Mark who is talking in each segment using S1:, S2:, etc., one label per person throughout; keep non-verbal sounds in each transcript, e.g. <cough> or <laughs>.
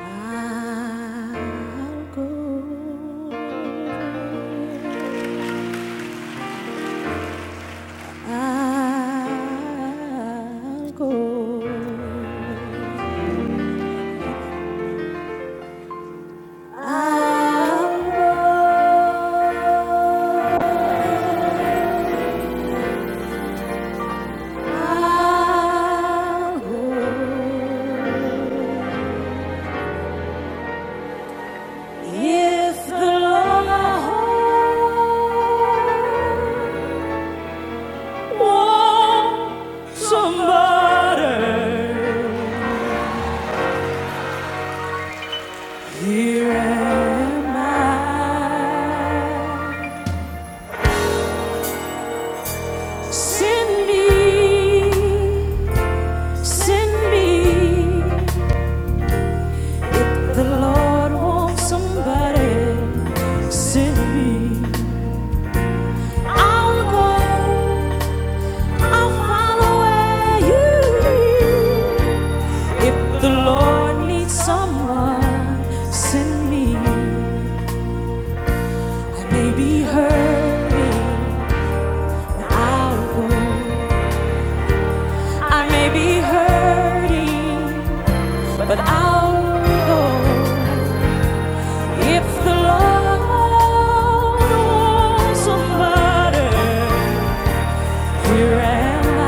S1: 알고 알고 알고 알고 If the Lord Oh, somebody, here am I. Send me, send me. The Lord wants somebody, send me. I'll go, I'll follow where you lead. If the Lord needs someone, send me. I may be hurting, but I'll go. I may be hurting, but I'll go. If the Lord wants somebody, here am I.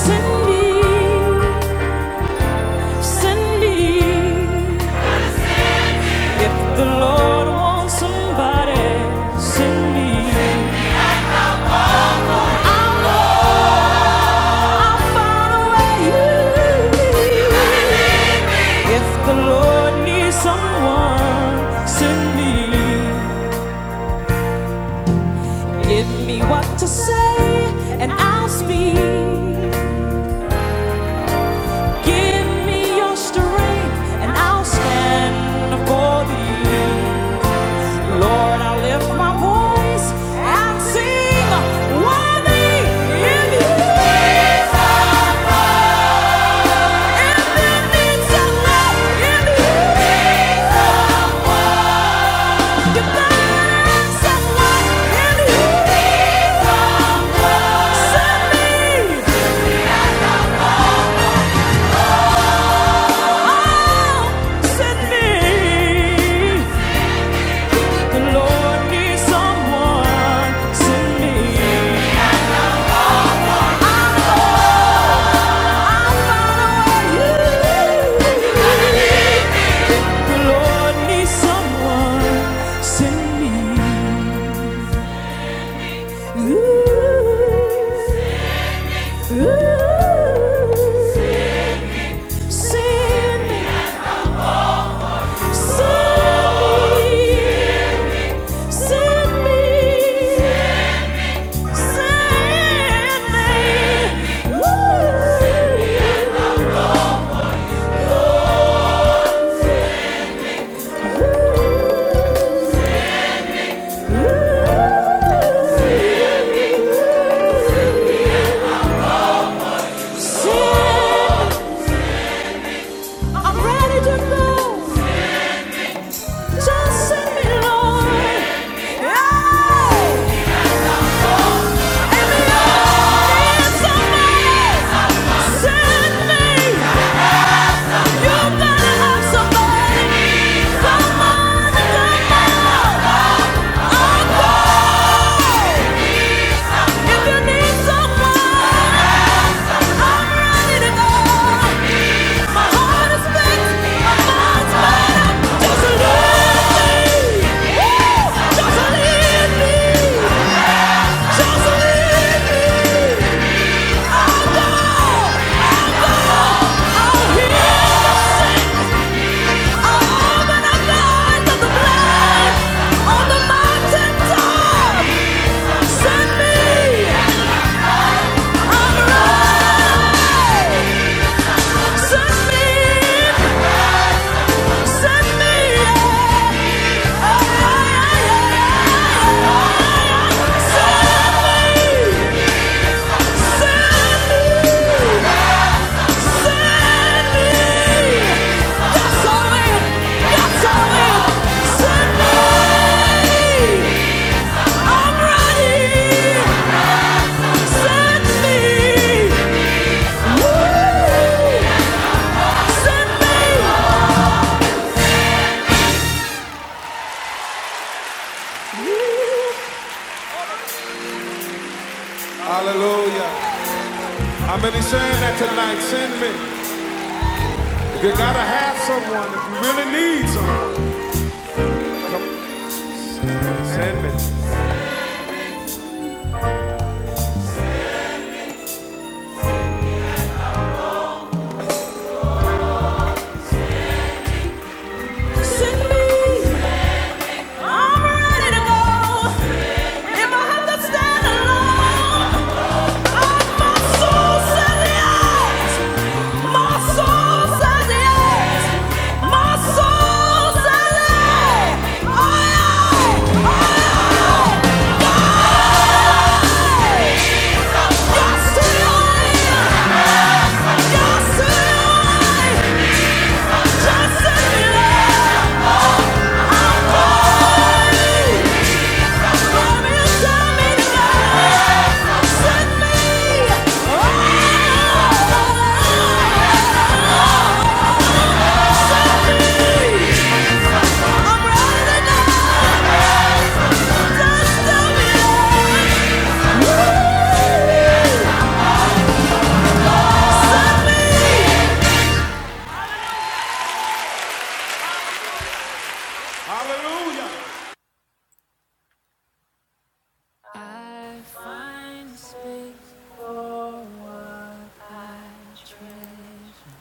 S1: Send me, send me. If the Lord wants somebody, send me. I'll find a way. If the Lord needs someone, send me. Give me what to say, and I'll speak. Give me your strength, and I'll stand for thee. Lord, I will lift my voice and sing. Worthy is you. If you need some love, if you need some Ooh, ooh, send me. I'm ready to go. Just send me, Lord. Yeah. Every day, somebody send me. Send me! Send me! Woo! Send me! Hallelujah. How many saying that tonight? Send me. If you gotta have someone, if you really need someone, send me. Send me. I'm ready to go. If I have to stand alone, I'm my soul said yes. My soul said yes. My soul said yes. Aye, aye, aye, aye. Yes, to your will. Hallelujah. I find space for what I treasure.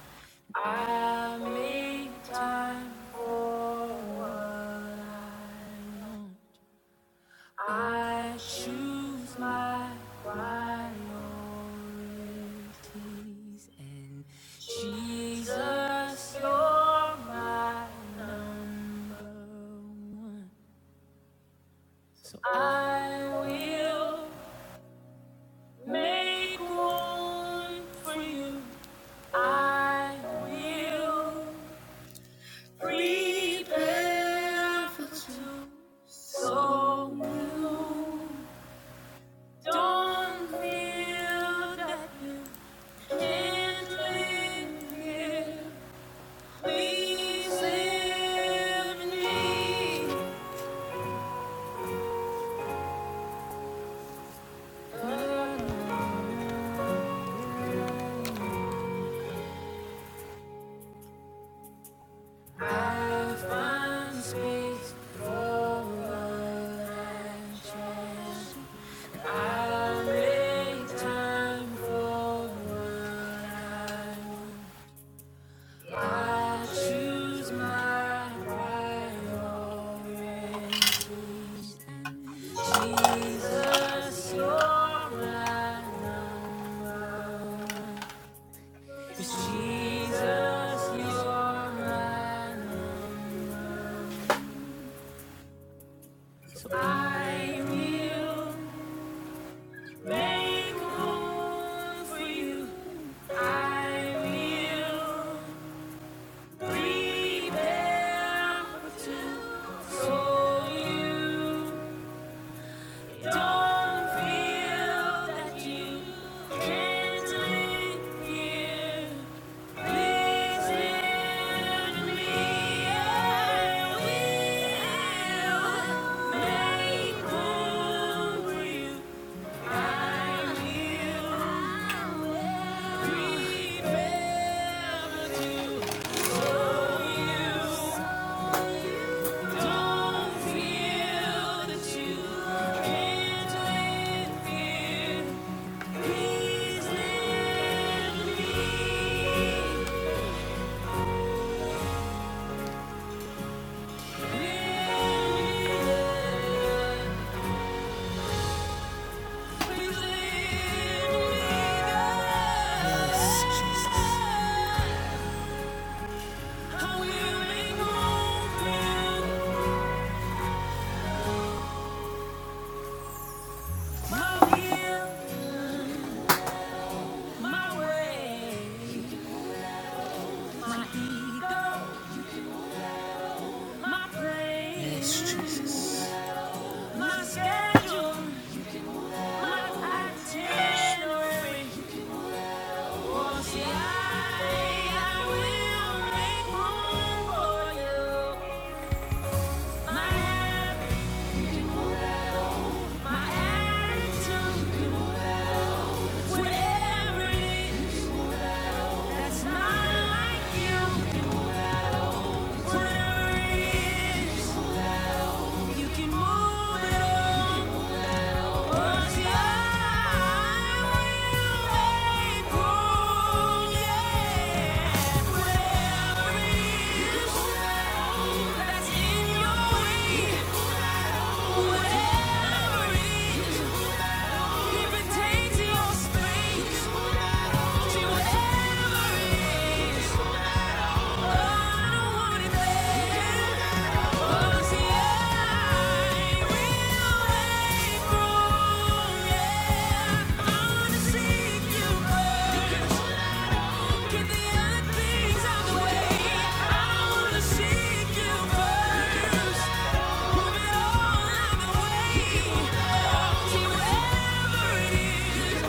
S1: I make time for what I know. I choose my priorities and Jesus, you're my number one. So I will make room for you. I will prepare for two. So will Don't feel that you can't live here. Please let me find space for us. I'll make time for us. I choose my priorities. Jesus, you're mine. 'Cause Jesus, you're mine. I will make room for you. I will prepare for two, so you don't feel that you can't live here. Listen to me. I will make room for you. Yes, Jesus. Yes, Jesus. My schedule, my itinerary. Oh, see, I, I will make room for you. My, my attitude, whatever it is, that's not like you. Whatever it is, you can move it all. Whatever it is Whatever it is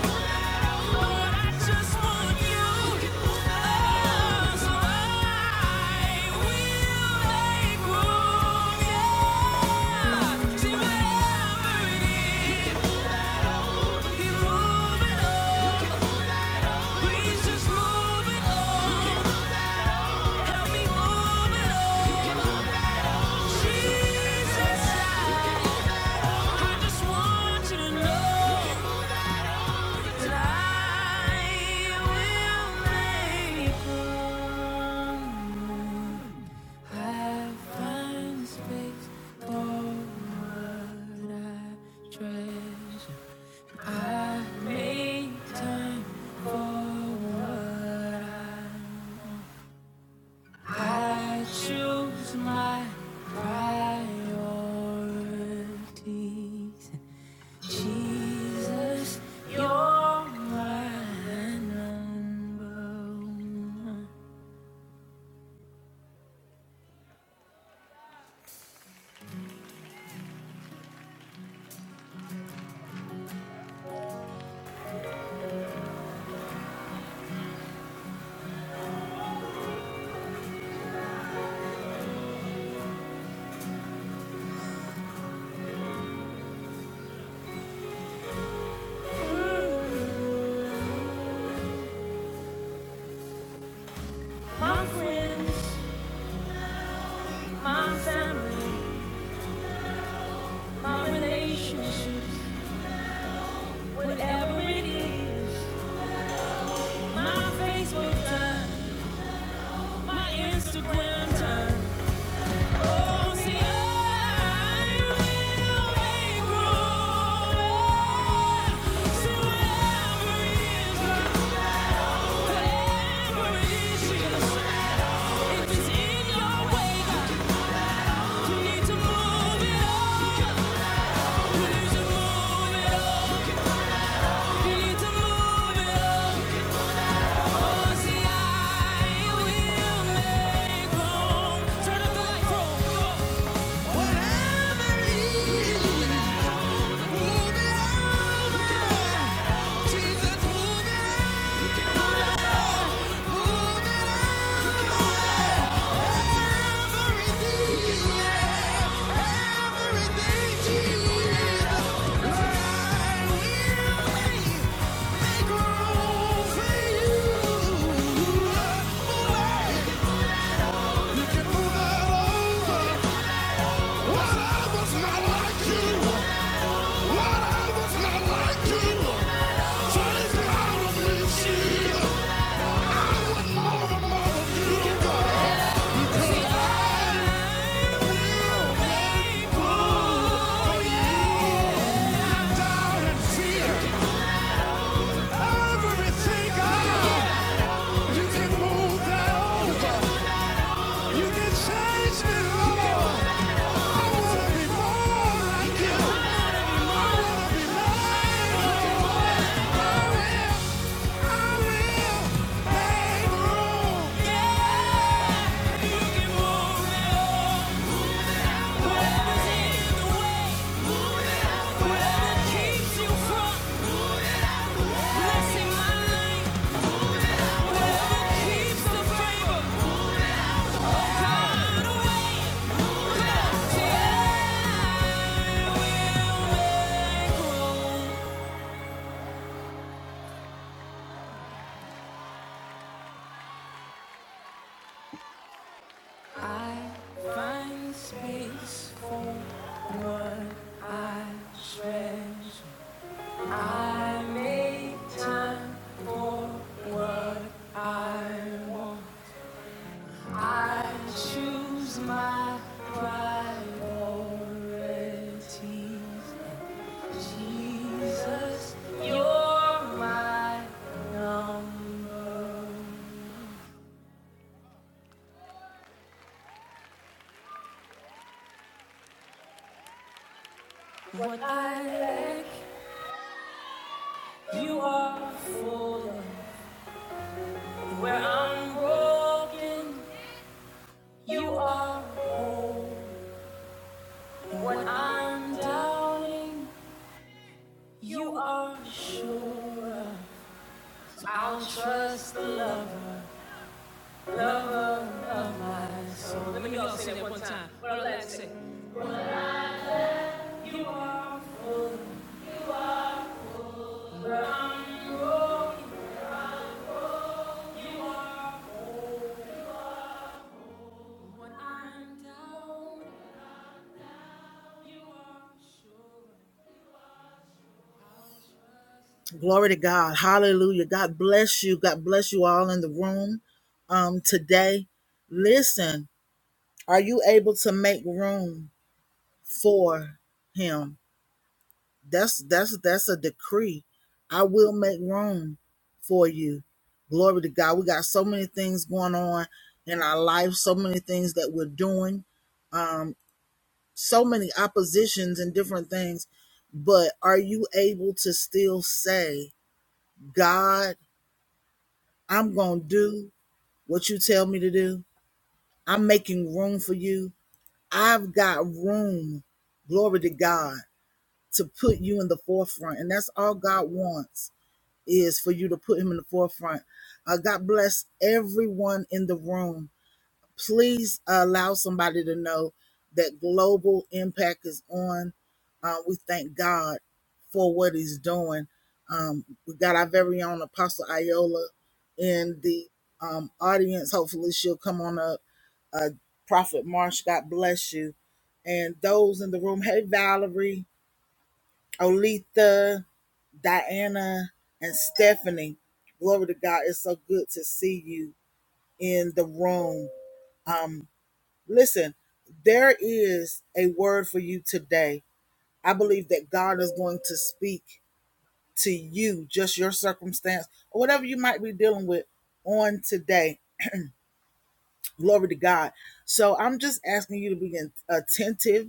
S1: Jesus, I just want you to know. Choose my priorities. Jesus, you're my number my family, my relationships, whatever it is. My Facebook time, my Instagram time. Oh, see, I will make room. So whatever it is, whatever it is, if it's in your way, God, you need to move it up. You need to move it up. You need to move it up. Move it on. Take it out of me, see what more and more you got. Yeah! You can move that old Glory to God. Hallelujah. God bless you. God bless you all in the room um, today. Listen, are you able to make room for him? That's that's that's a decree. I will make room for you. Glory to God. We got so many things going on in our life, so many things that we're doing, so many oppositions and different things. But are you able to still say, God, I'm going to do what you tell me to do? I'm making room for you. I've got room, glory to God, to put you in the forefront. And that's all God wants is for you to put him in the forefront. Uh, God bless everyone in the room. Please uh, allow somebody to know that global impact is on. Uh, we thank God for what he's doing. Um, we got our very own Apostle Iola in the um, audience. Hopefully, she'll come on up. Uh, Prophet Marsh, God bless you. And those in the room, hey, Valerie, Olitha, Diana and Stephanie. Glory to God. It's so good to see you in the room. Um, listen, there is a word for you today. I believe that God is going to speak to you, just your circumstance, or whatever you might be dealing with on today. Glory to God. So I'm just asking you to be attentive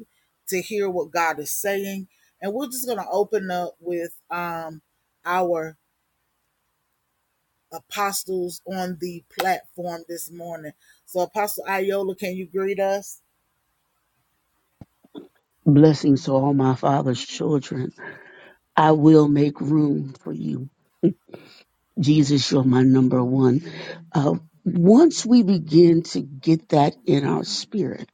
S1: to hear what God is saying. And we're just going to open up with um, our apostles on the platform this morning. So, Apostle Iola, can you greet us?
S2: Blessings to all my father's children. I will make room for you. Jesus, you're my number one. Uh, once we begin to get that in our spirit,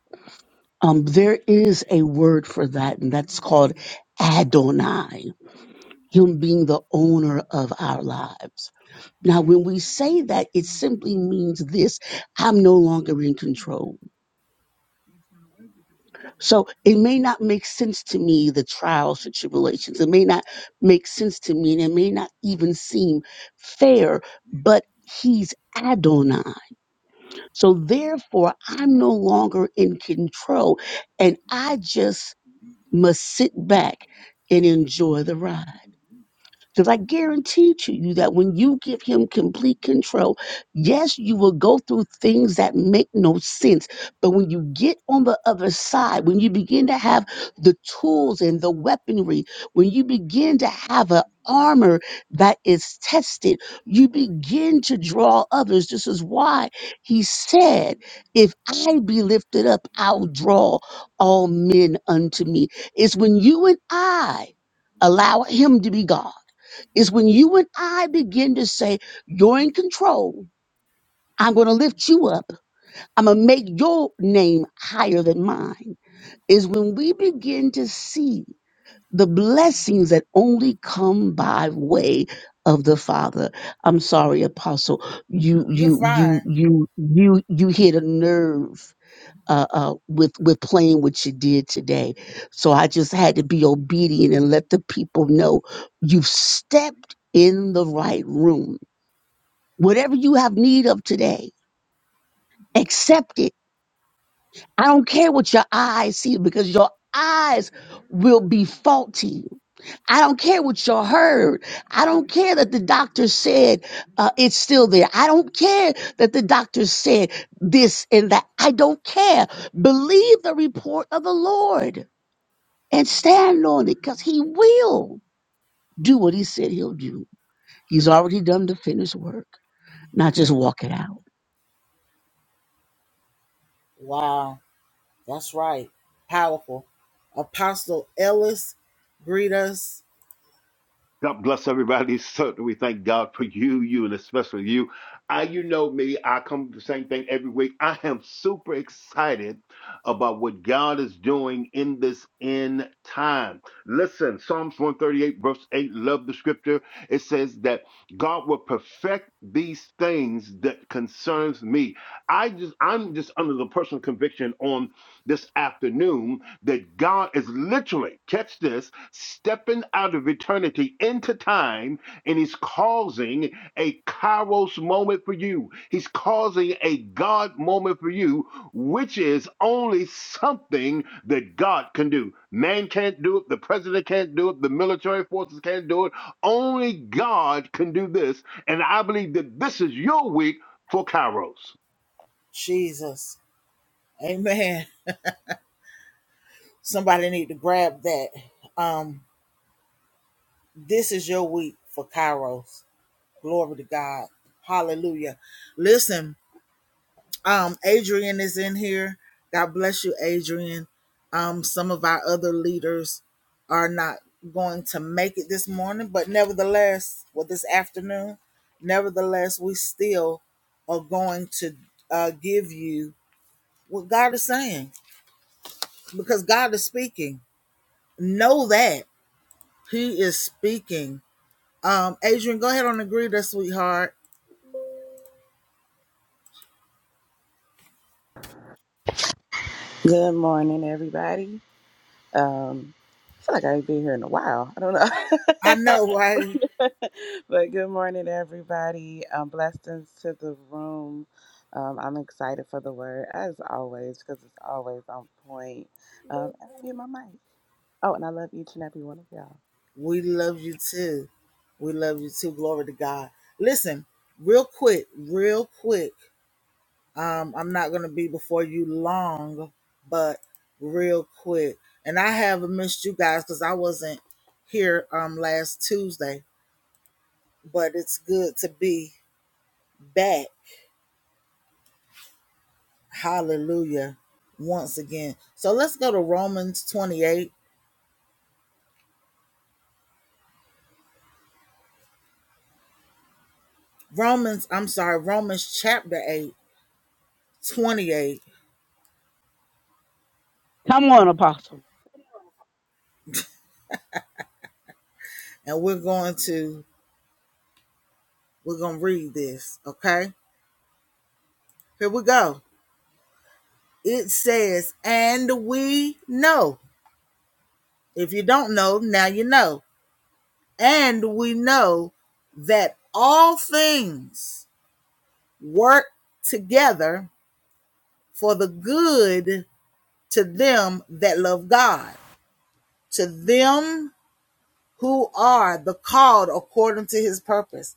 S2: um, there is a word for that, and that's called Adonai, Him being the owner of our lives. Now, when we say that, it simply means this I'm no longer in control. So it may not make sense to me, the trials and tribulations. It may not make sense to me, and it may not even seem fair, but he's Adonai. So therefore, I'm no longer in control, and I just must sit back and enjoy the ride. Because I guarantee to you that when you give him complete control, yes, you will go through things that make no sense. But when you get on the other side, when you begin to have the tools and the weaponry, when you begin to have an armor that is tested, you begin to draw others. This is why he said, If I be lifted up, I'll draw all men unto me. It's when you and I allow him to be God is when you and I begin to say, You're in control. I'm going to lift you up. I'm going to make your name higher than mine. Is when we begin to see the blessings that only come by way of the Father. I'm sorry, Apostle. You,
S1: You're
S2: you,
S1: fine.
S2: you, you, you, you hit a nerve uh, uh, with with playing what you did today. So I just had to be obedient and let the people know you've stepped in the right room. Whatever you have need of today, accept it. I don't care what your eyes see because your eyes will be faulty. I don't care what you heard. I don't care that the doctor said uh, it's still there. I don't care that the doctor said this and that. I don't care. Believe the report of the Lord. and stand on it because he will do what he said he'll do. He's already done the finished work, not just walk it out.
S1: Wow, that's right. Powerful. Apostle Ellis, greet us.
S3: God bless everybody. <laughs> Certainly, we thank God for you, you, and especially you. I, you know me. I come to the same thing every week. I am super excited about what God is doing in this end time. Listen, Psalms 138, verse 8, love the scripture. It says that God will perfect these things that concerns me. I just, I'm just under the personal conviction on this afternoon that God is literally, catch this, stepping out of eternity into time and he's causing a kairos moment for you. He's causing a God moment for you, which is only something that God can do. Man can't do it, the president can't do it, the military forces can't do it. Only God can do this. And I believe that this is your week for kairos.
S1: Jesus. Amen. Somebody need to grab that. Um, this is your week for Kairos. Glory to God. Hallelujah. Listen, Um, Adrian is in here. God bless you, Adrian. Um, some of our other leaders are not going to make it this morning, but nevertheless, well, this afternoon, nevertheless, we still are going to uh, give you what God is saying because God is speaking. Know that He is speaking. Um, Adrian, go ahead and agree with that, sweetheart.
S4: Good morning, everybody. Um, I feel like I ain't been here in a while. I don't
S1: I know, <laughs> right?
S4: know. <laughs> but good morning, everybody. Um, blessings to the room. Um, I'm excited for the word, as always, because it's always on point. Um, and I'll be my mic. Oh, and I love each and every one of y'all.
S1: We love you too. We love you too. Glory to God. Listen, real quick, real quick. Um, I'm not gonna be before you long, but real quick. And I haven't missed you guys because I wasn't here um last Tuesday, but it's good to be back. Hallelujah. Once again. So let's go to Romans 28. Romans, I'm sorry, Romans chapter 8, 28,
S2: Come on, Apostle.
S1: And we're going to We're going to read this, okay? Here we go. It says, And we know. If you don't know, now you know. And we know that all things work together for the good to them that love God, to them who are the called according to his purpose.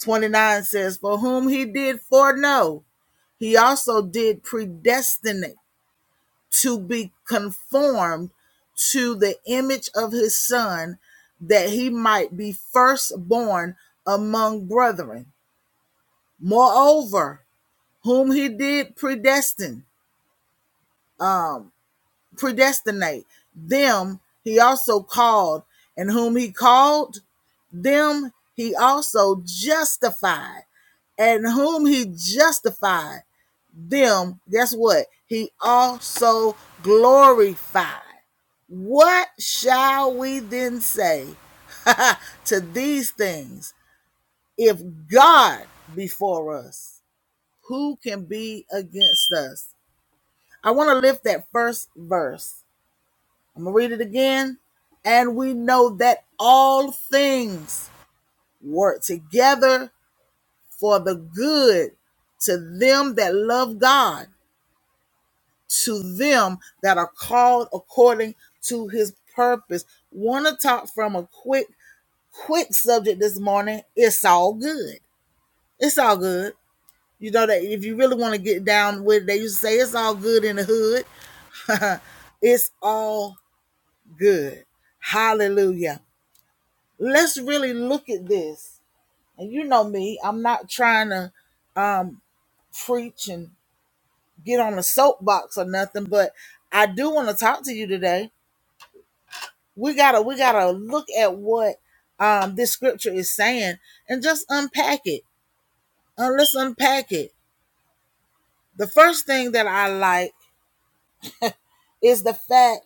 S1: 29 says, For whom he did foreknow, he also did predestinate to be conformed to the image of his son, that he might be firstborn among brethren. Moreover, whom he did predestine, predestinate, them he also called, and whom he called, them he also justified, and whom he justified, them, guess what? He also glorified. What shall we then say <laughs> to these things? If God be for us, who can be against us? I want to lift that first verse. I'm going to read it again. And we know that all things work together for the good to them that love God, to them that are called according to his purpose. Want to talk from a quick quick subject this morning. It's all good. It's all good. You know that if you really want to get down with it, they used to say it's all good in the hood. <laughs> it's all good. Hallelujah. Let's really look at this. And you know me, I'm not trying to um, preach and get on a soapbox or nothing, but I do want to talk to you today. We gotta we gotta look at what um, this scripture is saying and just unpack it. Uh, let's unpack it. the first thing that I like is the fact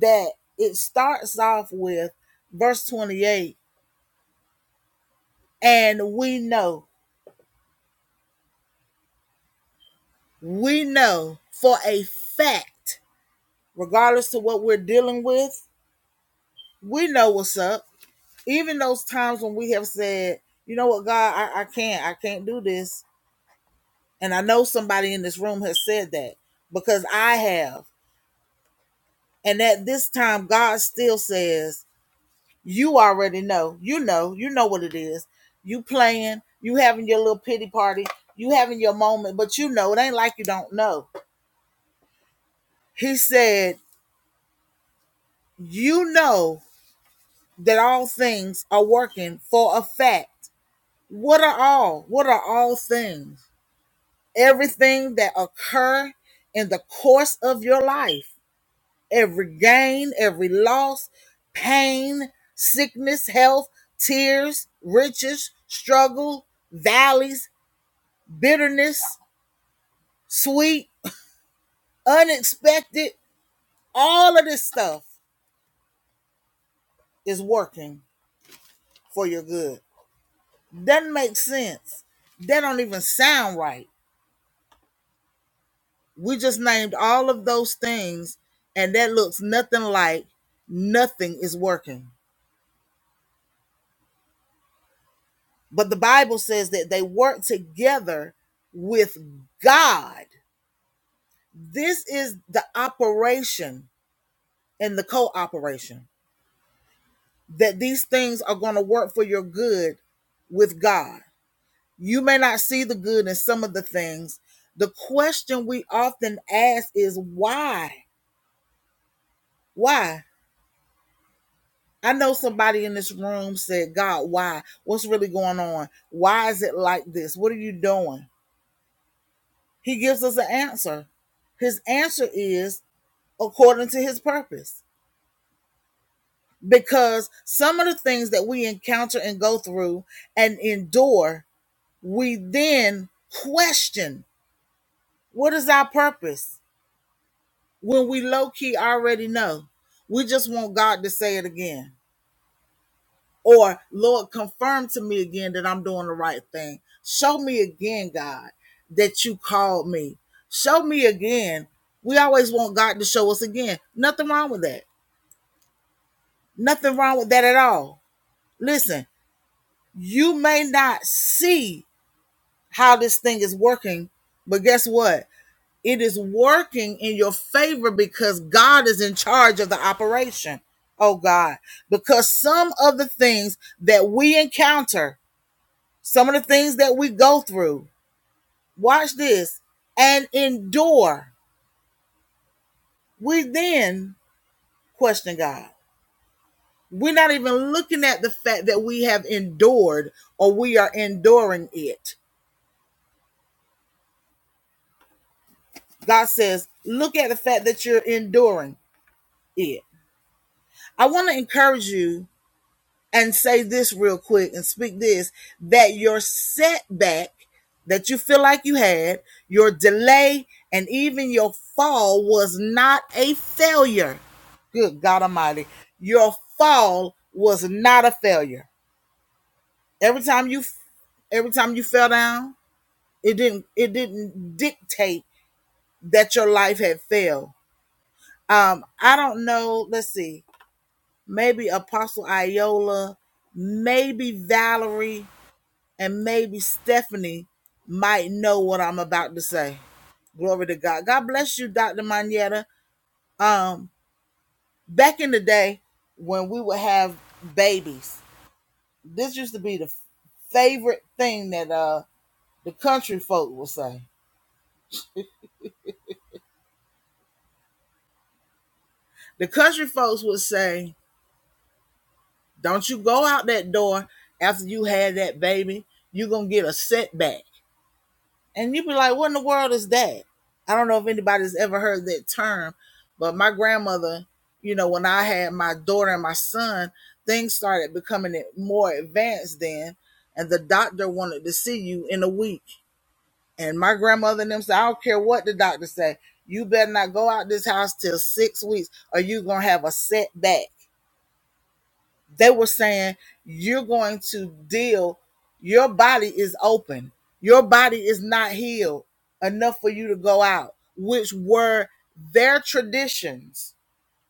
S1: that it starts off with verse 28 and we know we know for a fact regardless to what we're dealing with we know what's up even those times when we have said you know what god i, I can't i can't do this and i know somebody in this room has said that because i have and at this time god still says You already know. You know. You know what it is. You playing. You having your little pity party. You having your moment. But you know it ain't like you don't know. He said, "You know that all things are working for a fact. What are all? What are all things? Everything that occur in the course of your life. Every gain, every loss, pain, sickness, health, tears, riches, struggle, valleys, bitterness, sweet, unexpected, all of this stuff is working for your good. Doesn't make sense. That don't even sound right. We just named all of those things, and that looks nothing like nothing is working. But the Bible says that they work together with God. This is the operation and the cooperation that these things are going to work for your good with God. You may not see the good in some of the things. The question we often ask is why? Why? I know somebody in this room said, God, why? What's really going on? Why is it like this? What are you doing? He gives us an answer. His answer is according to his purpose. Because some of the things that we encounter and go through and endure, we then question what is our purpose? when we low key already know. We just want God to say it again. Or, Lord, confirm to me again that I'm doing the right thing. Show me again, God, that you called me. Show me again. We always want God to show us again. Nothing wrong with that. Nothing wrong with that at all. Listen, you may not see how this thing is working, but guess what? It is working in your favor because God is in charge of the operation. Oh God, because some of the things that we encounter, some of the things that we go through, watch this, and endure, we then question God. We're not even looking at the fact that we have endured or we are enduring it. God says, look at the fact that you're enduring it. I want to encourage you and say this real quick and speak this that your setback that you feel like you had, your delay, and even your fall was not a failure. Good God Almighty. Your fall was not a failure. Every time you every time you fell down, it didn't it didn't dictate that your life had failed. Um, I don't know. Let's see. Maybe Apostle Iola, maybe Valerie And maybe Stephanie might know what I'm about to say. Glory to God. God bless you, Dr. Manetta. Um, back in the day when we would have babies, this used to be the favorite thing that uh the country folk would say. The country folks would say, Don't you go out that door after you had that baby, you're gonna get a setback. And you'd be like, what in the world is that? I don't know if anybody's ever heard that term, but my grandmother, you know, when I had my daughter and my son, things started becoming more advanced then. And the doctor wanted to see you in a week. And my grandmother and them said, I don't care what the doctor say. You better not go out this house till six weeks or you going to have a setback. They were saying, You're going to deal, your body is open, your body is not healed enough for you to go out, which were their traditions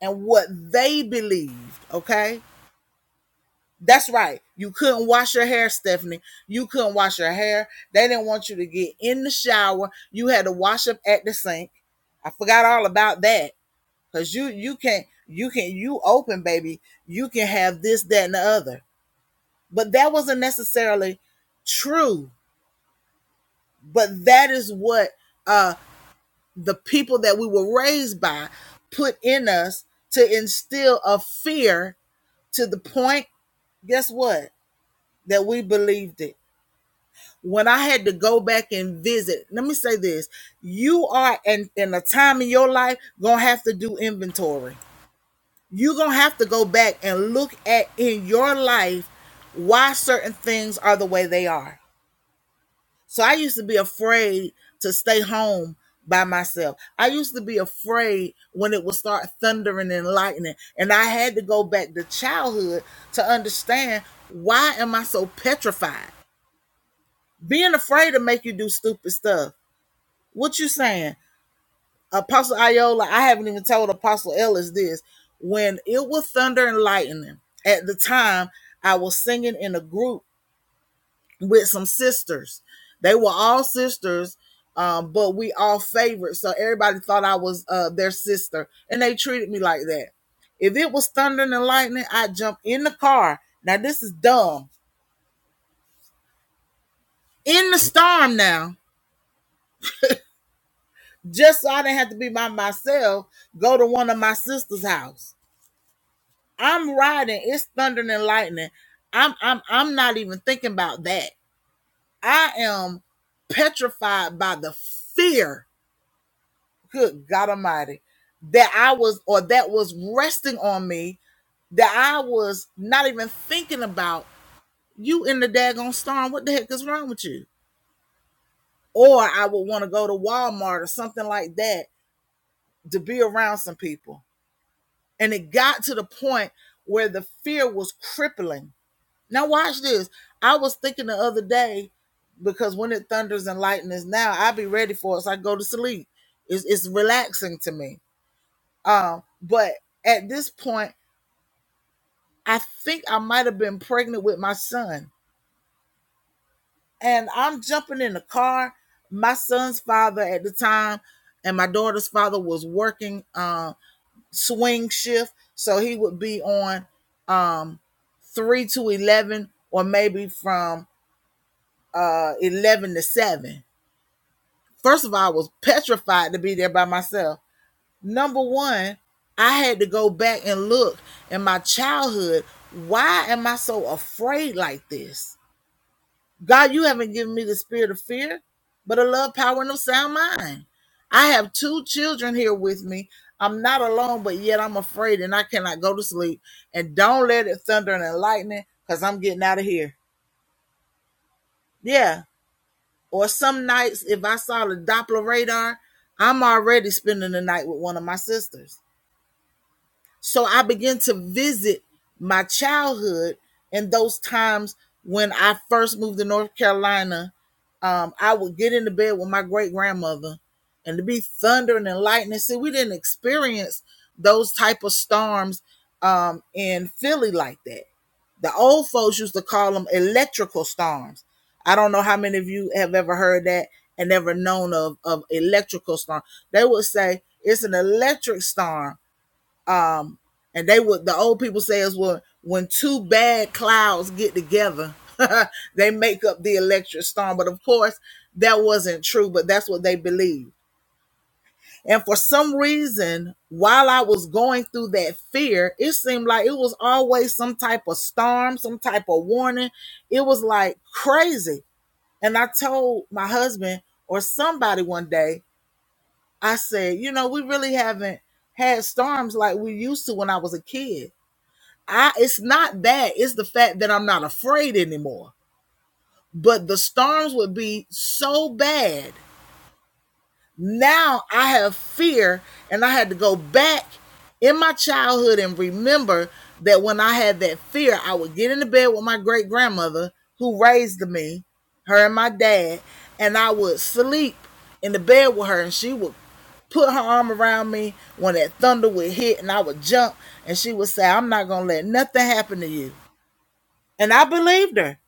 S1: and what they believed. Okay. That's right. You couldn't wash your hair, Stephanie. You couldn't wash your hair. They didn't want you to get in the shower. You had to wash up at the sink. I forgot all about that. Cause you you can you can you open, baby. You can have this, that, and the other but that wasn't necessarily true but that is what uh the people that we were raised by put in us to instill a fear to the point guess what that we believed it when i had to go back and visit let me say this you are in, in a time in your life gonna have to do inventory you're gonna have to go back and look at in your life why certain things are the way they are So I used to be afraid to stay home by myself. I used to be afraid when it would start thundering and lightning. And I had to go back to childhood to understand why am I so petrified? Being afraid to make you do stupid stuff. What you saying? Apostle Iola, I haven't even told Apostle Ellis this. When it was thunder and lightning, at the time I was singing in a group with some sisters. They were all sisters, um, but we all favored. So everybody thought I was uh, their sister, and they treated me like that. If it was thunder and lightning, I'd jump in the car. Now this is dumb. In the storm now, just so I didn't have to be by myself, go to one of my sister's house. I'm riding, it's thunder and lightning. I'm I'm I'm not even thinking about that. I am petrified by the fear good God Almighty, that I was, or that was resting on me, that I was not even thinking about you in the daggone storm. What the heck is wrong with you? Or I would want to go to Walmart or something like that to be around some people. And it got to the point where the fear was crippling. Now, watch this. I was thinking the other day because when it thunders and lightnings now, I be ready for it. So I go to sleep. It's, it's relaxing to me. Um, but at this point, I think I might have been pregnant with my son. And I'm jumping in the car. My son's father at the time and my daughter's father was working uh, swing shift. So he would be on um, 3 to 11 or maybe from uh, 11 to 7. First of all, I was petrified to be there by myself. Number one, I had to go back and look in my childhood. Why am I so afraid like this? God, you haven't given me the spirit of fear, but a love, power, and a sound mind. I have two children here with me. I'm not alone, but yet I'm afraid and I cannot go to sleep. And don't let it thunder and lightning because I'm getting out of here. Yeah. Or some nights, if I saw the Doppler radar, I'm already spending the night with one of my sisters. So I began to visit my childhood and those times when I first moved to North Carolina. Um, I would get into bed with my great grandmother and to be thundering and lightning. See, we didn't experience those type of storms um, in Philly like that. The old folks used to call them electrical storms. I don't know how many of you have ever heard that and never known of, of electrical storm. They would say it's an electric storm and they would the old people say is well, when two bad clouds get together, <laughs> they make up the electric storm. But of course, that wasn't true, but that's what they believed. And for some reason, while I was going through that fear, it seemed like it was always some type of storm, some type of warning. It was like crazy. And I told my husband or somebody one day, I said, you know, we really haven't had storms like we used to when I was a kid. I it's not that. It's the fact that I'm not afraid anymore. But the storms would be so bad. Now I have fear and I had to go back in my childhood and remember that when I had that fear, I would get into bed with my great grandmother who raised me, her and my dad, and I would sleep in the bed with her and she would put her arm around me when that thunder would hit and I would jump and she would say, I'm not gonna let nothing happen to you. And I believed her.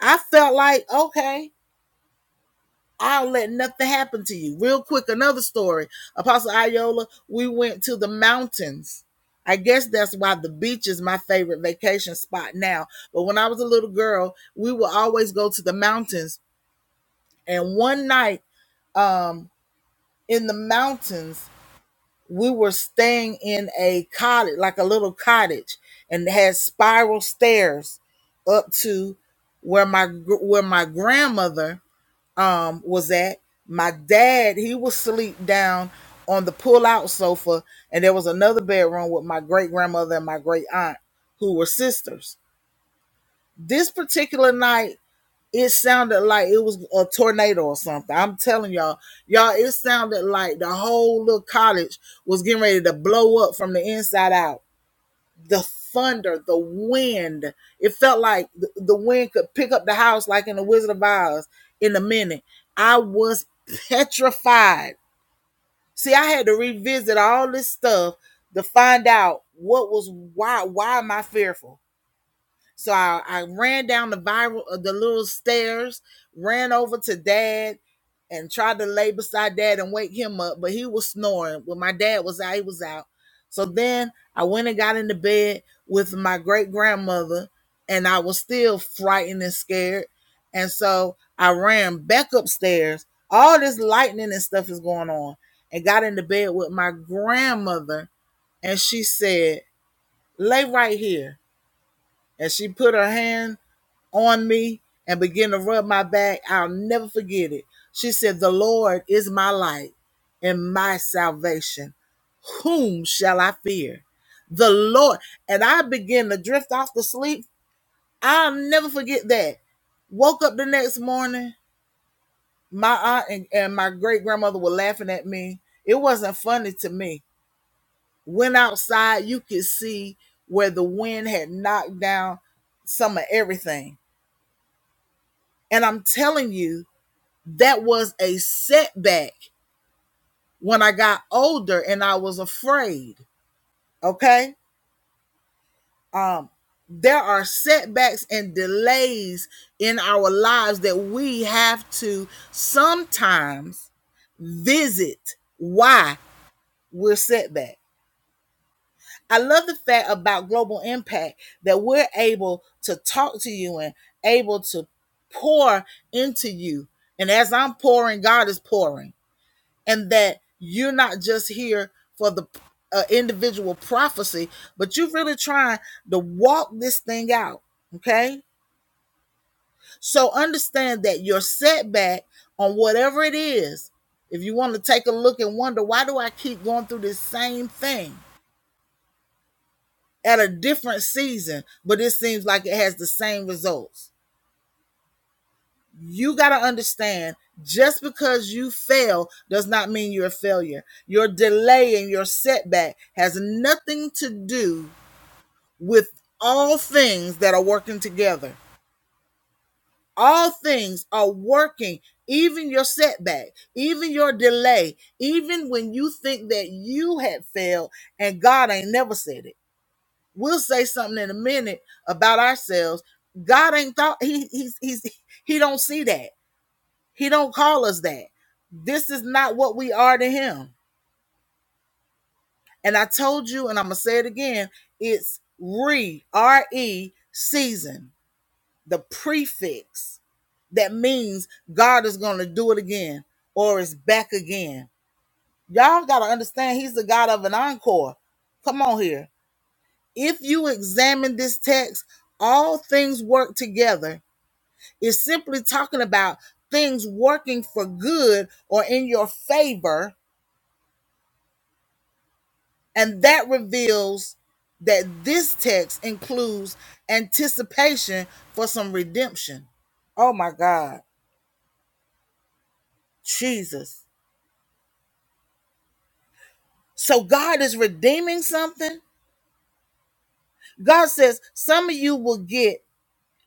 S1: I felt like, okay, I'll let nothing happen to you. Real quick, another story. Apostle Iola, we went to the mountains. I guess that's why the beach is my favorite vacation spot now. But when I was a little girl, we would always go to the mountains. And one night um, in the mountains, we were staying in a cottage, like a little cottage, and it had spiral stairs up to where my where my grandmother um was at my dad he was asleep down on the pull-out sofa and there was another bedroom with my great grandmother and my great aunt who were sisters this particular night it sounded like it was a tornado or something i'm telling y'all y'all it sounded like the whole little college was getting ready to blow up from the inside out the thunder, the wind. It felt like th- the wind could pick up the house like in the Wizard of Oz in a minute. I was petrified. See, I had to revisit all this stuff to find out what was why why am I fearful? So I, I ran down the viral, uh, the little stairs, ran over to dad, and tried to lay beside dad and wake him up, but he was snoring. When my dad was out, he was out. So then I went and got into bed with my great grandmother, and I was still frightened and scared. And so I ran back upstairs. All this lightning and stuff is going on, and got into bed with my grandmother, and she said, "Lay right here." And she put her hand on me and began to rub my back. I'll never forget it. She said, The Lord is my light and my salvation. Whom shall I fear? The Lord. And I began to drift off to sleep. I'll never forget that. Woke up the next morning. My aunt and, and my great grandmother were laughing at me. It wasn't funny to me. Went outside, you could see where the wind had knocked down some of everything. And I'm telling you, that was a setback when I got older and I was afraid. Okay. Um, there are setbacks and delays in our lives that we have to sometimes visit why we're setback. I love the fact about global impact that we're able to talk to you and able to pour into you. And as I'm pouring, God is pouring. and that you're not just here for the uh, individual prophecy, but you're really trying to walk this thing out. Okay. So understand that your setback on whatever it is, if you want to take a look and wonder, why do I keep going through this same thing at a different season, but it seems like it has the same results? You got to understand just because you fail does not mean you're a failure. Your delay and your setback has nothing to do with all things that are working together. All things are working, even your setback, even your delay, even when you think that you had failed and God ain't never said it. We'll say something in a minute about ourselves. God ain't thought he he's, he's he don't see that. He don't call us that. This is not what we are to him. And I told you, and I'm gonna say it again, it's re R E season, the prefix that means God is gonna do it again or is back again. Y'all gotta understand he's the God of an encore. Come on here. If you examine this text, all things work together. It's simply talking about things working for good or in your favor And that reveals that this text includes anticipation for some redemption. Oh my God, Jesus. So God is redeeming something. God says some of you will get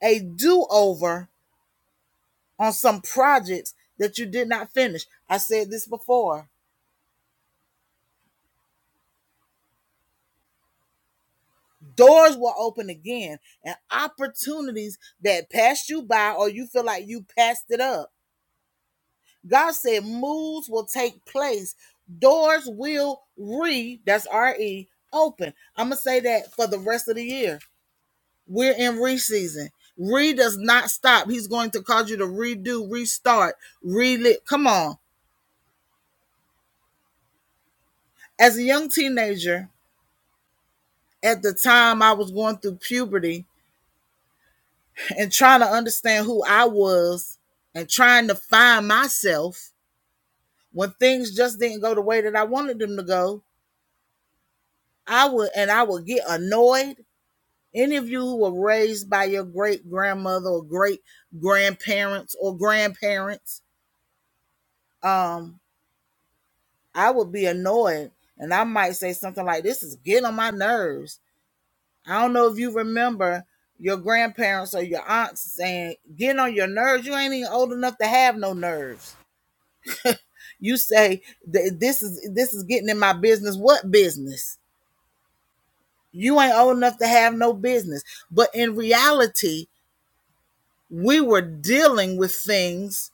S1: a do over on some projects that you did not finish. I said this before. Doors will open again and opportunities that passed you by or you feel like you passed it up God said moves will take place. Doors will re, that's R E, open. I'm going to say that for the rest of the year. We're in re season. Re does not stop. He's going to cause you to redo, restart, relive. Come on. As a young teenager, at the time I was going through puberty and trying to understand who I was and trying to find myself when things just didn't go the way that I wanted them to go, I would and I would get annoyed Any of you who were raised by your great grandmother or great grandparents or grandparents, um, I would be annoyed and I might say something like, This is getting on my nerves. I don't know if you remember your grandparents or your aunts saying, Getting on your nerves. You ain't even old enough to have no nerves. You say "Th- this is this is getting in my business. What business? You ain't old enough to have no business. But in reality, we were dealing with things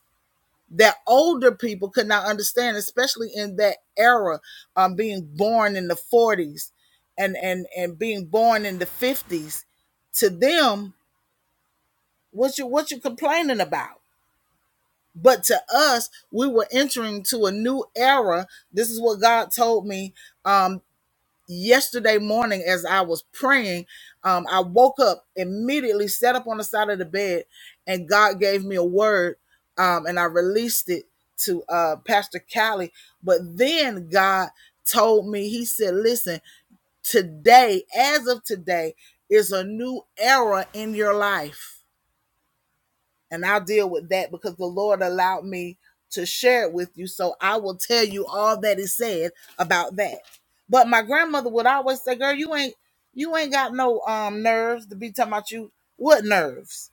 S1: that older people could not understand, especially in that era, um, being born in the 40s and and and being born in the 50s. To them, what you what you complaining about? But to us, we were entering to a new era. This is what God told me um, yesterday morning as I was praying, um, I woke up immediately, sat up on the side of the bed, and God gave me a word, um, and I released it to uh, Pastor Callie. But then God told me, He said, "Listen, today, as of today, is a new era in your life." and I'll deal with that because the Lord allowed me to share it with you. So I will tell you all that is said about that. But my grandmother would always say, "Girl, you ain't you ain't got no um nerves to be talking about you what nerves."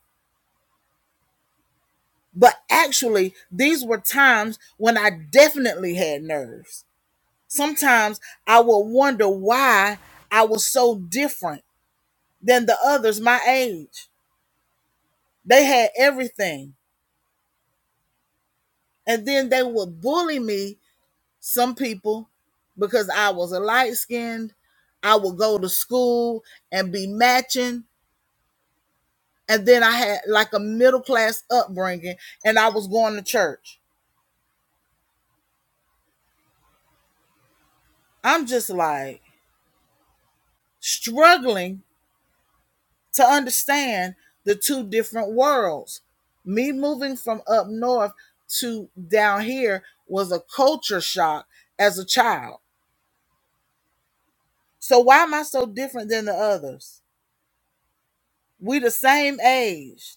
S1: But actually, these were times when I definitely had nerves. Sometimes I would wonder why I was so different than the others my age. They had everything. And then they would bully me some people because I was a light skinned. I would go to school and be matching. And then I had like a middle class upbringing and I was going to church. I'm just like struggling to understand the two different worlds. Me moving from up north to down here was a culture shock as a child. So why am I so different than the others? We the same age.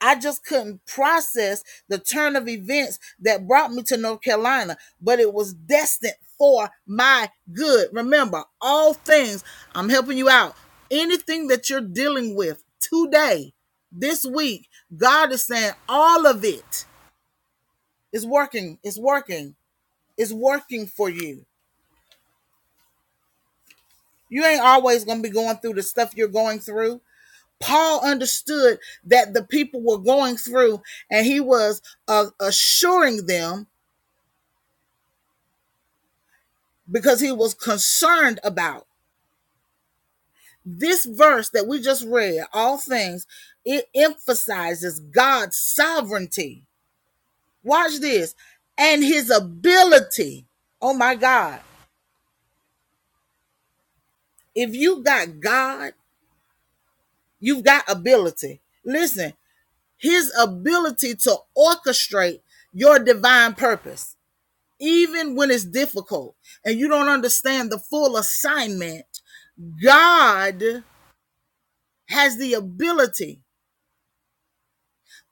S1: I just couldn't process the turn of events that brought me to North Carolina, but it was destined for my good. Remember, all things, I'm helping you out. Anything that you're dealing with today, this week, God is saying all of it is working, is working, is working for you. You ain't always going to be going through the stuff you're going through. Paul understood that the people were going through, and he was uh, assuring them because he was concerned about this verse that we just read all things it emphasizes god's sovereignty watch this and his ability oh my god if you got god you've got ability listen his ability to orchestrate your divine purpose even when it's difficult and you don't understand the full assignment god has the ability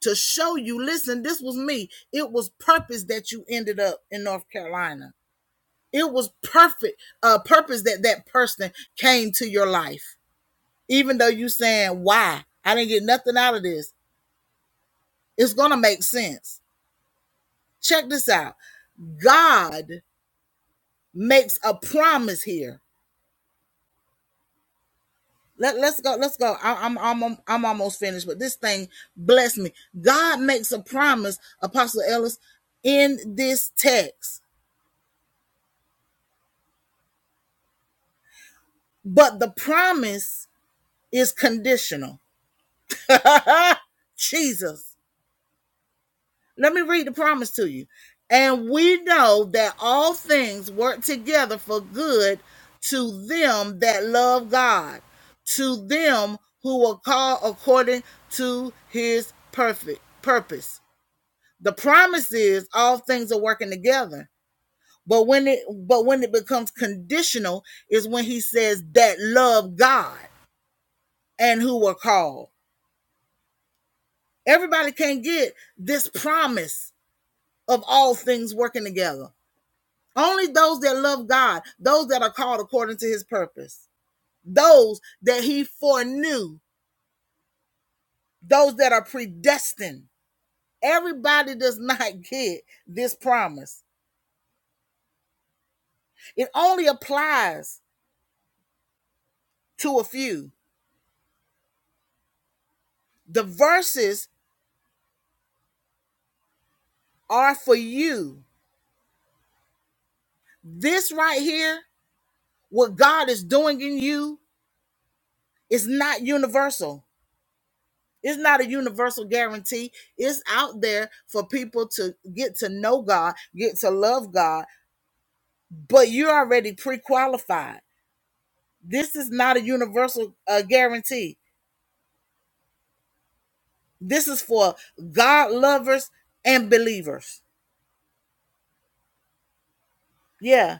S1: to show you listen this was me it was purpose that you ended up in north carolina it was perfect uh purpose that that person came to your life even though you saying why i didn't get nothing out of this it's gonna make sense check this out god makes a promise here let, let's go let's go I, I'm, I'm i'm almost finished but this thing bless me god makes a promise apostle ellis in this text but the promise is conditional. Jesus. Let me read the promise to you. And we know that all things work together for good to them that love God, to them who are called according to his perfect purpose. The promise is all things are working together. But when it but when it becomes conditional is when he says that love God and who are called. Everybody can not get this promise Of all things working together, only only those those those those that that that that love God, are are are called according to to His purpose, those that He foreknew, those that are predestined. Everybody does <laughs> not get this promise. It only applies to a few. The verses are for you. this right here, what God is doing in you, is not universal. It's not a universal guarantee. It's out there for people to get to know God, get to love God, but you're already pre qualified. This is not a universal uh, guarantee. This is for God lovers and believers. Yeah,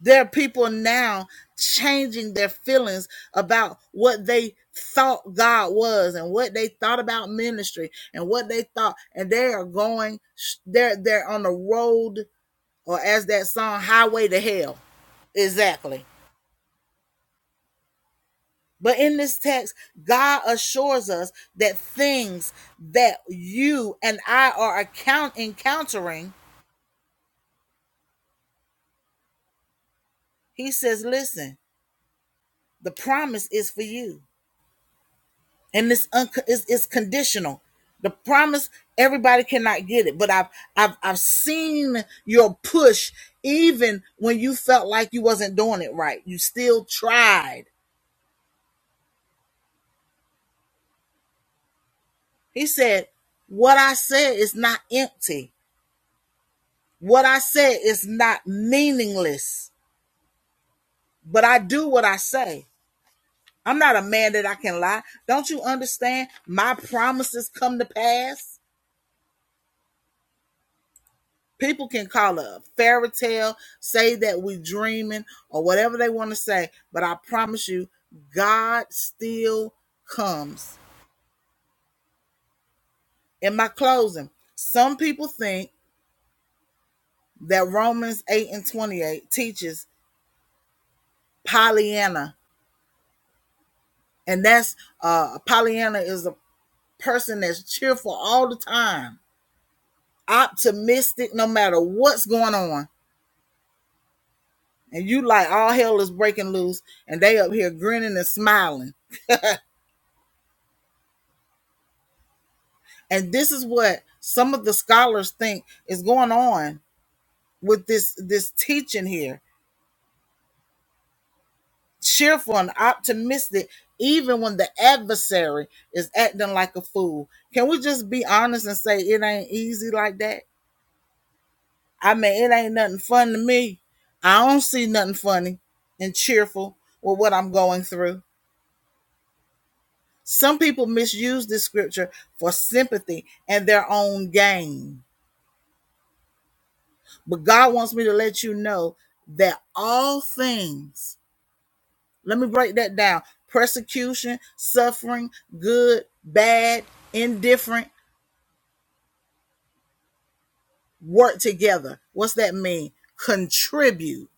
S1: there are people now changing their feelings about what they thought God was and what they thought about ministry and what they thought, and they are going, they're, they're on the road or as that song highway to hell exactly but in this text god assures us that things that you and i are account encountering he says listen the promise is for you and this un- is, is conditional the promise everybody cannot get it but i've i've i've seen your push even when you felt like you wasn't doing it right you still tried he said what i said is not empty What I say is not meaningless, but I do what I say. I'm not a man that I can lie. Don't you understand? My promises come to pass. People can call it a fairy tale, say that we dreaming or whatever they want to say, but I promise you, God still comes. In my closing, some people think that Romans 8 and 28 teaches Pollyanna, and that's uh Pollyanna is a person that's cheerful all the time, optimistic no matter what's going on. And you like all hell is breaking loose, and they up here grinning and smiling. And this is what some of the scholars think is going on with this this teaching here. Cheerful and optimistic, even when the adversary is acting like a fool. Can we just be honest and say it ain't easy like that? I mean, it ain't nothing fun to me. I don't see nothing funny and cheerful with what I'm going through. Some people misuse this scripture for sympathy and their own gain. But God wants me to let you know that all things, let me break that down persecution, suffering, good, bad, indifferent, work together. What's that mean? Contribute.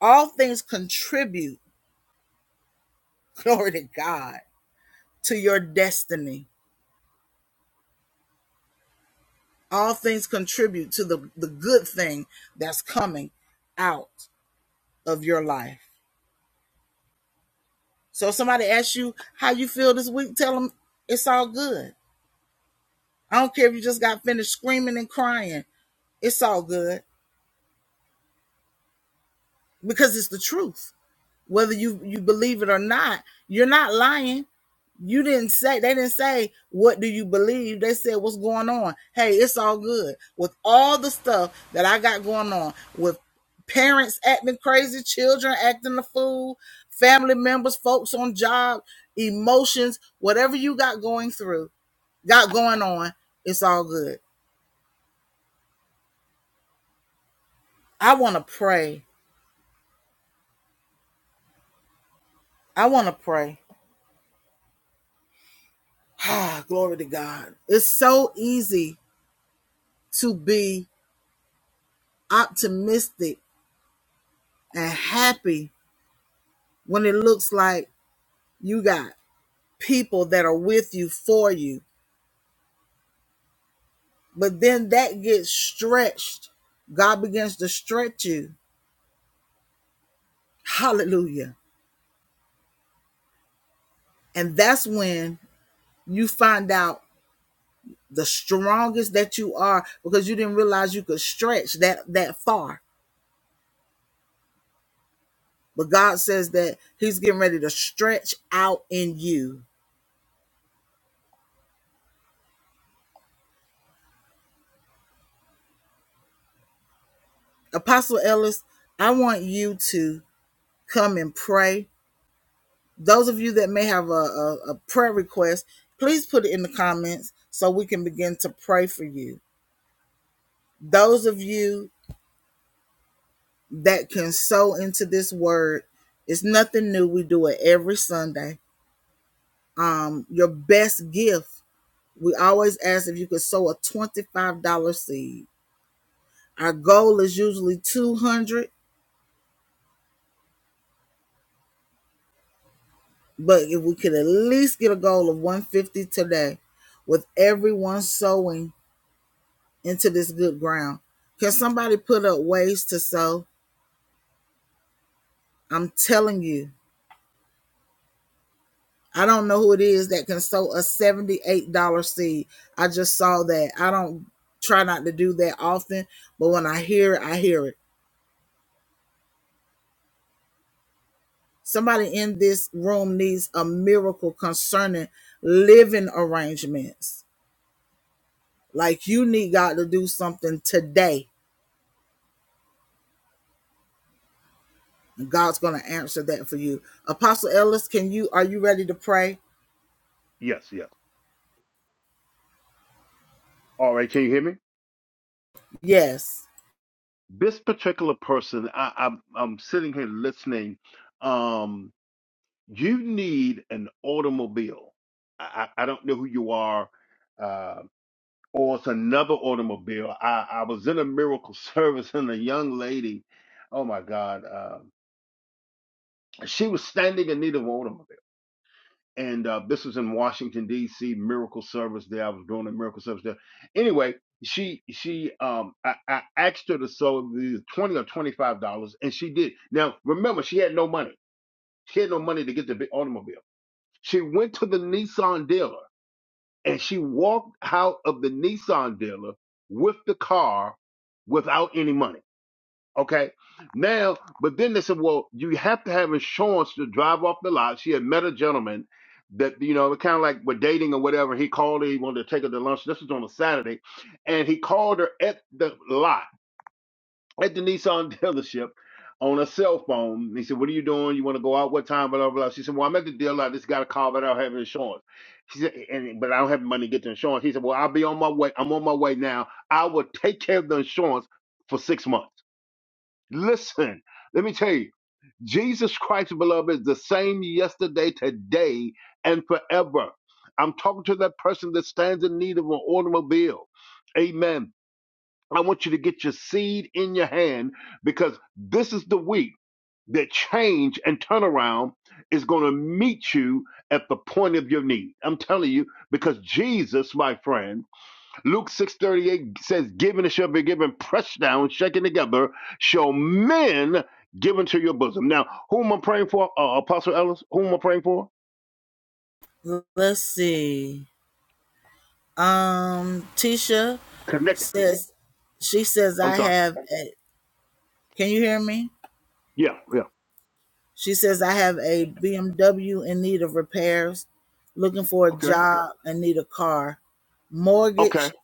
S1: All things contribute, <laughs> glory to God, to your destiny All things contribute to the, the good thing that's coming out of your life. So if somebody asks you how you feel this week, tell them it's all good. I don't care if you just got finished screaming and crying. It's all good because it's the truth. Whether you, you believe it or not, you're not lying You didn't say they didn't say what do you believe. They said what's going on. Hey, it's all good with all the stuff that I got going on with parents acting crazy, children acting the fool, family members, folks on job, emotions, whatever you got going through, got going on. It's all good. I want to pray. I want to pray. <sighs> Ah, glory to God. It's so easy to be optimistic and happy when it looks like You got people that are with you for you. But then that gets stretched. God begins to stretch you. Hallelujah. And that's when you find out the strongest that you are because you didn't realize you could stretch that that far. But God says that he's getting ready to stretch out in you. Apostle Ellis, I want you to come and pray those of you that may have a, a, a prayer request, please put it in the comments so we can begin to pray for you. Those of you that can sow into this word, it's nothing new. We do it every Sunday. Um, your best gift, we always ask if you could sow a $25 seed. Our goal is usually 200, but if we could at least get a goal of 150 today with everyone sowing into this good ground. Can somebody put up ways to sow? I'm telling you, I don't know who it is that can sow a $78 seed. I just saw that. I don't try not to do that often, but when I hear it, I hear it. Somebody in this room needs a miracle concerning living arrangements. Like you need God to do something today. and God's going to answer that for you. Apostle Ellis, can you are you ready to pray?
S3: Yes, yes. All right, can you hear me?
S1: Yes.
S3: this particular person, I, I'm, I'm sitting here listening. Um, you need an automobile. I, I I don't know who you are, uh, or it's another automobile. I, I was in a miracle <laughs> service and a young lady, oh my God, uh, she was standing in need of an automobile. and uh, this was in Washington D.C. Miracle Service. There, I was doing a miracle service there. Anyway, she she um I, I asked her to sew the twenty or twenty five dollars, and she did. Now remember, she had no money. She had no money to get the big automobile. She went to the Nissan dealer, and she walked out of the Nissan dealer with the car without any money. Okay. Now, but then they said, well, you have to have insurance to drive off the lot. She had met a gentleman that, you know, kind of like we're dating or whatever. He called her, he wanted to take her to lunch. This was on a Saturday. And he called her at the lot, at the Nissan <laughs> dealership on a cell phone. He said, What are you doing? You want to go out? What time? Blah, blah, blah. She said, Well, I'm at the dealer. I just got a call, but I don't have insurance. She said, and, But I don't have money to get the insurance. He said, Well, I'll be on my way. I'm on my way now. I will take care of the insurance for six months. Listen, let me tell you, Jesus Christ, beloved, is the same yesterday, today, and forever. I'm talking to that person that stands in need of an automobile. Amen. I want you to get your seed in your hand because this is the week that change and turnaround is going to meet you at the point of your need. I'm telling you, because Jesus, my friend, Luke 6:38 says, Giving it shall be given, pressed down, shaken together, shall men give into your bosom. Now, whom I'm praying for, uh, Apostle Ellis, whom I'm praying for?
S1: Let's see. Um, Tisha
S3: Connected.
S1: says she says
S3: I'm
S1: I
S3: sorry.
S1: have a can you hear me?
S3: Yeah, yeah.
S1: She says I have a BMW in need of repairs, looking for a
S3: Okay.
S1: job and need a car.
S3: Okay.
S1: Mortgage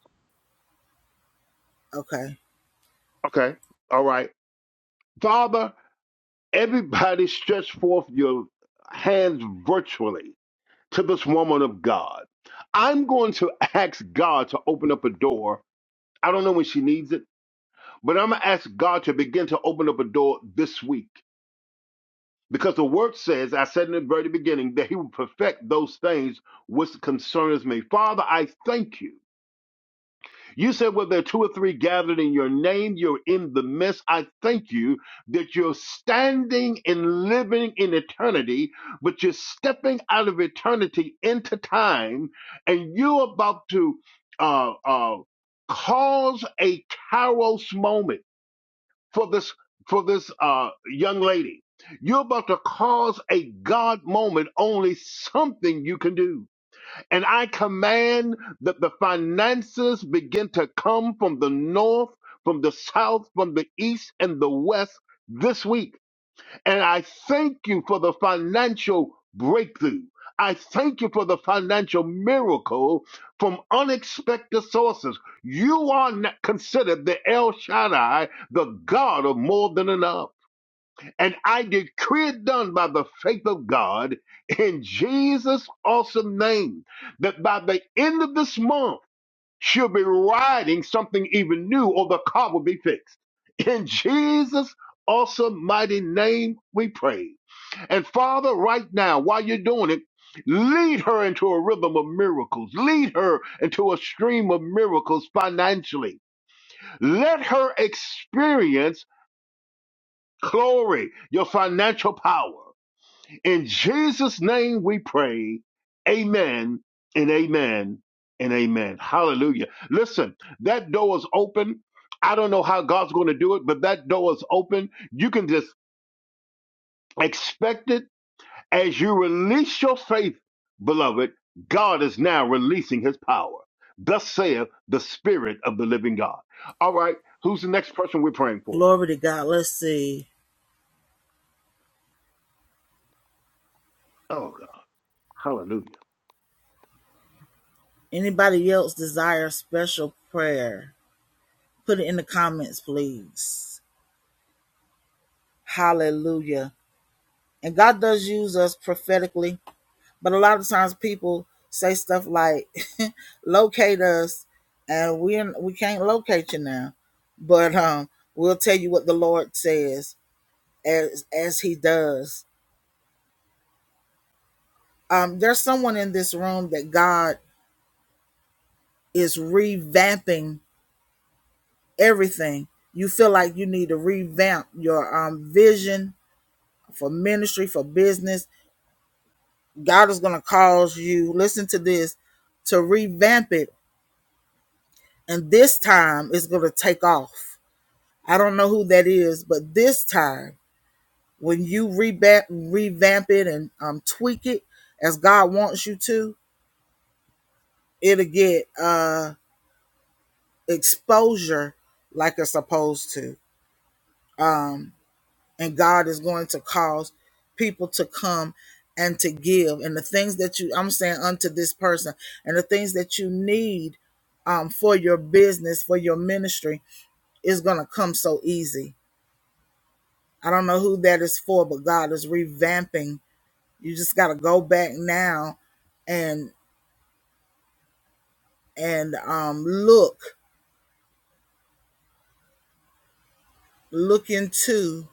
S1: okay.
S3: Okay. All right. Father, everybody stretch forth your hands virtually to this woman of God. I'm going to ask God to open up a door. I don't know when she needs it, but I'm going to ask God to begin to open up a door this week Because the word says, I said in the very beginning, that he will perfect those things which concerns me. Father, I thank you. You said, where there are two or three gathered in your name, you're in the midst. I thank you that you're standing and living in eternity, but you're stepping out of eternity into time, and you're about to uh, uh, cause a Kairos moment for this for this uh, young lady. You're about to cause a God moment, only something you can do. And I command that the finances begin to come from the north, from the south, from the east, and the west this week and I thank you for the financial breakthrough. I thank you for the financial miracle from unexpected sources. You are not considered the El Shaddai, the God of more than enough. And I decree it done by the faith of God in Jesus' awesome name that by the end of this month, she'll be riding something even new or the car will be fixed. In Jesus' awesome mighty name, we pray. And Father, right now, while you're doing it, lead her into a rhythm of miracles. Lead her into a stream of miracles financially. Let her experience glory, your financial power. In Jesus' name we pray. Amen and amen and amen. Hallelujah. Listen, that door is open. I don't know how God's going to do it, but that door is open. You can just expect it as you release your faith, beloved. God is now releasing his power. Thus saith the Spirit of the living God. All right. Who's the next person we're praying for?
S1: Glory to God. Let's see.
S3: Oh, God. Hallelujah.
S1: Anybody else desire special prayer? Put it in the comments, please. Hallelujah. And God does use us prophetically But a lot of times people say stuff like, <laughs> locate us, and we we can't locate you now. But um, we'll tell you what the Lord says as as He does. Um, there's someone in this room that God is revamping everything. You feel like you need to revamp your um, vision for ministry, for business. God is going to cause you, listen to this, to revamp it. And this time it's going to take off. I don't know who that is, but this time when you revamp, revamp it and um, tweak it as God wants you to, it'll get uh, exposure like it's supposed to. And God is going to cause people to come and to give. And the things that you, I'm saying unto this person, and the things that you need um, for your business, for your ministry, is going to come so easy. I don't know who that is for, but God is revamping You just got to go back now and and um look look into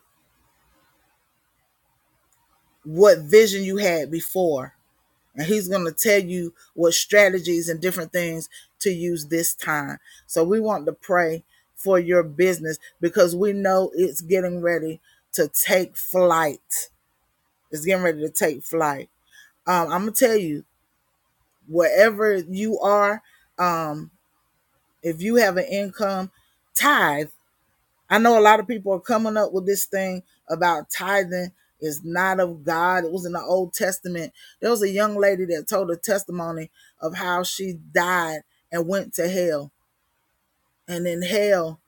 S1: what vision you had before. And he's going to tell you what strategies and different things to use this time. So we want to pray for your business because we know it's getting ready to take flight. It's getting ready to take flight. Um, I'm gonna tell you, wherever you are, um, if you have an income, tithe I know a lot of people are coming up with this thing about tithing is not of God. It was in the Old Testament. There was a young lady that told a testimony of how she died and went to hell. And in hell,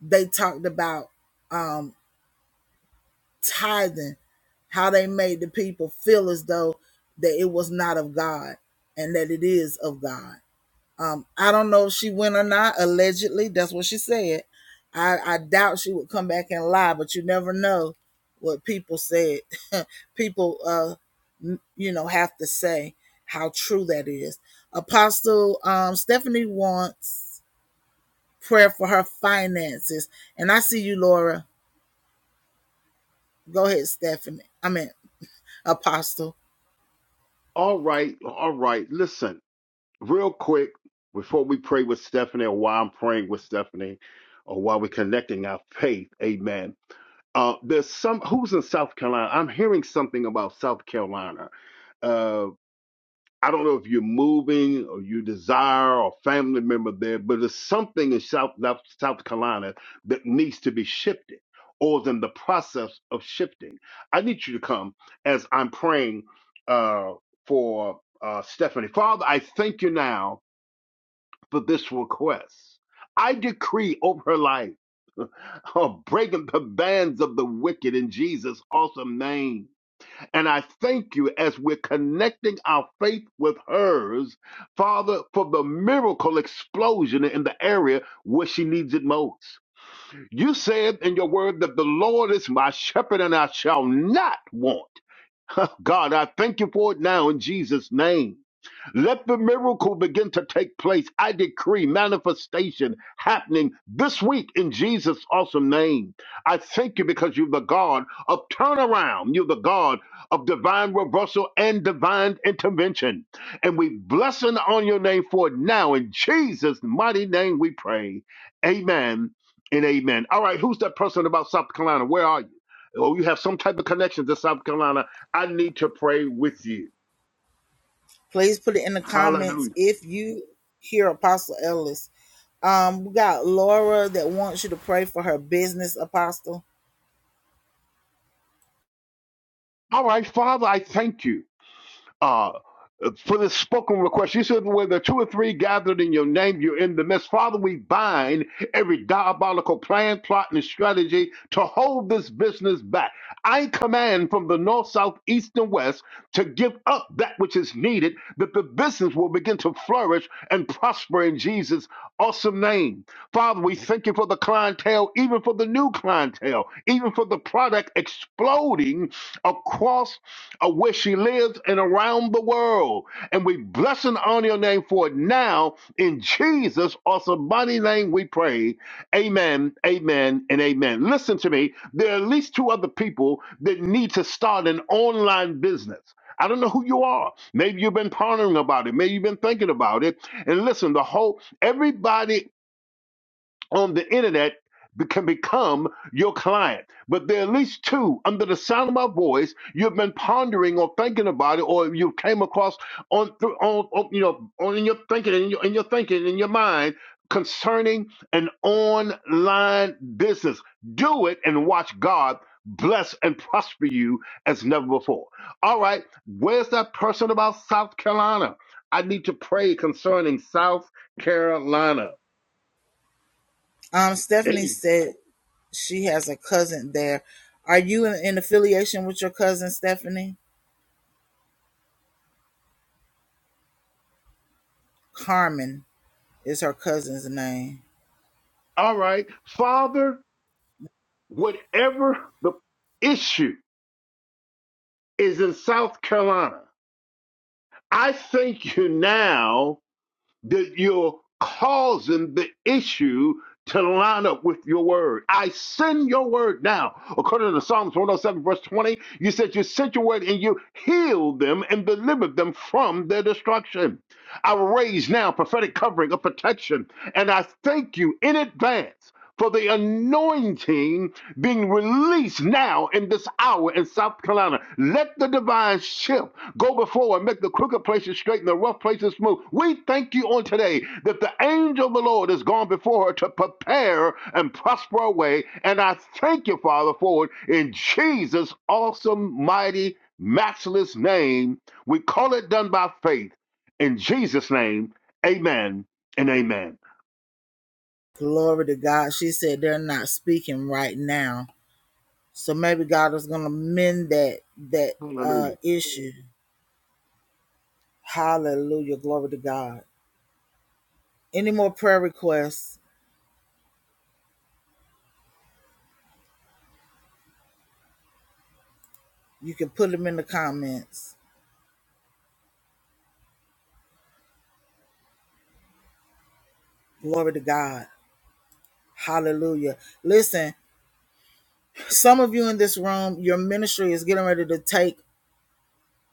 S1: they talked about um, tithing, how they made the people feel as though that it was not of God and that it is of God. Um, I don't know if she went or not. Allegedly, that's what she said. I, I doubt she would come back and lie, but you never know what people said. <laughs> people, uh, you know, have to say how true that is. Apostle um, Stephanie wants prayer for her finances, and I see you, Laura. Go ahead, Stephanie. I mean, Apostle.
S3: All right. All right. Listen. real quick before we pray with Stephanie or while I'm praying with Stephanie or while we're connecting our faith. Amen. Uh, there's some who's in South Carolina. I'm hearing something about South Carolina. Uh, I don't know if you're moving or you desire or family member there, but there's something in South South South Carolina that needs to be shifted or is in the process of shifting. I need you to come as I'm praying uh, for uh, Stephanie. Father, I thank you now for this request. I decree over her life, uh, breaking the bands of the wicked in Jesus' awesome name. And I thank you as we're connecting our faith with hers, Father, for the miracle explosion in the area where she needs it most. You said in your word that the Lord is my shepherd and I shall not want. <laughs> God, I thank you for it now in Jesus' name. Let the miracle begin to take place. I decree manifestation happening this week in Jesus' awesome name. I thank you because you're the God of turnaround. You're the God of divine reversal and divine intervention. And we bless and on your name for it now. In Jesus' mighty name we pray. Amen and amen. All right, who's that person about South Carolina? Where are you? Or you have some type of connection to South Carolina. I need to pray with you.
S1: Please put it in the
S3: Hallelujah.
S1: comments if you hear Apostle Ellis. Um, we got Laura that wants you to pray for her business, Apostle.
S3: All right, Father, I thank you uh, for this spoken request. You said, where the two or three gathered in your name, you're in the midst. Father, we bind every diabolical plan, plot, and strategy to hold this business back. I command from the north, south, east, and west to give up that which is needed, that the business will begin to flourish and prosper in Jesus' awesome name. Father, we thank you for the clientele, even for the new clientele, even for the product exploding across uh, where she lives and around the world. And we bless and honor your name for it now. In Jesus' awesome mighty name we pray. Amen, amen, and amen. Listen to me. There are at least two other people that need to start an online business. I don't know who you are. Maybe you've been pondering about it. Maybe you've been thinking about it. And listen, the whole everybody on the internet be- can become your client. But there are at least two under the sound of my voice you've been pondering or thinking about it, or you came across on through on, on you know on in your thinking in your, in your thinking in your mind concerning an online business. Do it and watch God bless and prosper you as never before. All right, where's that person about South Carolina? I need to pray concerning South Carolina.
S1: Um, Stephanie
S3: Hey.
S1: said she has a cousin there. Are you in, in affiliation with your cousin, Stephanie? Carmen is her cousin's name.
S3: All right. Father, whatever the issue is in South Carolina, I thank you now that you're causing the issue to line up with your word. I send your word now. According to Psalms 107, verse 20, you said you sent your word and you healed them and delivered them from their destruction. I raise now prophetic covering of protection, and I thank you in advance. For the anointing being released now in this hour in South Carolina. Let the divine shift Go before and make the crooked places straight and the rough places smooth. We thank you on today that the angel of the Lord has gone before her to prepare and prosper our way. And I thank you, Father, for it in Jesus' awesome, mighty, matchless name. We call it done by faith. In Jesus' name, amen and amen.
S1: Glory to God. She said they're not speaking right now. So maybe God is gonna mend that that
S3: Hallelujah.
S1: uh issue. Hallelujah. Glory to God. Any more prayer requests? You can put them in the comments. Glory to God. Hallelujah. Listen, some of you in this room, your ministry is getting ready to take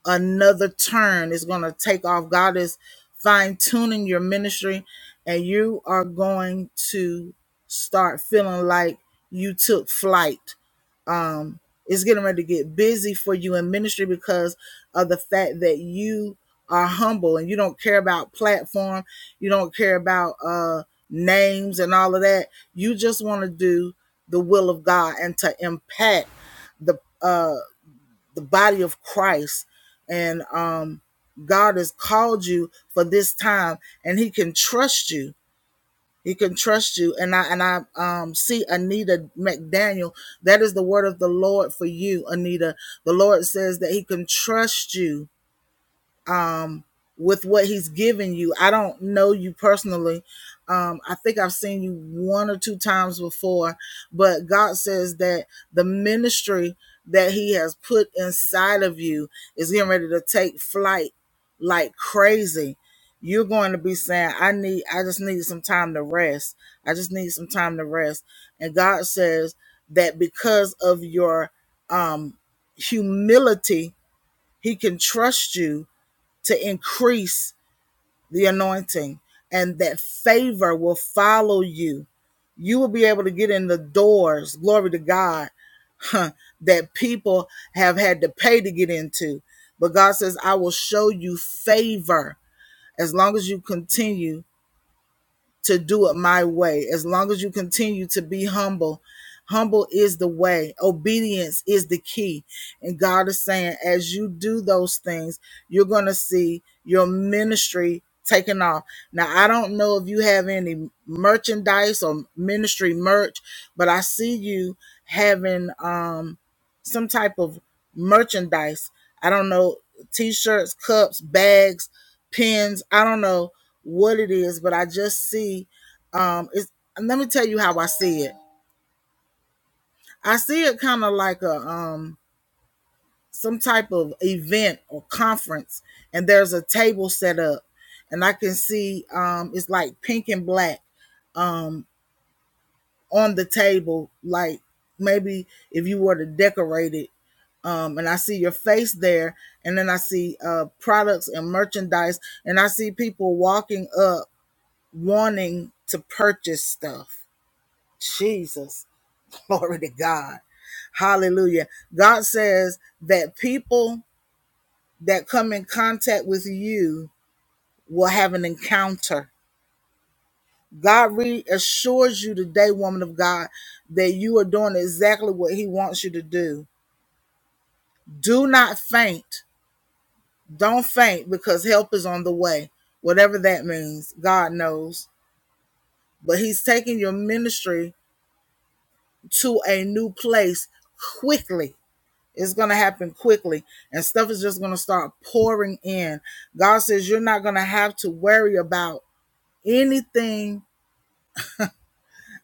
S1: another turn. It's going to take off. God is fine tuning your ministry, and you are going to start feeling like you took flight. It's getting ready to get busy for you in ministry because of the fact that you are humble and you don't care about platform, you don't care about uh names and all of that. You just want to do the will of God and to impact the uh the body of Christ and um God has called you for this time and he can trust you he can trust you. And I and I um, see Anita McDaniel. That is the word of the Lord for you, Anita. The Lord says that He can trust you with what he's given you. I don't know you personally. Um, I think I've seen you one or two times before, but God says that the ministry that he has put inside of you is getting ready to take flight like crazy. You're going to be saying, I need, I just need some time to rest. I just need some time to rest. And God says that because of your um, humility, he can trust you to increase the anointing and that favor will follow you. You will be able to get in the doors, glory to God, huh, that people have had to pay to get into. But God says, I will show you favor as long as you continue to do it my way. As long as you continue to be humble, humble is the way, obedience is the key. And God is saying, as you do those things, you're going to see your ministry taking off. Now, I don't know if you have any merchandise or ministry merch, but I see you having. um, some type of merchandise. I don't know, t shirts, cups, bags, pins. I don't know what it is, but I just see um it's let me tell you how I see it. I see it kind of like a um some type of event or conference and there's a table set up and I can see um it's like pink and black on the table like maybe if you were to decorate it um, and I see your face there, and then I see uh, products and merchandise, and I see people walking up wanting to purchase stuff. Jesus, <laughs> glory to God. Hallelujah. God says that people that come in contact with you will have an encounter. God reassures you today, woman of God, that you are doing exactly what He wants you to do. Do not faint Don't faint because help is on the way. Whatever that means, God knows. But He's taking your ministry to a new place quickly. It's going to happen quickly, and stuff is just going to start pouring in. God says you're not going to have to worry about anything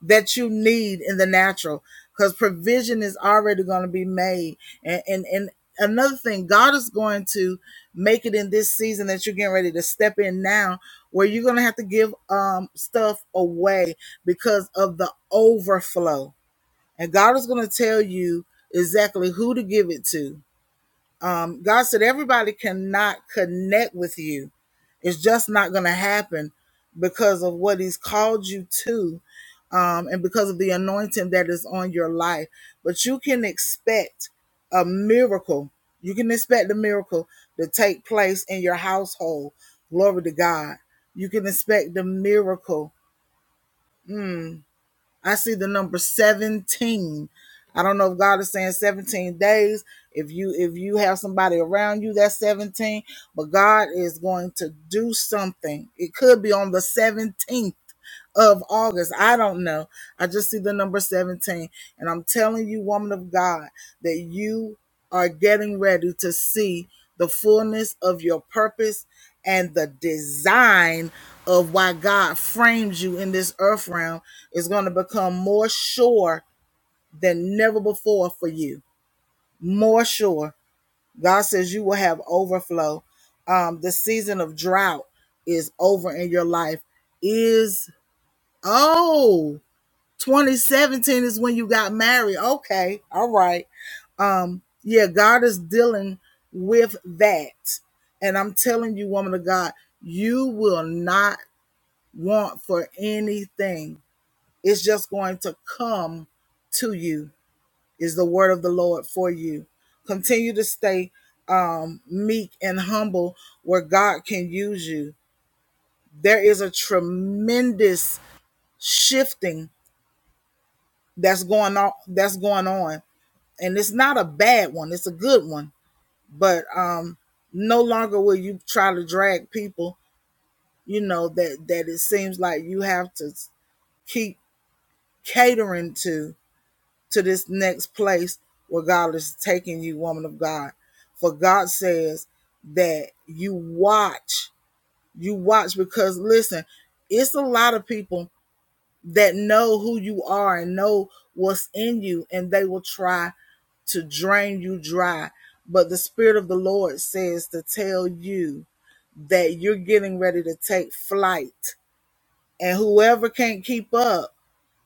S1: that you need in the natural because provision is already going to be made and, and and another thing god is going to make it in this season that you're getting ready to step in now where you're going to have to give um stuff away because of the overflow and god is going to tell you exactly who to give it to um, God said everybody cannot connect with you. It's just not going to happen because of what He's called you to um, and because of the anointing that is on your life. But you can expect a miracle. You can expect a miracle to take place in your household. Glory to God. You can expect the miracle I see the number 17. I don't know if God is saying 17 days. If you if you have somebody around you that's 17, but God is going to do something. It could be on the 17th of August. I don't know. I just see the number 17. And I'm telling you, woman of God, that you are getting ready to see the fullness of your purpose and the design of why God frames you in this earth realm is going to become more sure than never before for you. More sure. God says you will have overflow. Um, the season of drought is over in your life. Is oh 2017 is when you got married. Okay. All right. Um, yeah, God is dealing with that. And I'm telling you, woman of God, you will not want for anything. It's just going to come to you, is the word of the Lord for you. Continue to stay um, meek and humble where God can use you. There is a tremendous shifting that's going on that's going on and it's not a bad one it's a good one but um no longer will you try to drag people you know that that it seems like you have to keep catering to to this next place where god is taking you woman of god for god says that you watch you watch because listen it's a lot of people that know who you are and know what's in you and they will try to drain you dry. But the Spirit of the Lord says to tell you that you're getting ready to take flight. And whoever can't keep up,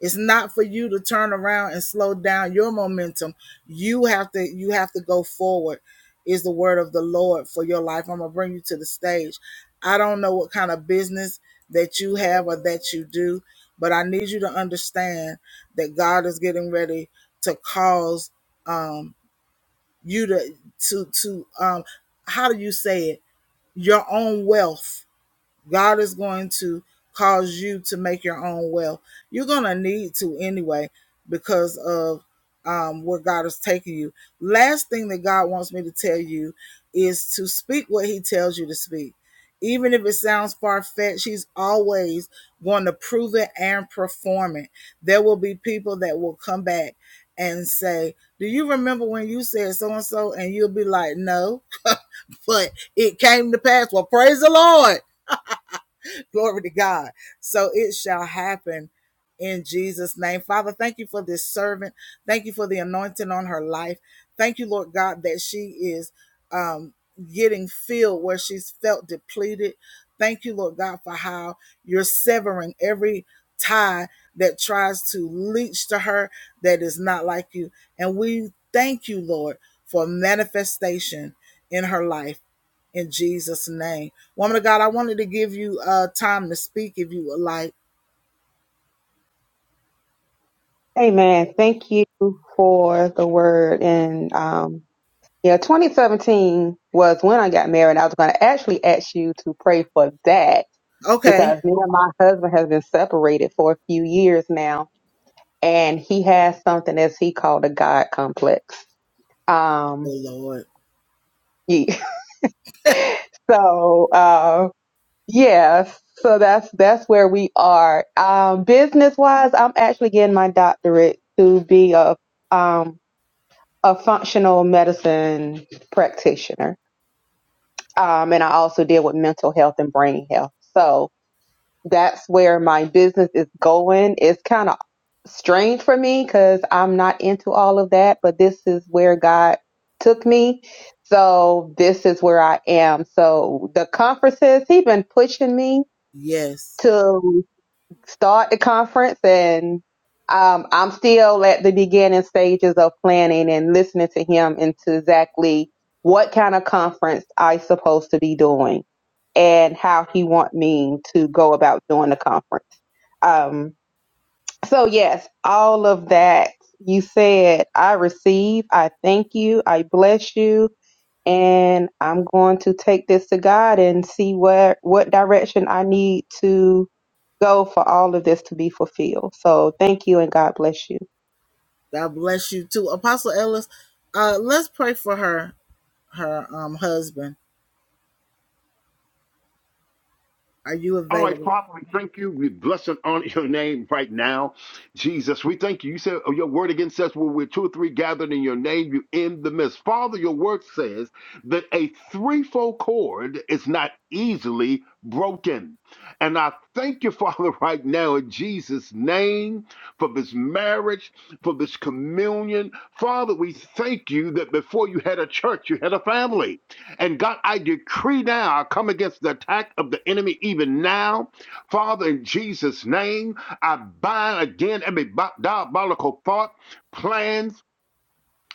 S1: it's not for you to turn around and slow down your momentum. You have to you have to go forward is the word of the Lord for your life. I'm gonna bring you to the stage. I don't know what kind of business that you have or that you do, but I need you to understand that God is getting ready to cause um, you to to to um how do you say it your own wealth God is going to cause you to make your own wealth. You're going to need to anyway because of um, where God is taking you. Last thing that God wants me to tell you is to speak what He tells you to speak. Even if it sounds far fetched, He's always going to prove it and perform it. There will be people that will come back and say, Do you remember when you said so and so? And you'll be like, No, <laughs> but it came to pass. Well, praise the Lord <laughs> Glory to God. So it shall happen in Jesus' name. Father, thank you for this servant. Thank you for the anointing on her life. Thank you, Lord God, that she is um, getting filled where she's felt depleted. Thank you, Lord God, for how you're severing every tie that tries to leach to her that is not like you. And we thank you, Lord, for manifestation in her life in Jesus' name. Woman of God, I wanted to give you uh time to speak if you would like.
S5: Amen. Thank you for the word. And um, yeah, 2017 was when I got married. I was going to actually ask you to pray for that
S1: Okay.
S5: because me and my husband has been separated for a few years now, and he has something as he called a God complex.
S1: Oh
S5: Um,
S1: Lord.
S5: yeah. <laughs> so uh, yeah, so that's that's where we are. Um, business wise, I'm actually getting my doctorate to be a um a functional medicine practitioner. Um, and I also deal with mental health and brain health. So that's where my business is going. It's kind of strange for me because I'm not into all of that, but this is where God took me. So this is where I am. So the conferences, he's been pushing me
S1: Yes.
S5: to start the conference and um, I'm still at the beginning stages of planning and listening to him into exactly what kind of conference I supposed to be doing and how he want me to go about doing the conference. Um, so yes, all of that you said, I receive, I thank you, I bless you, and I'm going to take this to God and see where what direction I need to go for all of this to be fulfilled. So thank you and God bless you.
S1: God bless you too. Apostle Ellis, uh let's pray for her, her um husband. Are you
S3: All right,
S1: available?
S3: Father, we thank you. We bless and honor your name right now. Jesus, we thank you. You said oh, your word again says, when we're two or three gathered in your name, you in the midst. Father, your word says that a threefold cord is not easily broken. And I thank you, <laughs> Father, right now in Jesus' name for this marriage, for this communion. Father, we thank you that before you had a church, you had a family. And God, I decree now, I come against the attack of the enemy even now. Father, in Jesus' name, I bind again every diabolical thought, plans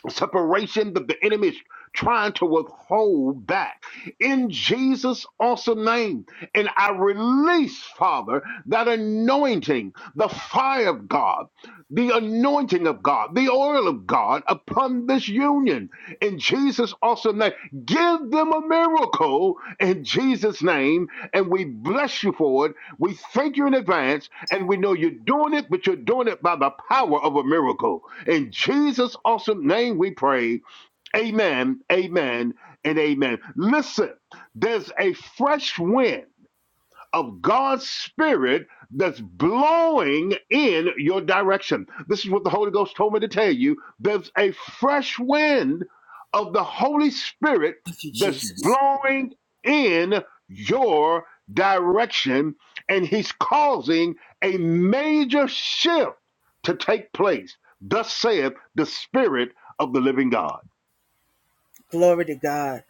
S3: separation that the enemy is trying to withhold back in Jesus' awesome name. And I release, Father, that anointing, the fire of God, the anointing of God, the oil of God upon this union in Jesus' awesome name. Give them a miracle in Jesus' name. And we bless you for it. We thank you in advance. And we know you're doing it, but you're doing it by the power of a miracle. In Jesus' awesome name we pray. Amen, amen, and amen. Listen, there's a fresh wind of God's Spirit that's blowing in your direction. This is what the Holy Ghost told me to tell you. There's a fresh wind of the Holy Spirit
S1: Thank you,
S3: that's
S1: Jesus.
S3: blowing in your direction, and He's causing a major shift to take place. Thus saith the Spirit of the living God.
S1: Glory to God.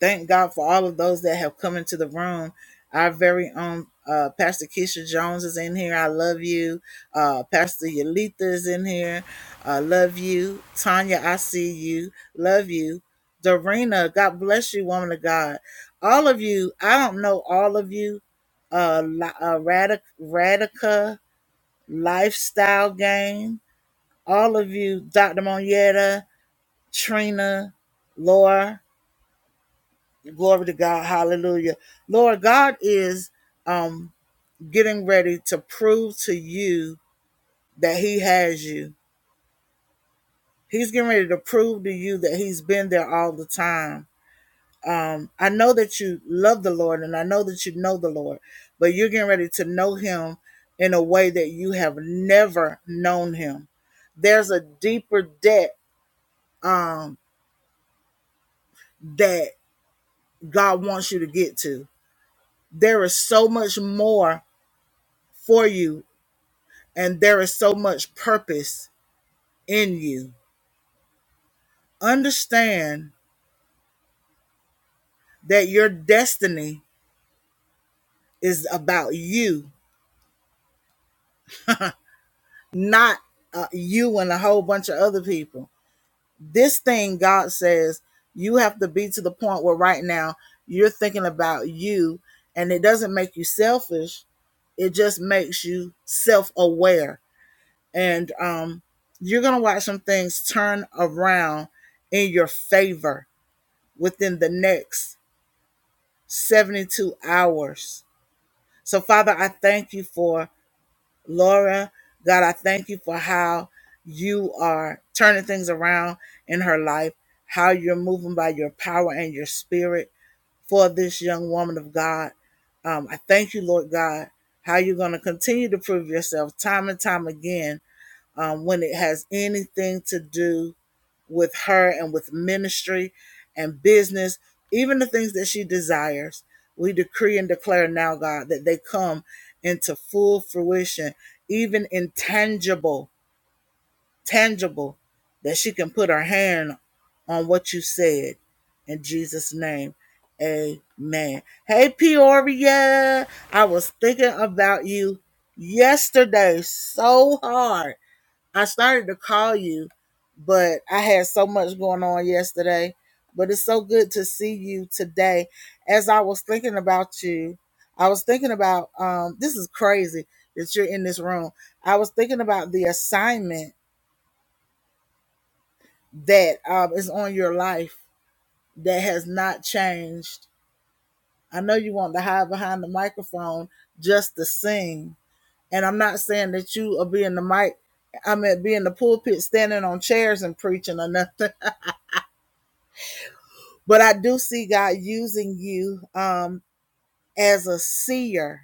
S1: Thank God for all of those that have come into the room. Our very own uh, Pastor Keisha Jones is in here. I love you. Uh, Pastor Yalitha is in here. Uh, love you. Tanya, I see you. Love you. Dorena, God bless you, woman of God. All of you, I don't know all of you. Uh, Li- uh Radic- Radica, Lifestyle Game. All of you, Dr. Monietta, Trina, Laura. Glory to God. Hallelujah. Lord, God is um, getting ready to prove to you that He has you. He's getting ready to prove to you that He's been there all the time. Um, I know that you love the Lord and I know that you know the Lord, but you're getting ready to know Him in a way that you have never known Him. There's a deeper debt um, that God wants you to get to. There is so much more for you and there is so much purpose in you. Understand that your destiny is about you, not uh, you and a whole bunch of other people. This thing God says you have to be to the point where right now you're thinking about you, and it doesn't make you selfish. It just makes you self aware, and um, you're gonna watch some things turn around in your favor within the next 72 hours. So, Father, I thank you for Laura. God, I thank you for how you are turning things around in her life, how you're moving by your power and your spirit for this young woman of God. Um, I thank you, Lord God, how you're going to continue to prove yourself time and time again um, when it has anything to do with her and with ministry and business, even the things that she desires. We decree and declare now, God, that they come into full fruition, even intangible, tangible, that she can put her hand on what you said. In Jesus' name, amen. Hey, Peoria, I was thinking about you yesterday so hard. I started to call you but I had so much going on yesterday. But it's so good to see you today. As I was thinking about you, I was thinking about um, this is crazy that you're in this room. I was thinking about the assignment that um, is on your life that has not changed. I know you want to hide behind the microphone just to sing, and I'm not saying that you are being the mic. I mean, being the pulpit, standing on chairs and preaching or nothing. but I do see God using you um, as a seer.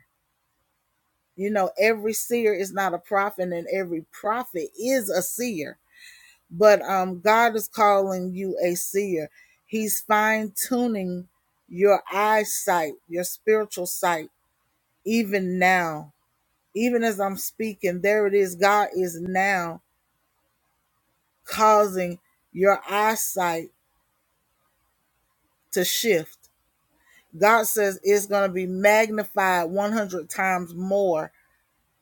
S1: You know, every seer is not a prophet, and every prophet is a seer. But um, God is calling you a seer. He's fine tuning your eyesight, your spiritual sight, even now. Even as I'm speaking, there it is. God is now causing your eyesight to shift. God says it's going to be magnified 100 times more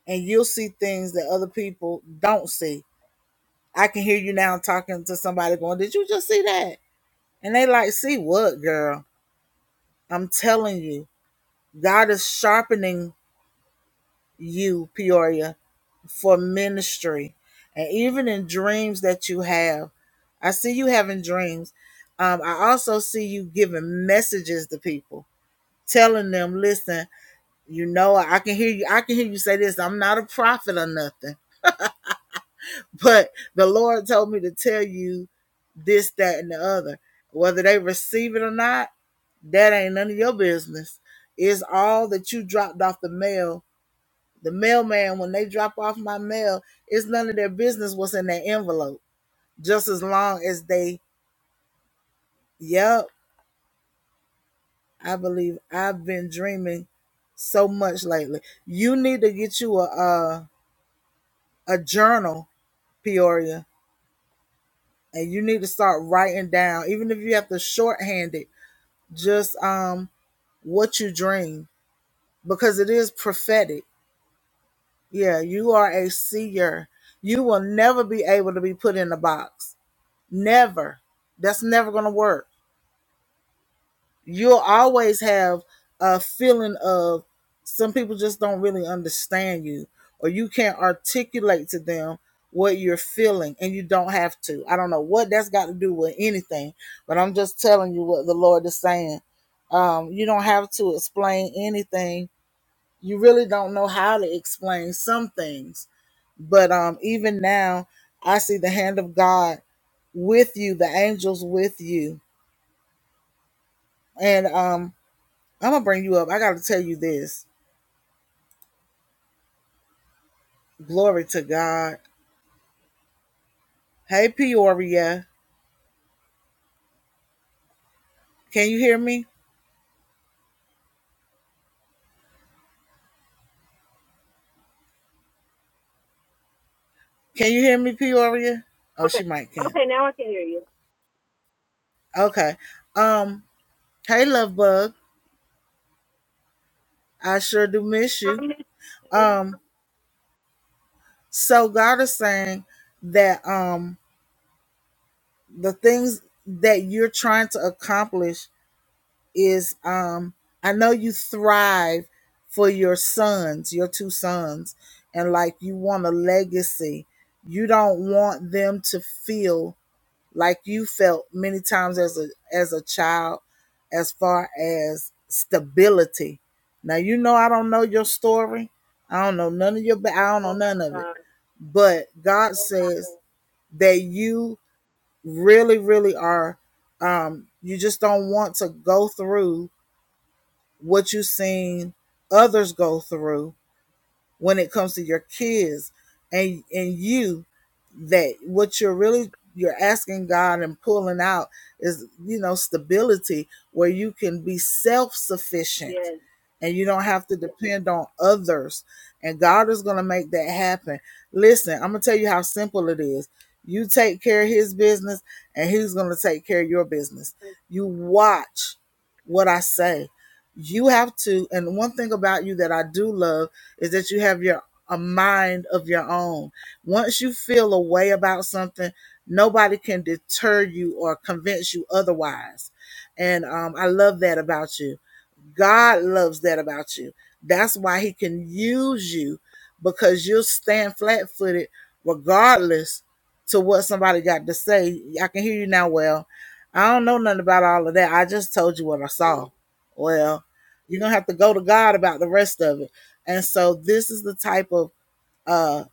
S1: and you'll see things that other people don't see. I can hear you now talking to somebody going, Did you just see that? And they like, See what, girl? I'm telling you, God is sharpening you, Peoria, for ministry. And even in dreams that you have, I see you having dreams. Um, I also see you giving messages to people, telling them, Listen, you know, I can hear you. I can hear you say this. I'm not a prophet or nothing, <laughs> but the Lord told me to tell you this, that, and the other. Whether they receive it or not, that ain't none of your business. It's all that you dropped off the mail. The mailman, when they drop off my mail, it's none of their business what's in that envelope. Just as long as they, yep, I believe I've been dreaming so much lately. You need to get you a a, a journal, Peoria, and you need to start writing down, even if you have to shorthand it, just um what you dream because it is prophetic. Yeah, you are a seer. You will never be able to be put in a box. Never. That's never going to work. You'll always have a feeling of some people just don't really understand you or you can't articulate to them what you're feeling and you don't have to. I don't know what that's got to do with anything, but I'm just telling you what the Lord is saying. Um, you don't have to explain anything you really don't know how to explain some things. But um, even now, I see the hand of God with you, the angels with you. And um, I'm going to bring you up. I got to tell you this. Glory to God. Hey, Peoria. Can you hear me? Can you hear me, Peoria? Oh,
S6: Okay.
S1: she might can't.
S6: Okay, now I can hear you.
S1: Okay. Um, hey, love bug. I sure do miss you.
S6: Um,
S1: Um, so God is saying that um the things that you're trying to accomplish is um I know you thrive for your sons, your two sons, and like you want a legacy. You don't want them to feel like you felt many times as a as a child as far as stability. Now you know I don't know your story. I don't know none of your I don't know
S6: oh my
S1: none of it.
S6: God,
S1: But God says that you really really are um you just don't want to go through what you've seen others go through when it comes to your kids and and you that what you're really you're asking God and pulling out is you know stability where you can be self-sufficient
S6: yes.
S1: and you don't have to depend on others and God is going to make that happen. Listen, I'm going to tell you how simple it is. You take care of his business and he's going to take care of your business.
S6: Thank
S1: You watch what I say. You have to and one thing about you that I do love is that you have your a mind of your own. Once you feel a way about something, nobody can deter you or convince you otherwise. And um, I love that about you. God loves that about you. That's why He can use you because you'll stand flat footed regardless to what somebody got to say. I can hear you now. Well, I don't know nothing about all of that. I just told you what I saw.
S6: you,
S1: Well, you're going to have to go to God about the rest of it. And so this is the type of uh,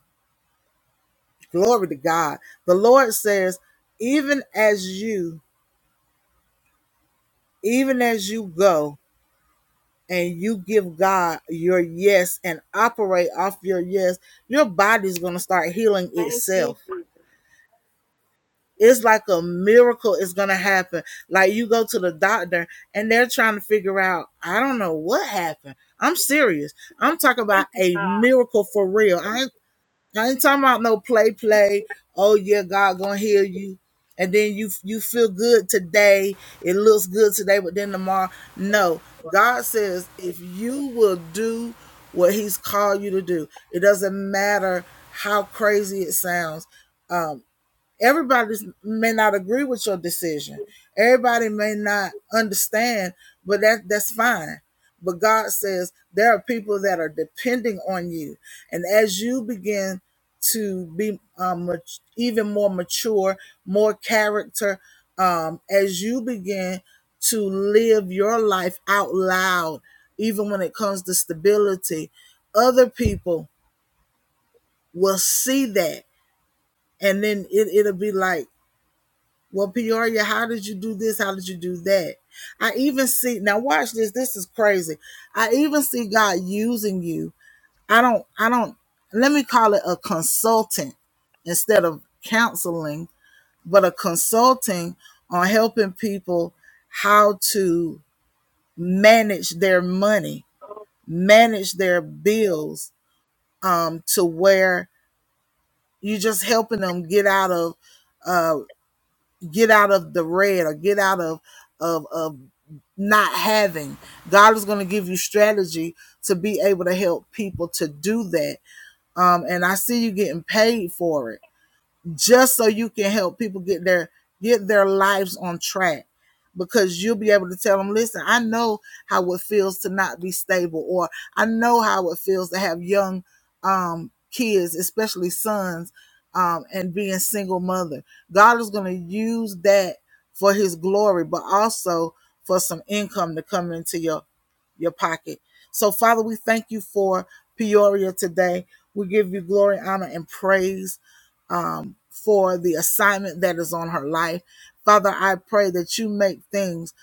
S1: Glory to God. The Lord says, even as you, even as you go and you give God your yes and operate off your yes, your body's going to start healing
S6: thank you,
S1: itself.
S6: Jesus.
S1: It's like a miracle is going to happen. Like you go to the doctor and they're trying to figure out, I don't know what happened. I'm serious. I'm talking about
S6: Thank you,
S1: a
S6: God.
S1: miracle for real. I ain't I ain't talking about no play, play. Oh yeah, God gonna heal you, and then you you feel good today. It looks good today, but then tomorrow, no. God says if you will do what He's called you to do, it doesn't matter how crazy it sounds. Um, Everybody may not agree with your decision. Everybody may not understand, but that that's fine. But God says there are people that are depending on you, and as you begin to be um, much, even more mature, more character, um, as you begin to live your life out loud, even when it comes to stability, other people will see that, and then it, it'll be like well, Peoria, how did you do this? How did you do that? I even see now watch this. This is crazy. I even see God using you. I don't I don't let me call it a consultant instead of counseling, but a consulting on helping people how to manage their money,
S6: Oh,
S1: manage their bills, um, to where you're just helping them get out of uh get out of the red or get out of of of not having. God is going to give you strategy to be able to help people to do that. Um, and I see you getting paid for it just so you can help people get their get their lives on track because you'll be able to tell them listen i know how it feels to not be stable or i know how it feels to have young um, kids especially sons um, and being single mother god is going to use that for his glory but also for some income to come into your your pocket. So, Father, we thank you for Peoria today. We give you glory, honor, and praise um, for the assignment that is on her life. Father, I pray that you make things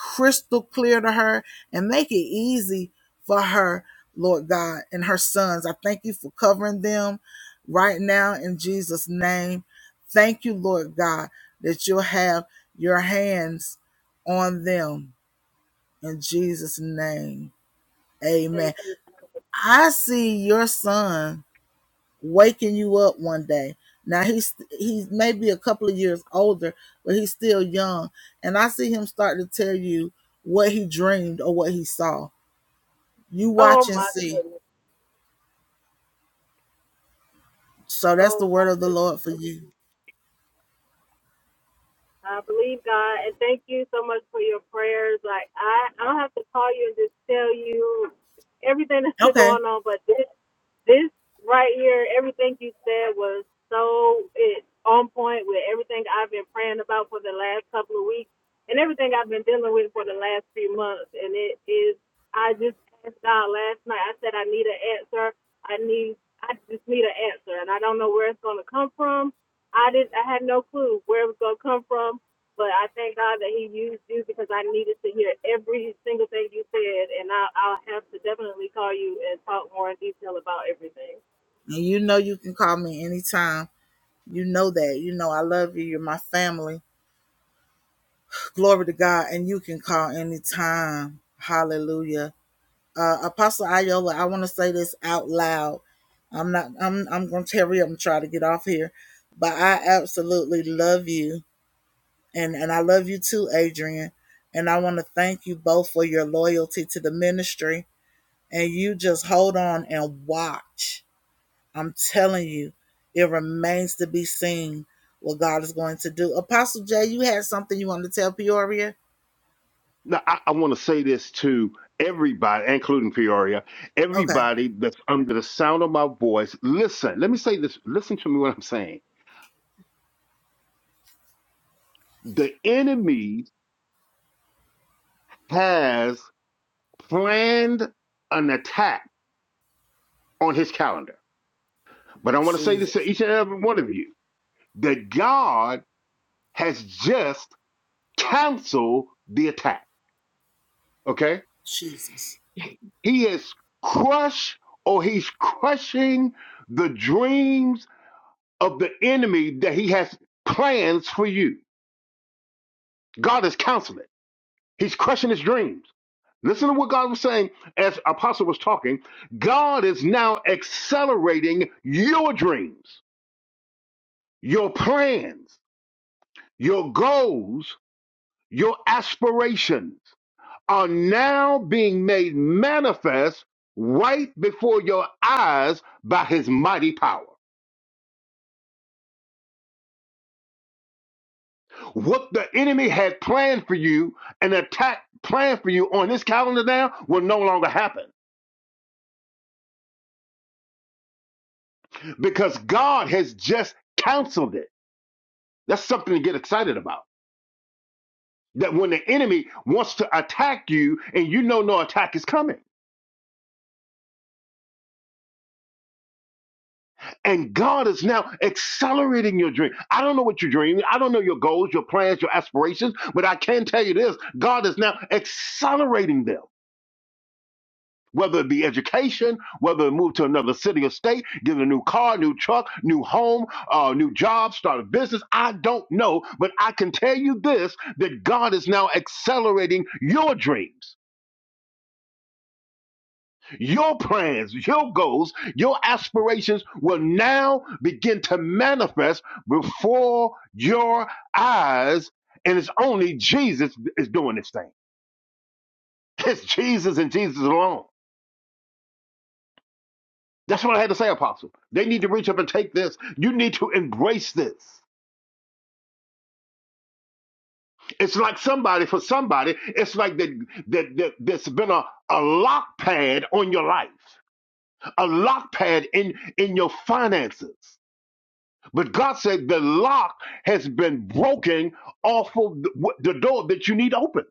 S1: crystal clear to her and make it easy for her, Lord God, and her sons. I thank you for covering them right now in Jesus' name. Thank you, Lord God, that you'll have your hands on them in Jesus' name. Amen.
S6: thank you.
S1: I see your son waking you up one day. Now he's he's maybe a couple of years older, but he's still young. And I see him start to tell you what he dreamed or what he saw. You
S6: Oh
S1: watch and
S6: my
S1: see.
S6: goodness.
S1: So that's the
S6: Oh
S1: word
S6: my
S1: of the
S6: goodness.
S1: Lord for you.
S6: I believe God, and thank you so much for your prayers. Like I, i don't have to call you and just tell you everything <laughs> that's been
S1: Okay.
S6: going on, but this. this right here, everything you said was so it on point with everything I've been praying about for the last couple of weeks and everything I've been dealing with for the last few months. And it is I just asked God last night. I said I need an answer. I need I just need an answer and I don't know where it's gonna come from. I didn't I had no clue where it was gonna come from but I thank God that He used you because I needed to hear every single thing you said, and I, I'll have to definitely call you and talk more in detail about everything.
S1: And you know you can call me anytime. You know that. You know I love you. You're my family. Glory to God. And you can call anytime. Hallelujah. Uh, Apostle Ayola, I want to say this out loud I'm not I'm I'm gonna hurry up and try to get off here. But I absolutely love you and, and I love you too, Adrian. And I wanna thank you both for your loyalty to the ministry. And you just hold on and watch. I'm telling you, it remains to be seen what God is going to do. Apostle Jay, you had something you wanted to tell Peoria?
S3: Now, I, I want to say this to everybody, including Peoria,
S1: Okay.
S3: everybody that's under the sound of my voice. Listen, let me say this. Listen to me what I'm saying. The enemy has planned an attack on his calendar. But I want to say this to
S1: Jesus.
S3: each and every one of you that God has just canceled the attack. Okay?
S1: Jesus.
S3: He has crushed or he's crushing the dreams of the enemy that he has plans for you. God is counseling. He's crushing his dreams. Listen to what God was saying as Apostle was talking. God is now accelerating your dreams, your plans, your goals, your aspirations are now being made manifest right before your eyes by his mighty power. What the enemy had planned for you, an attack planned for you on this calendar now, will no longer happen because God has just canceled it. That's something to get excited about. That when the enemy wants to attack you and you know no attack is coming. And God is now accelerating your dream. I don't know what you're dreaming. I don't know your goals, your plans, your aspirations, but I can tell you this God is now accelerating them whether it be education, whether it move to another city or state, get a new car, new truck, new home, uh, new job, start a business. I don't know, but I can tell you this that God is now accelerating your dreams. Your plans, your goals, your aspirations will now begin to manifest before your eyes. And it's only Jesus is doing this thing. It's Jesus and Jesus alone. That's what I had to say, Apostle. They need to reach up and take this. You need to embrace this. It's like somebody, for somebody, it's like that, that, that there's been a, a lock pad on your life, a lock pad in, in your finances. But God said the lock has been broken off of the, the door that you need open.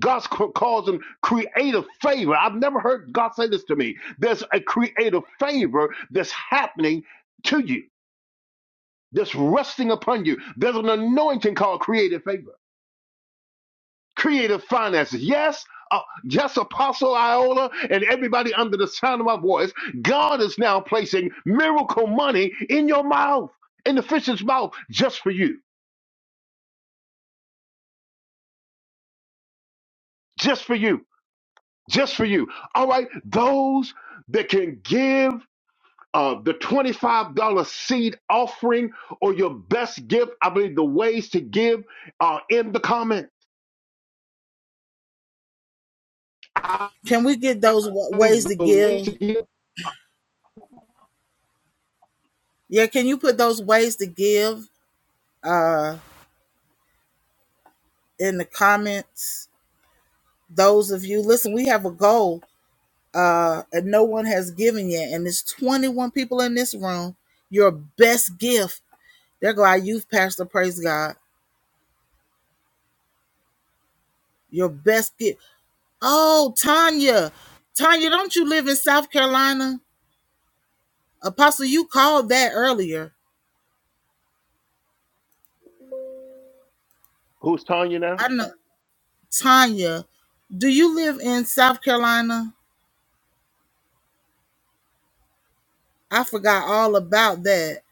S3: God's causing creative favor. I've never heard God say this to me. There's a creative favor that's happening to you. that's resting upon you. There's an anointing called creative favor, creative finances. Yes, uh, yes, Apostle Iola and everybody under the sound of my voice, God is now placing miracle money in your mouth, in the fish's mouth, just for you, just for you, just for you. All right, those that can give uh, the $25 seed offering or your best gift, I believe the ways to give are in the comments. I
S1: Can we get those wa- ways
S3: believe
S1: to
S3: the ways to
S1: give?
S3: give
S1: Yeah, can you put those ways to give? Uh, in the comments. Those of you, listen, we have a goal uh, and no one has given yet, and there's 21 people in this room. Your best gift. There go our youth pastor. Praise God. Your best gift. Oh, Tanya, Tanya, don't you live in South Carolina? Apostle, you called that earlier.
S3: Who's Tanya now?
S1: I know, Tanya. Do you live in South Carolina? I forgot all about that.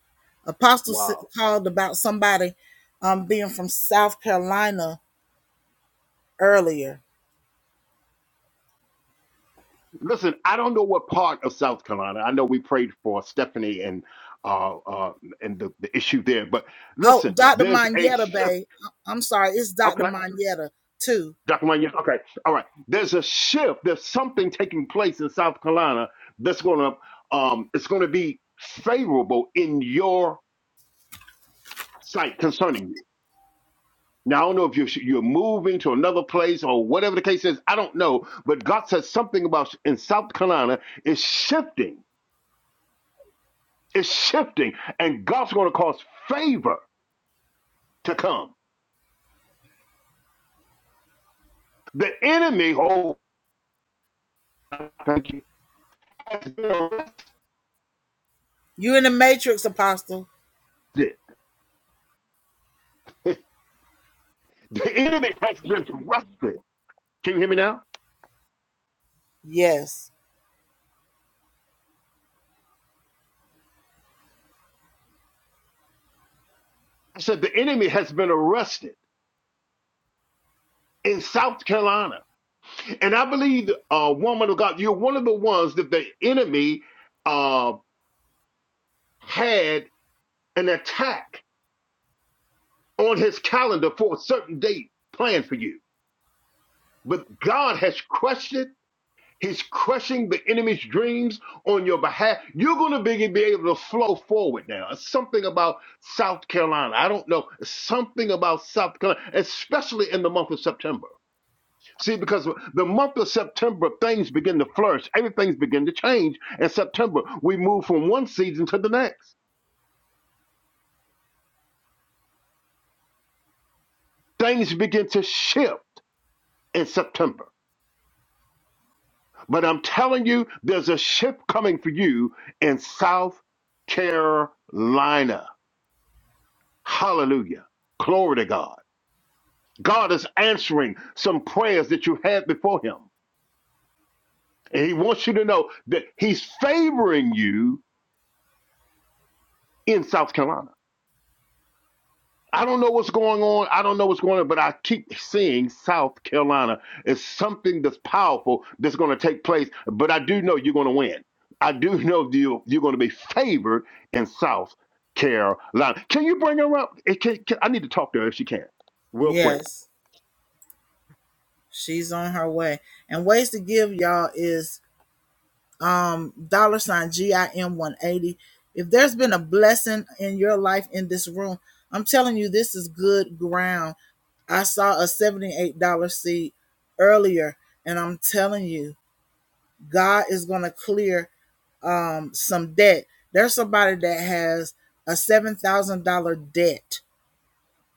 S1: Apostle s-
S3: Wow.
S1: called about somebody um, being from South Carolina earlier.
S3: Listen, I don't know what part of South Carolina. I know we prayed for Stephanie and uh, uh, and the, the issue there, but
S1: Oh,
S3: listen,
S1: Dr.
S3: there's a
S1: Manietta,
S3: shift.
S1: babe. I- I'm sorry, it's
S3: Okay,
S1: Dr. Manietta too.
S3: Dr. Manya. Okay, all right. There's a shift. There's something taking place in South Carolina that's gonna um, it's gonna be favorable in your sight concerning you. Now I don't know if you're you're moving to another place or whatever the case is. I don't know, but God says something about in South Carolina is shifting It's shifting, and God's going to cause favor to come. The enemy, oh, thank you, has been
S1: You in the Matrix, Apostle?
S3: arrested. <laughs> The enemy has been arrested. Can you hear me now?
S1: Yes,
S3: I said the enemy has been arrested in South Carolina, and I believe, uh, woman of God, you're one of the ones that the enemy uh, had an attack on his calendar for a certain date planned for you, but God has crushed it He's crushing the enemy's dreams on your behalf. You're going to be, be able to flow forward now. It's something about South Carolina. I don't know. It's something about South Carolina, especially in the month of September. See, because the month of September, things begin to flourish. Everything's begin to change. In September, we move from one season to the next. Things begin to shift in September. But I'm telling you, there's a shift coming for you in South Carolina. Hallelujah. Glory to God. God is answering some prayers that you had before Him. And He wants you to know that He's favoring you in South Carolina. I don't know what's going on. I don't know what's going on, but I keep seeing South Carolina is something that's powerful that's going to take place. But I do know you're going to win. I do <laughs> know you, you're going to be favored in South Carolina. Can you bring her up? Eh, can- can- I need to talk to her if she can, real quick.
S1: yes. She's on her way. And ways to give y'all is dollar sign GIM 180. If there's been a blessing in your life in this room, I'm telling you, this is good ground. I saw a $78 seed earlier, and I'm telling you, God is going to clear um some debt. There's somebody that has a seven thousand dollar debt.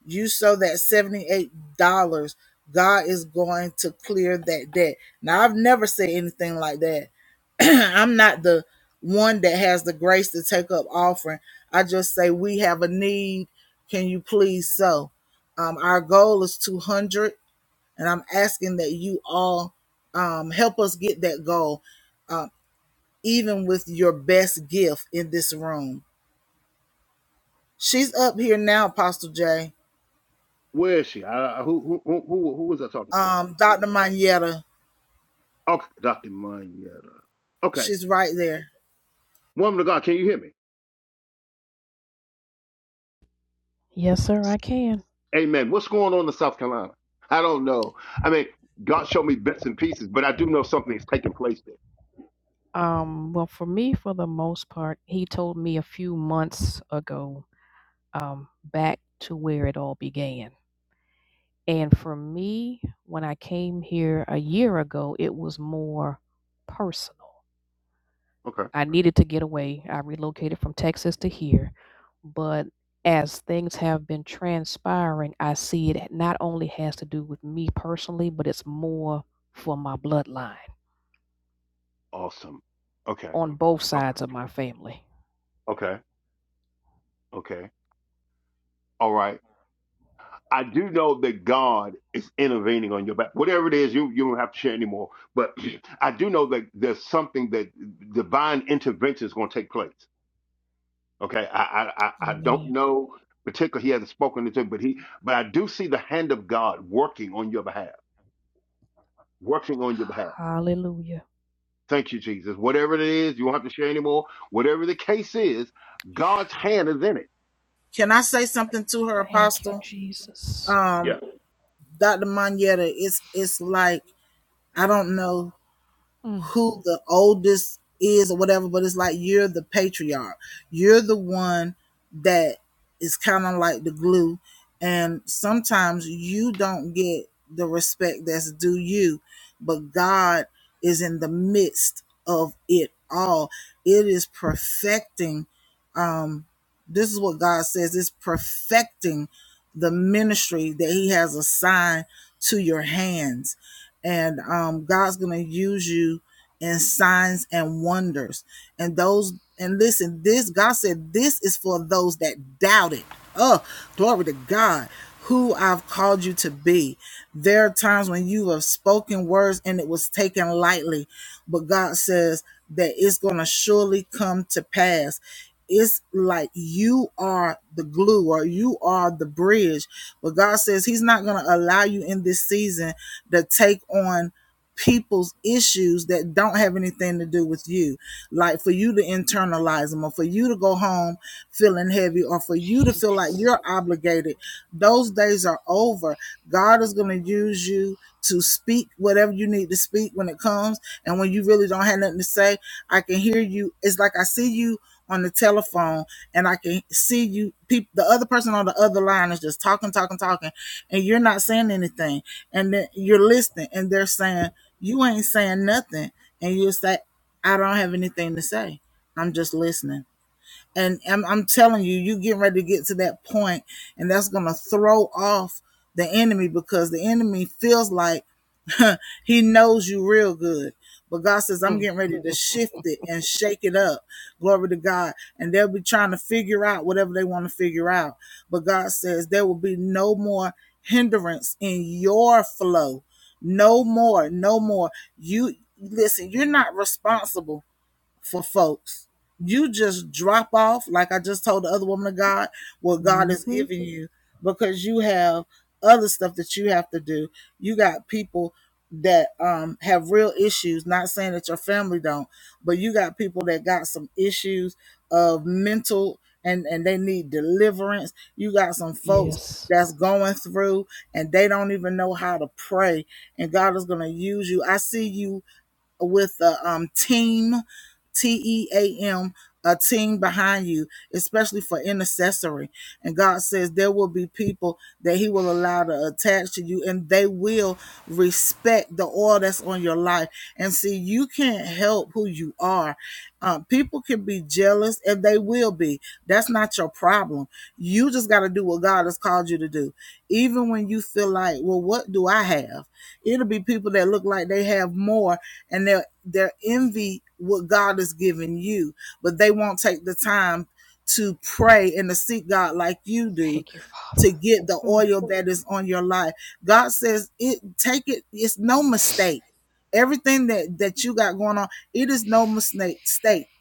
S1: You sow that seventy eight dollars, God is going to clear that debt. Now I've never said anything like that. <clears throat> I'm not the one that has the grace to take up offering. I just say we have a need. Can you please sow? Um, our goal is two hundred, and I'm asking that you all um, help us get that goal, even with your best gift in this room She's up here now, Apostle J.
S3: Where is she? I, I- who, who, who, who, who was I talking to?
S1: Um, Dr. Manietta,
S3: Okay, Dr. Mayetta. Okay,
S1: she's right there.
S3: woman of God, can you hear me?
S7: Yes, sir, I can.
S3: Amen. What's going on in South Carolina? I don't know. I mean, God showed me bits and pieces, but I do know something is taking place there.
S7: Um, well, for me, for the most part, he told me a few months ago, um, back to where it all began. And for me, when I came here a year ago, it was more personal.
S3: Okay.
S7: I needed to get away. I relocated from Texas to here. But as things have been transpiring, I see it not only has to do with me personally, but it's more for my bloodline
S3: Awesome. Okay.
S7: on both
S3: Okay.
S7: sides of my family.
S3: Okay. Okay. All right. I do know that God is intervening on your back. Whatever it is, you, you don't have to share anymore. But <clears throat> I do know that there's something that divine intervention is going to take place. Okay, I I, I I
S7: Amen.
S3: don't know particularly he hasn't spoken into it, but he but I do see the hand of God working on your behalf, working on your behalf.
S7: Hallelujah.
S3: Thank you, Jesus. Whatever it is, you won't have to share anymore. Whatever the case is, God's hand is in it.
S1: Can I say something to her,
S7: Thank you,
S1: Apostle?
S7: Jesus.
S1: Um,
S3: Yeah.
S1: Dr. Manietta, it's it's like I don't know
S7: Mm,
S1: who the oldest is or whatever, but it's like you're the patriarch. You're the one that is kind of like the glue. And sometimes you don't get the respect that's due you, but God is in the midst of it all. It is perfecting um this is what God says It's perfecting the ministry that He has assigned to your hands. And um, God's going to use you in signs and wonders. And those, and listen, this, God said, this is for those that doubt it. Oh, glory to God who I've called you to be. There are times when you have spoken words and it was taken lightly, but God says that it's going to surely come to pass. It's like you are the glue or you are the bridge, but God says He's not going to allow you in this season to take on people's issues that don't have anything to do with you like for you to internalize them or for you to go home feeling heavy or for you to feel like
S7: Jesus.
S1: you're obligated those days are over god is going to use you to speak whatever you need to speak when it comes and when you really don't have nothing to say i can hear you it's like i see you on the telephone and I can see you people the other person on the other line is just talking, talking, talking, and you're not saying anything. And then you're listening and they're saying, You ain't saying nothing. And you'll say, I don't have anything to say. I'm just listening. And I'm, I'm telling you, you getting ready to get to that point, and that's gonna throw off the enemy because the enemy feels like <laughs> he knows you real good. But God says, I'm
S7: Mm.
S1: getting ready to shift it and shake it up. Glory to God. And they'll be trying to figure out whatever they want to figure out. But God says, there will be no more hindrance in your flow. No more, no more. You listen, you're not responsible for folks. You just drop off, like I just told the other woman of God, what God has
S7: Mm-hmm.
S1: given you because you have other stuff that you have to do. You got people that um have real issues, not saying that your family don't, but you got people that got some issues of mental and and they need deliverance. You got some folks
S7: Yes.
S1: that's going through and they don't even know how to pray and God is going to use you. I see you with a um, team. T E A M, a team behind you, especially for intercessory. And God says there will be people that He will allow to attach to you and they will respect the oil that's on your life. And see, you can't help who you are. Uh, people can be jealous and they will be. That's not your problem. You just got to do what God has called you to do. Even when you feel like, well, what do I have? It'll be people that look like they have more and they're they're envy what God has given you, but they won't take the time to pray and to seek God like you do
S7: Thank you,
S1: to
S7: Father.
S1: get the
S7: Mm.
S1: oil that is on your life. God says it take it, it's no mistake. Everything that that you got going on, it is no mistake.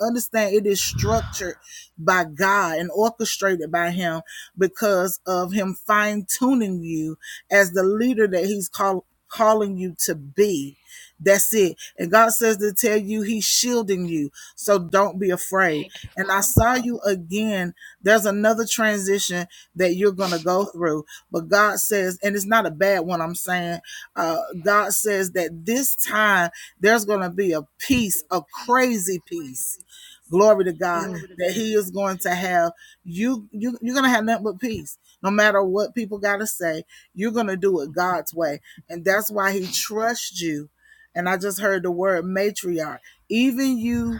S1: Understand it is structured by God and orchestrated by Him because of Him fine tuning you as the leader that He's call, calling you to be. That's it. And God says to tell you He's shielding you. So don't be afraid.
S7: Thank you,
S1: And I
S7: Father.
S1: saw you again. There's another transition that you're going to go through. But God says, and it's not a bad one, I'm saying, uh, God says that this time there's going to be a peace, a crazy peace. Glory to
S7: Mm.
S1: God
S7: Glory to
S1: that he
S7: God.
S1: is going to have you you you're going to have nothing but peace no matter what people got to say you're going to do it god's way and that's why he trusts you and i just heard the word matriarch even you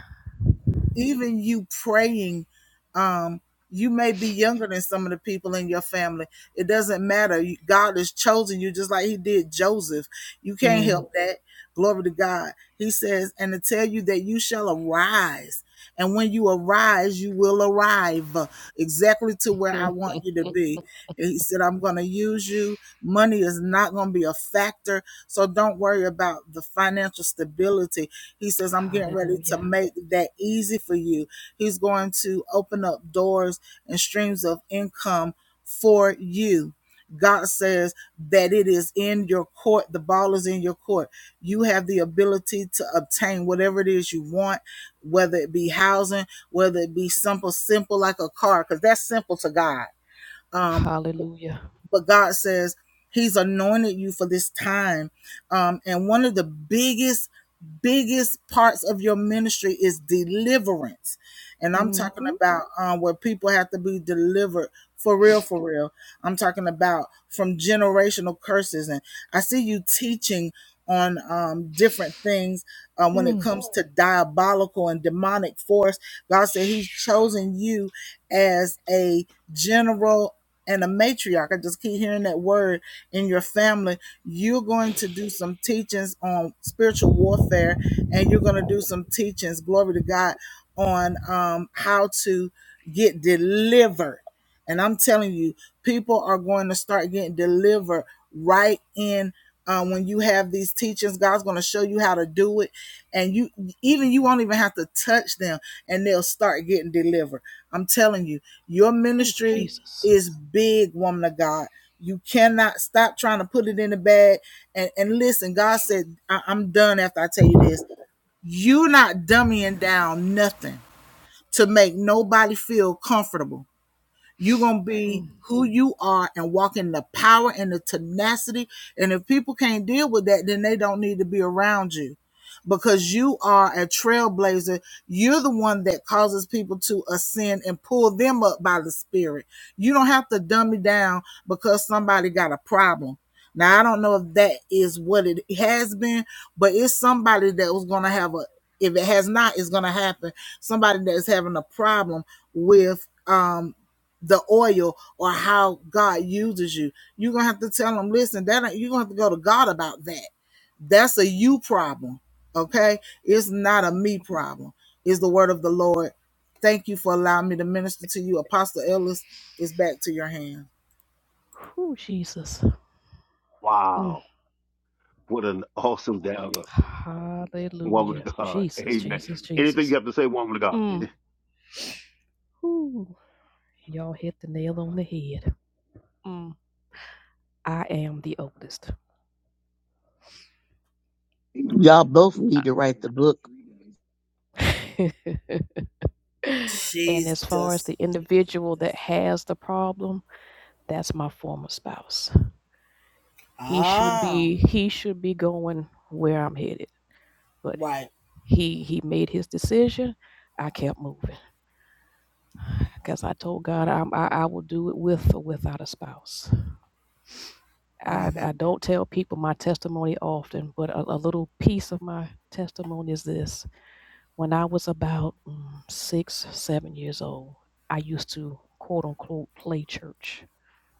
S1: even you praying um you may be younger than some of the people in your family it doesn't matter You- god has chosen you just like he did joseph you can't
S7: Mm.
S1: help that glory to god he says and to tell you that you shall arise and when you arise you will arrive uh, exactly to where i
S7: Mm.
S1: want you to be and he said i'm going to use you money is not going to be a factor so don't worry about the financial stability he says, I'm getting ready to
S7: Hallelujah.
S1: make that easy for you. He's going to open up doors and streams of income for you. God says that it is in your court. The ball is in your court. You have the ability to obtain whatever it is you want, whether it be housing, whether it be simple, simple like a car, because that's simple to God Um
S7: Hallelujah.
S1: but God says He's anointed you for this time. Um, and one of the biggest, biggest parts of your ministry is deliverance. And I'm talking
S7: Mm-hmm.
S1: about um, where people have to be delivered for real, for real. I'm talking about from generational curses. And I see you teaching on um, different things uh, when it
S7: Mm.
S1: comes to diabolical and demonic force. God said He's chosen you as a general and a matriarch. I just keep hearing that word in your family. You're going to do some teachings on spiritual warfare, and you're going to do some teachings, glory to God, on um, how to get delivered and I'm telling you, people are going to start getting delivered right in um, when you have these teachings. God's going to show you how to do it, and you even you won't even have to touch them, and they'll start getting delivered. I'm telling you, your
S7: Ooh,
S1: ministry
S7: Jesus.
S1: is big, woman of God. You cannot stop trying to put it in the bag. And, and listen, God said, I- I'm done after I tell you
S7: Mm.
S1: this you're not dummying down nothing to make nobody feel comfortable. You're going to be who you are and walk in the power and the tenacity. And if people can't deal with that, then they don't need to be around you because you are a trailblazer. You're the one that causes people to ascend and pull them up by the spirit. You don't have to dumb me down because somebody got a problem. Now, I don't know if that is what it has been, but it's somebody that was going to have a, if it has not, it's going to happen. Somebody that's having a problem with, um, the oil or how God uses you. You're gonna have to tell them, listen, that you're gonna have to go to God about that. That's a you problem. Okay. It's not a me problem. It's the word of the Lord. Thank you for allowing me to minister to you. Apostle Ellis is back to your hand.
S7: Ooh, Jesus. Mm.
S3: Wow. What an awesome dialogue. Woman
S7: Hallelujah.
S3: of God.
S7: Jesus,
S3: Amen.
S7: Jesus,
S3: Anything you
S7: Jesus.
S3: have to say, woman of God?
S7: Mm. Ooh. Y'all hit the nail on the head. Mm. I am the oldest.
S2: Y'all both need to write the book.
S7: <laughs> and as far as
S1: Jesus.
S7: the individual that has the problem, that's my former spouse. He should
S1: Oh,
S7: be he should be going where I'm headed, but
S1: right.
S7: he he made his decision. I kept moving because I told God I'm, I I will do it with or without a spouse. I I don't tell people my testimony often, but a, a little piece of my testimony is this: When I was about mm, six, seven years old, I used to quote unquote play church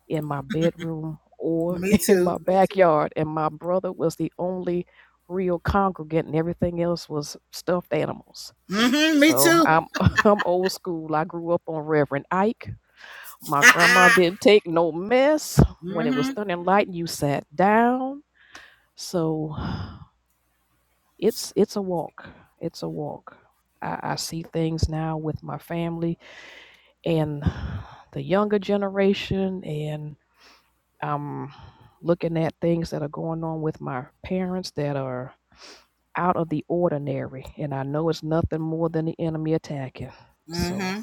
S7: in my bedroom or
S1: Me
S7: <laughs> in my
S1: too.
S7: backyard, and my brother was the only real congregant, and everything else was stuffed animals.
S1: hmm me
S7: So Oh,
S1: too.
S7: I'm <laughs> I'm old school. I grew up on Reverend Ike. My grandma didn't take no mess. When it was thunder and lightning, you sat down. So <sighs> it's it's a walk. It's a walk. I, I see things now with my family and the younger generation, and I'm looking at things that are going on with my parents that are out of the ordinary. And I know it's nothing more than the enemy attacking. So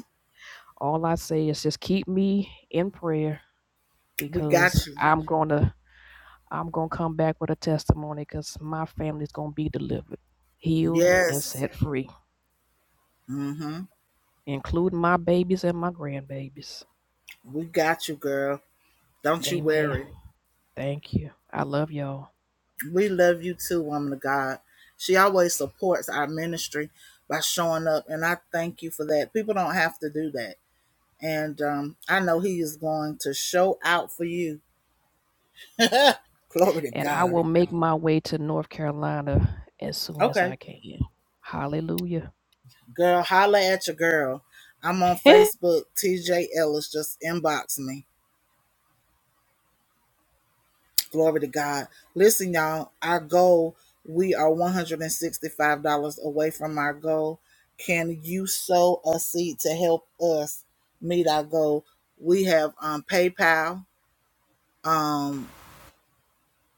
S7: all I say is just keep me in prayer
S1: We
S7: because
S1: got you.
S7: I'm gonna I'm gonna come back with a testimony because my family's gonna be delivered, healed, and
S1: Yes.
S7: set free.
S1: hmm
S7: including my babies and my grandbabies.
S1: We got you, girl. Don't you
S7: Amen.
S1: worry.
S7: Thank you. I love y'all.
S1: We love you too, woman of God. She always supports our ministry by showing up, and I thank you for that. People don't have to do that. And um, I know He is going to show out for you. <laughs> Glory to
S7: And I
S1: God.
S7: will make my way to North Carolina as soon as I
S1: Okay,
S7: can. Hallelujah.
S1: girl, holla at your girl. I'm on
S7: <laughs>
S1: Facebook. TJ Ellis just inbox me. Glory to God. Listen, y'all, our goal, we are $165 away from our goal. Can you sow a seed to help us meet our goal? We have um, PayPal. Um,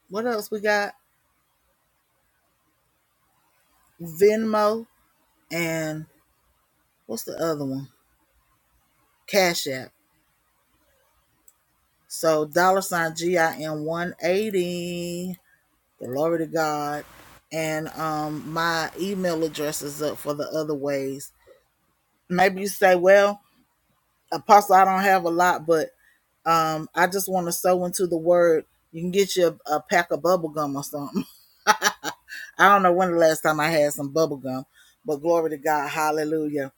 S1: what else we got? Venmo and what's the other one? Cash App. So dollar sign G I 180. Glory to God. And um my email address is up for the other ways. Maybe you say, well, Apostle, I don't have a lot, but um, I just want to sow into the word. You can get you a, a pack of bubble gum or something. <laughs> I don't know when the last time I had some bubble gum, but glory to God, Hallelujah.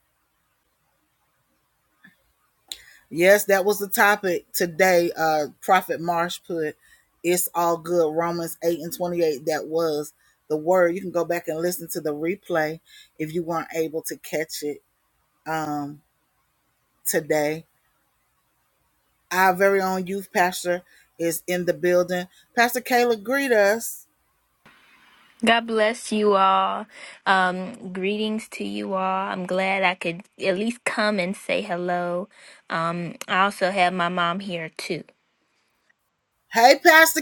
S1: Yes, that was the topic today. Uh, Prophet Marsh put, "It's all good." Romans eight and twenty eight. That was the word. You can go back and listen to the replay if you weren't able to catch it um, today. Our very own youth pastor is in the building. Pastor Kayla, greet us.
S8: God bless you all. Um, greetings to you all. I'm glad I could at least come and say hello. Um, I also have my mom here too.
S1: Hey, Pastor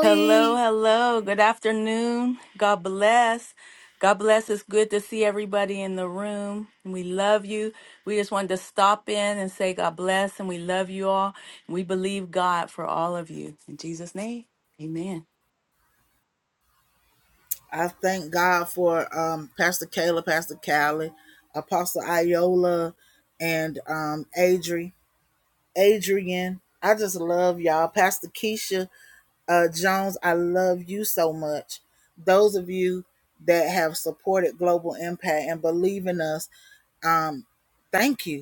S8: Hello, hello. Good afternoon. God bless. God bless. It's good to see everybody in the room. We love you. We just wanted to stop in and say God bless and we love you all. We believe God for all of you. In Jesus' name, amen.
S1: I thank God for um, Pastor Kayla, Pastor Callie, Apostle Iola, and um, Adri, Adrian. I just love y'all. Pastor Keisha uh, Jones, I love you so much. Those of you that have supported Global Impact and believe in us, um, thank you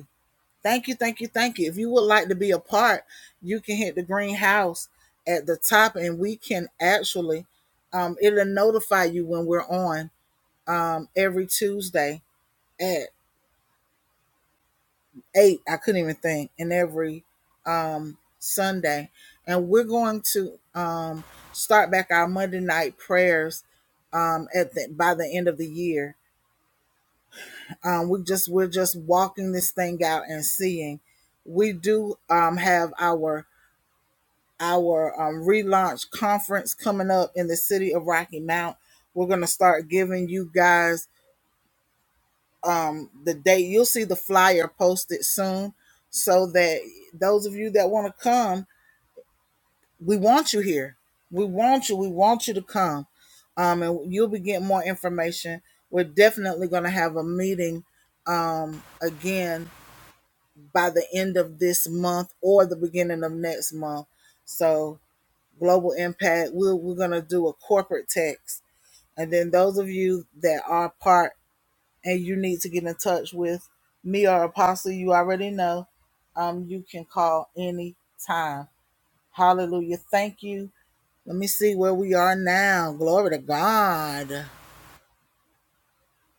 S1: Thank you, thank you, thank you. If you would like to be a part, you can hit the green house at the top and we can actually, um, it'll notify you when we're on um, every Tuesday at 8. I couldn't even think. And every um, Sunday. And we're going to um, start back our Monday night prayers um, at the, by the end of the year. Um, we just we're just walking this thing out and seeing. We do um, have our our um, relaunch conference coming up in the city of Rocky Mount. We're going to start giving you guys the date. You'll see the flyer posted soon so that those of you that want to come, we want you here. We want you. We want you to come. Um, and you'll be getting more information. We're definitely going to have a meeting again by the end of this month or the beginning of next month. So, Global Impact, we're, we're going to do a corporate text And then those of you that are part and you need to get in touch with me or Apostle, you already know, um, you can call any time. Hallelujah. Thank you. Let me see where we are now. Glory to God.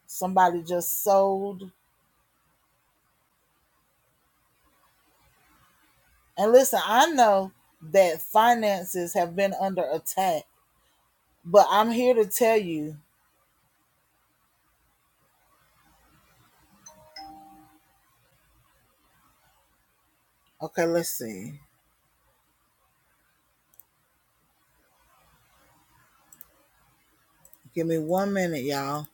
S1: Somebody just sold. And listen, I know that finances have been under attack, but I'm here to tell you. Okay, let's see. Give me one minute, y'all.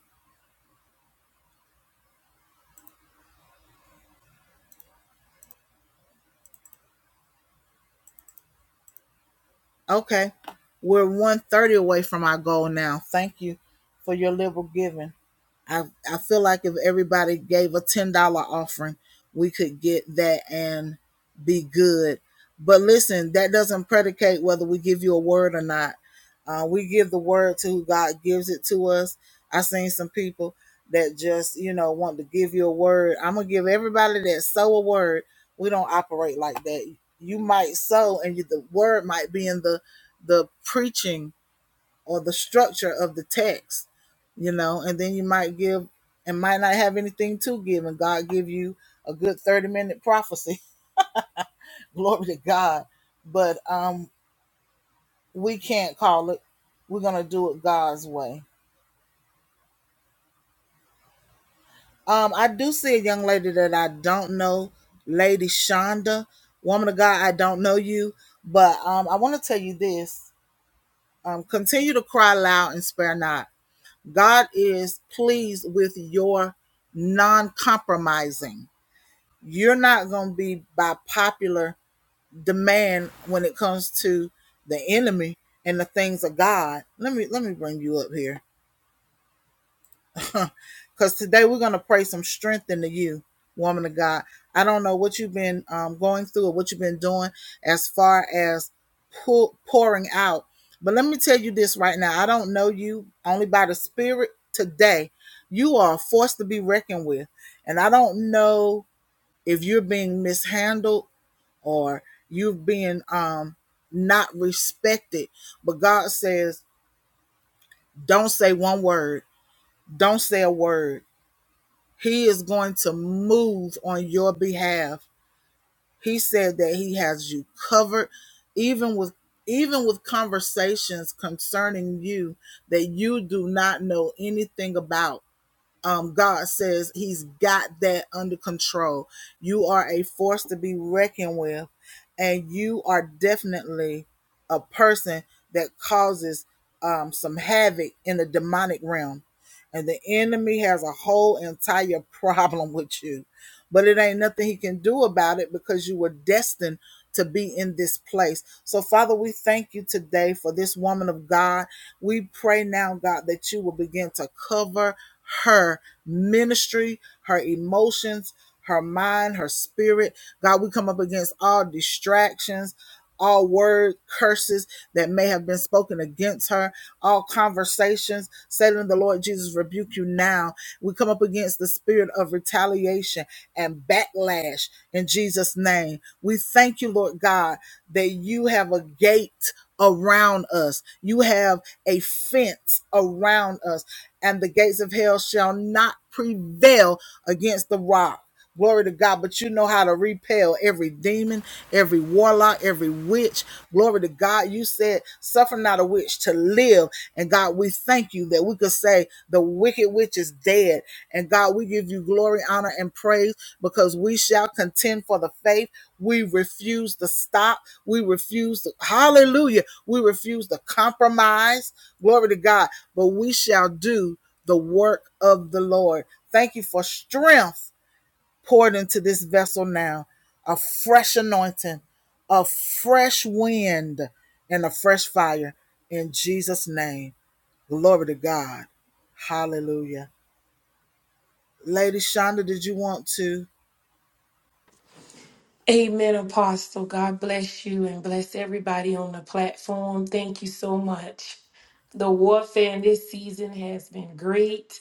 S1: Okay. We're one thirty away from our goal now. Thank you for your liberal giving. I I feel like if everybody gave a ten dollar offering, we could get that and be good. But listen, that doesn't predicate whether we give you a word or not. Uh, we give the word to who God gives it to us. I have seen some people that just you know want to give you a word. I'm gonna give everybody that sow a word. We don't operate like that. You might sow, and you, the word might be in the the preaching or the structure of the text, you know, and then you might give and might not have anything to give, and God give you a good 30 minute prophecy. <laughs> Glory to God. But um we can't call it. We're gonna do it God's way. Um, I do see a young lady that I don't know, Lady Shonda, woman of God, I don't know you, but um I want to tell you this. Um, continue to cry loud and spare not. God is pleased with your non compromising. You're not going to be by popular demand when it comes to the enemy and the things of God. Let me let me bring you up here. because today we're going to pray some strength into you, woman of God. I don't know what you've been um, going through or what you've been doing as far as pull, pouring out, but let me tell you this right now. I don't know you only by the Spirit today. You are a force to be reckoned with. And I don't know if you're being mishandled or you're being um, not respected, but God says, don't say one word. Don't say a word He is going to move on your behalf. He said that he has you covered even with even with conversations concerning you that you do not know anything about um, God says He's got that under control. You are a force to be reckoned with, and you are definitely a person that causes um, some havoc in the demonic realm. And the enemy has a whole entire <laughs> problem with you but it ain't nothing he can do about it because you were destined to be in this place. So, Father, we thank you today for this woman of God. We pray now, God, that you will begin to cover her ministry, her emotions, her mind, her spirit. God, we come up against all distractions. All word curses that may have been spoken against her, all conversations, Satan, the Lord Jesus rebuke you now. We come up against the spirit of retaliation and backlash in Jesus' name. We thank you, Lord God, that you have a gate around us, you have a fence around us, and the gates of hell shall not prevail against the rock. Glory to God, but you know how to repel every demon, every warlock, every witch. Glory to God. You said, suffer not a witch to live. And God, we thank you that we could say the wicked witch is dead. And God, we give you glory, honor, and praise because we shall contend for the faith. We refuse to stop. We refuse to, hallelujah. We refuse to compromise. Glory to God. But we shall do the work of the Lord. Thank you for strength poured into this vessel now, a fresh anointing, a fresh wind, and a fresh fire in Jesus' name. Glory to God. Hallelujah. Lady Shonda, did you want to?
S9: Amen, Apostle. God bless you and bless everybody on the platform. Thank you so much. The warfare in this season has been great,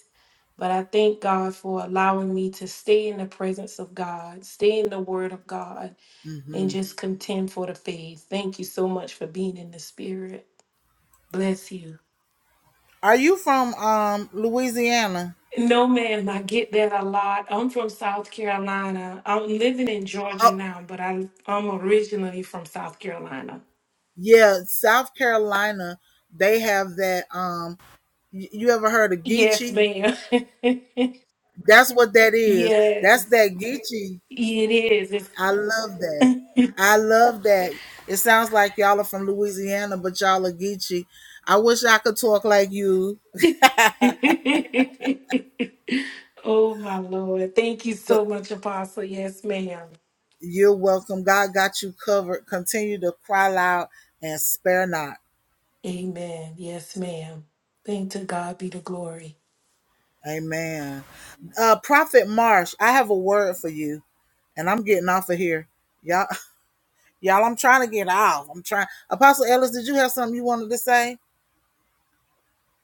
S9: but I thank God for allowing me to stay in the presence of God, stay in the Word of God, and just contend for the faith. Thank you so much for being in the Spirit. Bless you.
S1: Are you from um Louisiana?
S9: No, ma'am, I get that a lot. I'm from South Carolina. I'm living in Georgia
S1: Oh
S9: now, but I, I'm originally from South Carolina.
S1: yeah, South Carolina. They have that um y- you ever heard of
S9: Yes,
S1: Geechee?
S9: ma'am. <laughs>
S1: That's what that is. That's
S9: yes,
S1: that Geechee.
S9: it is.
S1: I love that. I love that. It sounds like y'all are from Louisiana, but y'all are Geechee. I wish I could talk like you.
S9: It's <laughs> oh, my Lord. Thank you
S1: but
S9: so much, Apostle. Yes, ma'am.
S1: You're welcome. God got you covered. Continue to cry loud and spare not.
S9: Amen. Yes, ma'am. Thank to God be the glory.
S1: Amen. Uh, Prophet Marsh, I have a word for you, and I'm getting off of here. Y'all, <laughs> y'all, I'm trying to get off. I'm trying. Apostle Ellis, did you have something you wanted to say?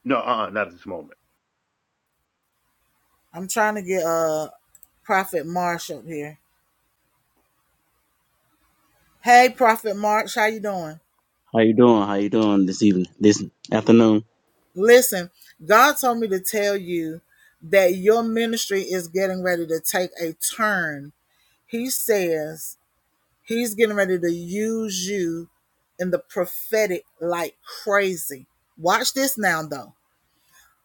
S3: No, uh, not at this moment.
S1: I'm trying to get uh Prophet Marsh up here. Hey, Prophet Marsh, how you doing?
S10: How you doing? How you doing this evening? This afternoon?
S1: Listen, God told me to tell you that your ministry is getting ready to take a turn. He says He's getting ready to use you in the prophetic like crazy. Watch this now, though.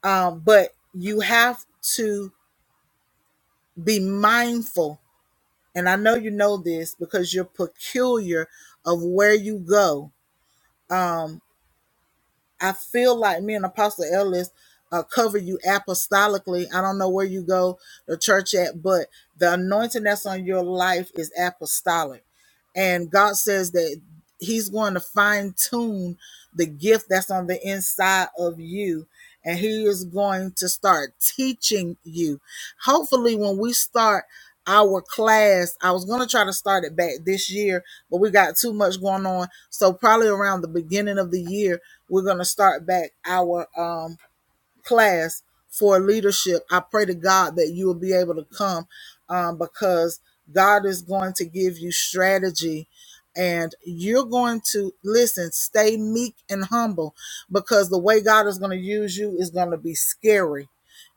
S1: Um, but you have to be mindful. And I know you know this because you're peculiar of where you go I feel like me and Apostle Ellis uh, cover you apostolically. I don't know where you go to church at, but the anointing that's on your life is apostolic. And God says that He's going to fine tune the gift that's on the inside of you. And He is going to start teaching you. Hopefully, when we start our class. I was gonna try to start it back this year, but we got too much going on. So probably around the beginning of the year, we're gonna start back our um class for leadership. I pray to God that you will be able to come um, because God is going to give you strategy and you're going to listen, stay meek and humble because the way God is going to use you is going to be scary.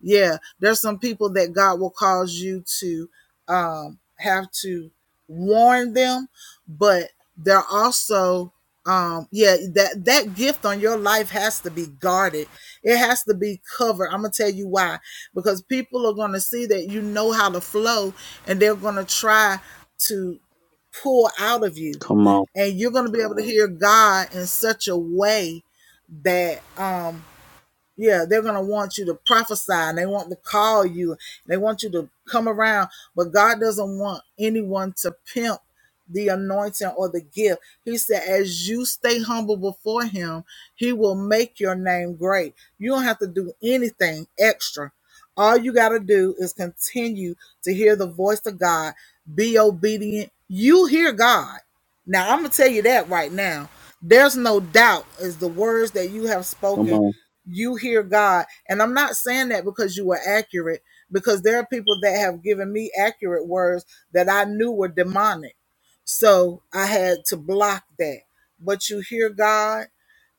S1: Yeah, there's some people that God will cause you to um, have to warn them, but they're also um yeah that that gift on your life has to be guarded it has to be covered i'm gonna tell you why because people are gonna see that you know how to flow and they're gonna try to pull out of you
S10: Come on,
S1: and you're gonna be able to hear god in such a way that um yeah, they're going to want you to prophesy and they want to call you. They want you to come around, but God doesn't want anyone to pimp the anointing or the gift. He said, as you stay humble before Him, He will make your name great. You don't have to do anything extra. All you got to do is continue to hear the voice of God, be obedient. You hear God. Now, I'm going to tell you that right now. There's no doubt, is the words that you have
S10: come
S1: spoken
S10: on.
S1: you hear God. And I'm not saying that because you were accurate, because there are people that have given me accurate words that I knew were demonic. So I had to block that. But you hear God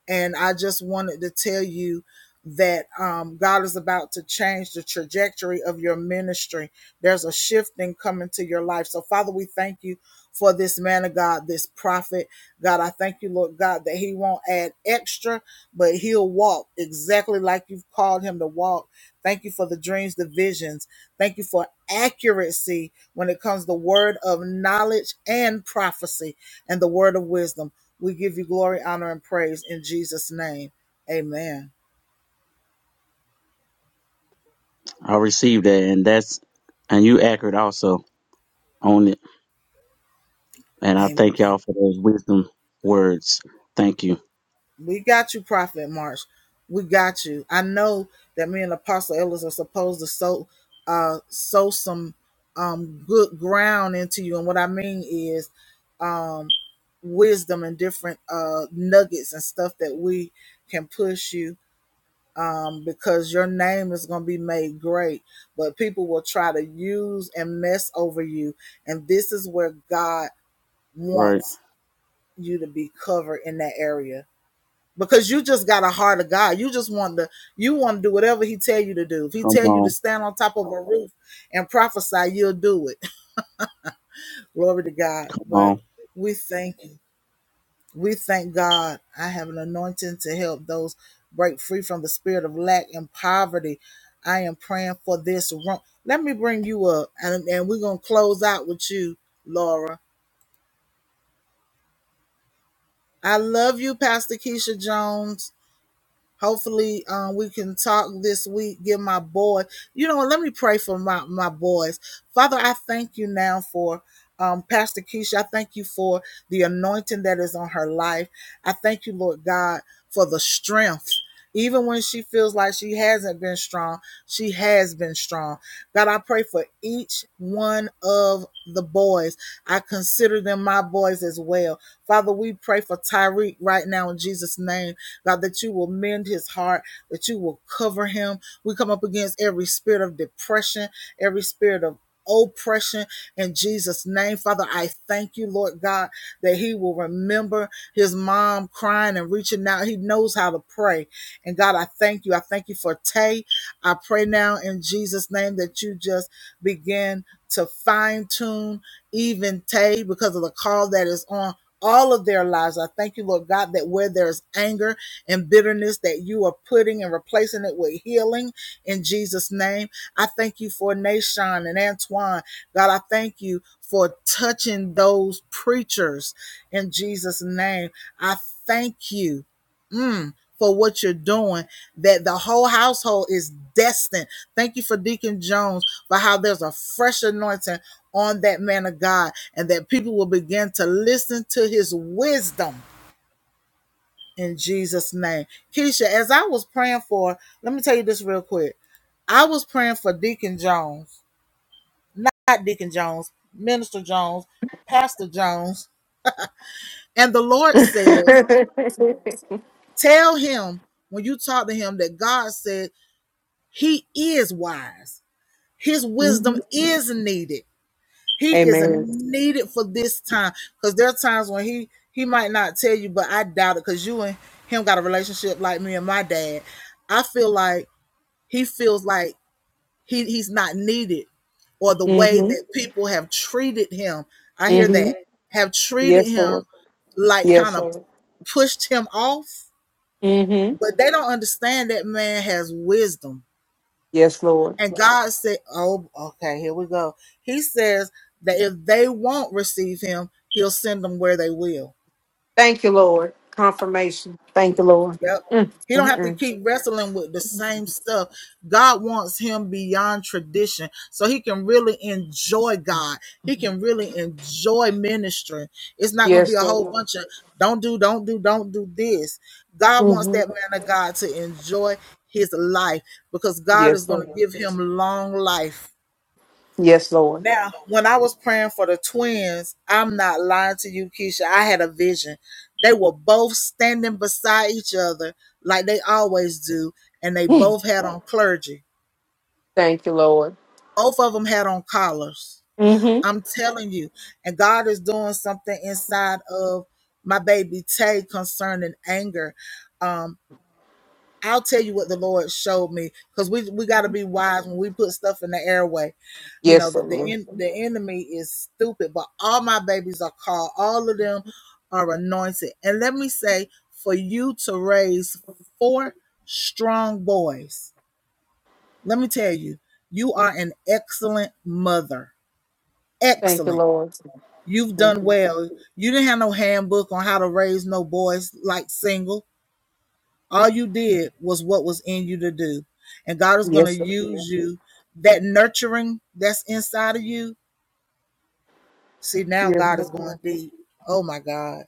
S1: and I just wanted to tell you that um, God is about to change the trajectory of your ministry. There's a shifting coming to your life. So, Father, we thank you for this man of God, this prophet. God, I thank you, Lord God, that he won't add extra, but he'll walk exactly like you've called him to walk. Thank you for the dreams, the visions. Thank you for accuracy when it comes to the word of knowledge and prophecy and the word of wisdom. We give you glory, honor, and praise in Jesus' name. Amen.
S10: I received that, and that's and you accurate also on it. And I
S1: Amen.
S10: thank y'all for those wisdom words. Thank you.
S1: We got you, Prophet March. We got you. I know that me and Apostle Ellis are supposed to sow uh sow some um good ground into you. And what I mean is um wisdom and different uh nuggets and stuff that we can push you um because your name is going to be made great but people will try to use and mess over you and this is where god
S10: Right?
S1: wants you to be covered in that area because you just got a heart of God. You just want to you want to do whatever he tell you to do. If he
S10: Come
S1: tell you to
S10: on,
S1: stand on top of a roof and prophesy, you'll do it. <laughs> Glory to God.
S10: come on.
S1: But we thank you. We thank God. I have an anointing to help those break free from the spirit of lack and poverty. I am praying for this room. Let me bring you up and, and we're going to close out with you, Laura. I love you, Pastor Keisha Jones. Hopefully, um, we can talk this week. Give my boy, you know, let me pray for my my boys. Father, I thank you now for. Um, Pastor Keisha, I thank you for the anointing that is on her life. I thank you, Lord God, for the strength. Even when she feels like she hasn't been strong, she has been strong. God, I pray for each one of the boys. I consider them my boys as well. Father, we pray for Tyreek right now in Jesus' name. God, that you will mend his heart, that you will cover him. We come up against every spirit of depression, every spirit of oppression in Jesus' name. Father, I thank you, Lord God, that he will remember his mom crying and reaching out. He knows how to pray. And God, I thank you. I thank you for Tay. I pray now in Jesus' name that you just begin to fine tune even Tay because of the call that is on all of their lives. I thank you, Lord God, that where there's anger and bitterness, that you are putting and replacing it with healing in Jesus' name. I thank you for Nashon and Antoine. God, I thank you for touching those preachers in Jesus' name. I thank you mm, for what you're doing, that the whole household is destined. Thank you for Deacon Jones for how there's a fresh anointing on that man of God and that people will begin to listen to his wisdom in Jesus' name. Keisha, as I was praying for, let me tell you this real quick. I was praying for Deacon Jones, not Deacon Jones, Minister Jones, Pastor Jones, and the Lord says, Tell him when you talk to him that God said He is wise. His wisdom
S11: Mhm.
S1: is needed. He is
S11: Amen.
S1: needed for this time because there are times when he he might not tell you, but I doubt it because you and him got a relationship like me and my dad. I feel like he feels like he he's not needed or the way
S11: hmm
S1: that people have treated him. I hear
S11: hmm
S1: that have treated
S11: Yes, Lord.
S1: him like
S11: Yes,
S1: kind of
S11: Lord.
S1: pushed him off,
S11: hmm
S1: but they don't understand that man has wisdom
S11: Yes, Lord.
S1: And God said, Oh, okay, here we go. He says that if they won't receive him, he'll send them where they will.
S11: Thank you, Lord. Confirmation. Thank you, Lord.
S1: Yep.
S11: Mm,
S1: He don't
S11: mm,
S1: have to
S11: mm.
S1: keep wrestling with the same stuff. God wants him beyond tradition. So he can really enjoy God. He can really enjoy ministry. It's not gonna be
S11: Yes,
S1: a
S11: Lord.
S1: whole bunch of don't do, don't do, don't do this. God wants
S11: hmm
S1: that man of God to enjoy his life because God is
S11: Yes, Lord.
S1: gonna give him long life
S11: Yes, Lord.
S1: Now, when I was praying for the twins, I'm not lying to you, Keisha. I had a vision. They were both standing beside each other like they always do, and they
S11: Mm.
S1: both had on clergy.
S11: Thank you, Lord.
S1: Both of them had on collars.
S11: hmm
S1: I'm telling you. And God is doing something inside of my baby Tay concerning anger. Um, I'll tell you what the Lord showed me because we we got to be wise when we put stuff in the airway. You know
S11: Yes,
S1: that the the
S11: Lord.
S1: en- the enemy is stupid, but all my babies are called. All of them are anointed, and let me say, for you to raise four strong boys, let me tell you, you are an excellent mother.
S11: Thank you,
S1: Excellent.
S11: Lord.
S1: You've done
S11: Mhm.
S1: well. You didn't have no handbook on how to raise no boys like single all you did was what was in you to do. And God is going to
S11: Yes, Lord.
S1: use you. That nurturing that's inside of you. See, now
S11: Yes,
S1: God is
S11: Lord.
S1: going deep. Oh my God.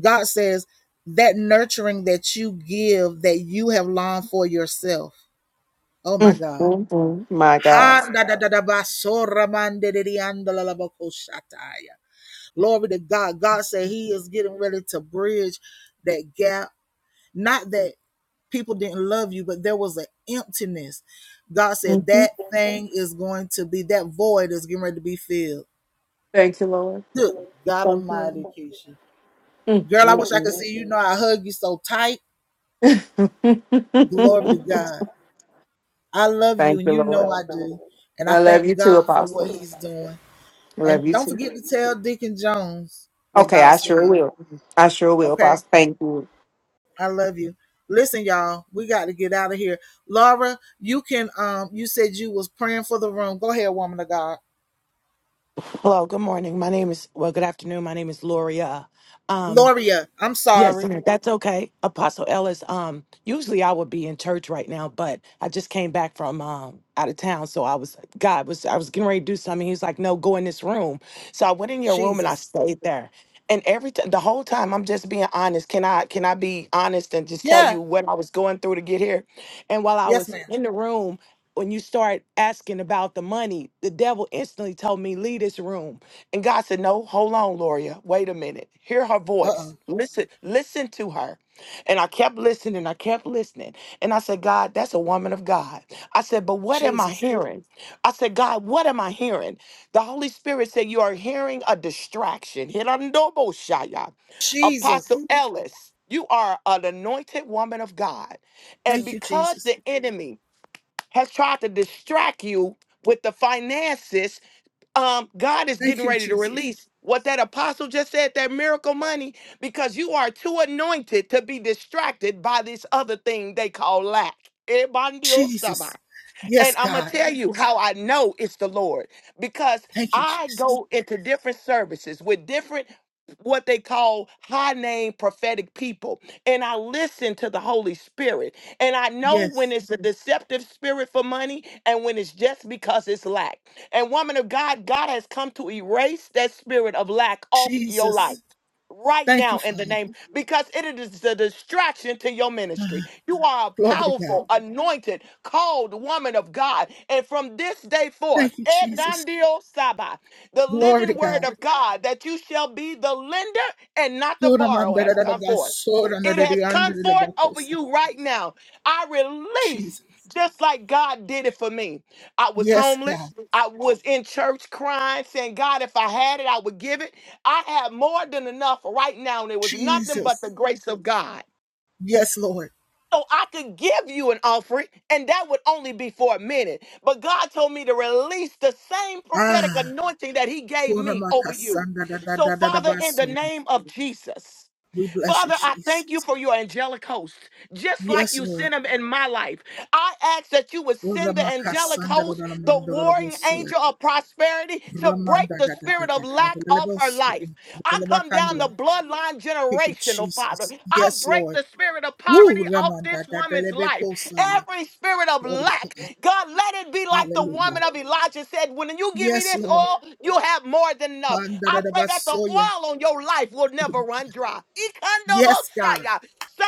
S1: God says that nurturing that you give that you have longed for yourself. Oh my
S11: Mm,
S1: God.
S11: mm, mm. My God.
S1: Ha, so, Glory to God. God said He is getting ready to bridge that gap. Not that. people didn't love you, but there was an emptiness. God said
S11: hmm
S1: that thing is going to be that void is getting ready to be filled.
S11: Thank you, Lord.
S1: Good God
S11: Thank you,
S1: Almighty,
S11: Lord.
S1: Keisha. Girl, I wish I
S11: Mm-mm-mm.
S1: could see you. You Know I hug you so tight.
S11: <laughs> Thank
S1: Glory to God. I love you, and
S11: you,
S1: you
S11: Lord.
S1: know I do. And I
S11: I love you
S1: thank
S11: too,
S1: God for what
S11: Apostle.
S1: He's doing.
S11: I
S1: And
S11: love you
S1: don't
S11: too.
S1: forget to tell Deacon Jones what
S11: Okay,
S1: God
S11: I sure
S1: said.
S11: will. I sure will,
S1: Okay,
S11: Apostle. Thank you.
S1: I love you. Listen, y'all, we got to get out of here. Laura, you can. Um, you said you was praying for the room. Go ahead, woman of God.
S12: Hello, good morning. My name is, well, good afternoon. My name is Loria. Um,
S1: Loria, I'm
S12: yes,
S1: sorry.
S12: ma'am, that's okay. Apostle Ellis, um, usually I would be in church right now, but I just came back from um, out of town. So I was, God was, I was getting ready to do something. He was like, no, go in this room. So I went in your room and I
S1: Jesus.
S12: stayed there. And every time, the whole time, I'm just being honest. Can I, can I be honest and just tell
S1: Yeah.
S12: you what I was going through to get here? And while I
S1: Yes,
S12: was
S1: ma'am.
S12: in the room, when you start asking about the money, the devil instantly told me, leave this room. And God said, No, hold on, Loria. Wait a minute. Hear her
S1: Uh
S12: voice.
S1: oh.
S12: Listen, listen to her. And I kept listening. I kept listening. And I said, God, that's a woman of God. I said, But what am I
S1: Jesus.
S12: hearing? I said, God, what am I hearing? The Holy Spirit said, You are hearing a distraction. Hirandoboshaya. Apostle
S1: Jesus.
S12: Ellis, you are an anointed woman of God. And
S1: Thank you,
S12: because
S1: Jesus.
S12: the enemy has tried to distract you with the finances um, God is
S1: Thank
S12: getting
S1: you,
S12: ready to
S1: Jesus.
S12: release what that apostle just said, that miracle money, because you are too anointed to be distracted by this other thing they call lack.
S1: Jesus. Yes,
S12: And I'm going to
S1: God.
S12: tell you how I know it's the Lord because
S1: Thank you,
S12: I
S1: Jesus.
S12: go into different services with different what they call high name prophetic people and I listen to the Holy Spirit and I know when
S1: Yes.
S12: it's a Mhm. deceptive spirit for money and when it's just because it's lack. And woman of God, God has come to erase that spirit of lack off your life.
S1: Jesus.
S12: Right
S1: Thank
S12: now,
S1: you,
S12: in the
S1: Father.
S12: name, Mhm. because it is a distraction to your ministry. You are a
S1: Glory to God.
S12: powerful, anointed, called woman of God. And from this day forth,
S1: Thank you, Jesus.
S12: Edandio Saba, the
S1: Glory to
S12: living word
S1: God.
S12: of God, that you shall be the lender and not the borrower, has come forth. It has come forth over you right now. I release.
S1: Jesus.
S12: Just like God did it for me. I was
S1: Yes, God.
S12: homeless. I was in church crying, saying, God, if I had it, I would give it. I have more than enough right now, and it was nothing but the
S1: Jesus.
S12: grace of God
S1: Yes, Lord.
S12: so I could give you an offering, and that would only be for a minute. But God told me to release the same prophetic
S1: Ah.
S12: anointing that He gave me over you.
S1: Oramakasanda da da
S12: So,
S1: da da da
S12: Father, in the
S1: basu.
S12: name of Jesus.
S1: We bless you,
S12: Father, I thank you
S1: Jesus.
S12: for your angelic host, just like
S1: Yes,
S12: you sent
S1: Lord.
S12: them in my life. I ask that you would send the angelic
S1: Oramakasanda da
S12: host,
S1: da da
S12: the
S1: man da da da
S12: warring angel
S1: bosiata.
S12: of prosperity, to break
S1: Ramanda
S12: the
S1: da da da
S12: spirit
S1: da
S12: of
S1: da
S12: lack
S1: da da
S12: off her
S1: basu.
S12: life.
S1: Da
S12: I
S1: da
S12: come down the
S1: bakandia.
S12: bloodline
S1: Thank you,
S12: generational, Father.
S1: Jesus.
S12: I
S1: Yes,
S12: break
S1: Lord.
S12: the spirit of poverty
S1: Woo,
S12: off
S1: Ramanda
S12: this
S1: da da
S12: woman's
S1: da
S12: life.
S1: bekosaya.
S12: Every spirit of
S1: Glory to
S12: lack,
S1: God.
S12: God, let it be like the
S1: Hallelujah.
S12: woman of Elijah said, when you give me
S1: Yes,
S12: this
S1: Lord.
S12: oil, you'll have more than enough.
S1: Handa da
S12: I
S1: da
S12: pray that the
S1: basoya.
S12: oil on your life will never run dry.
S1: Yes, God.
S12: Ikandobosaya.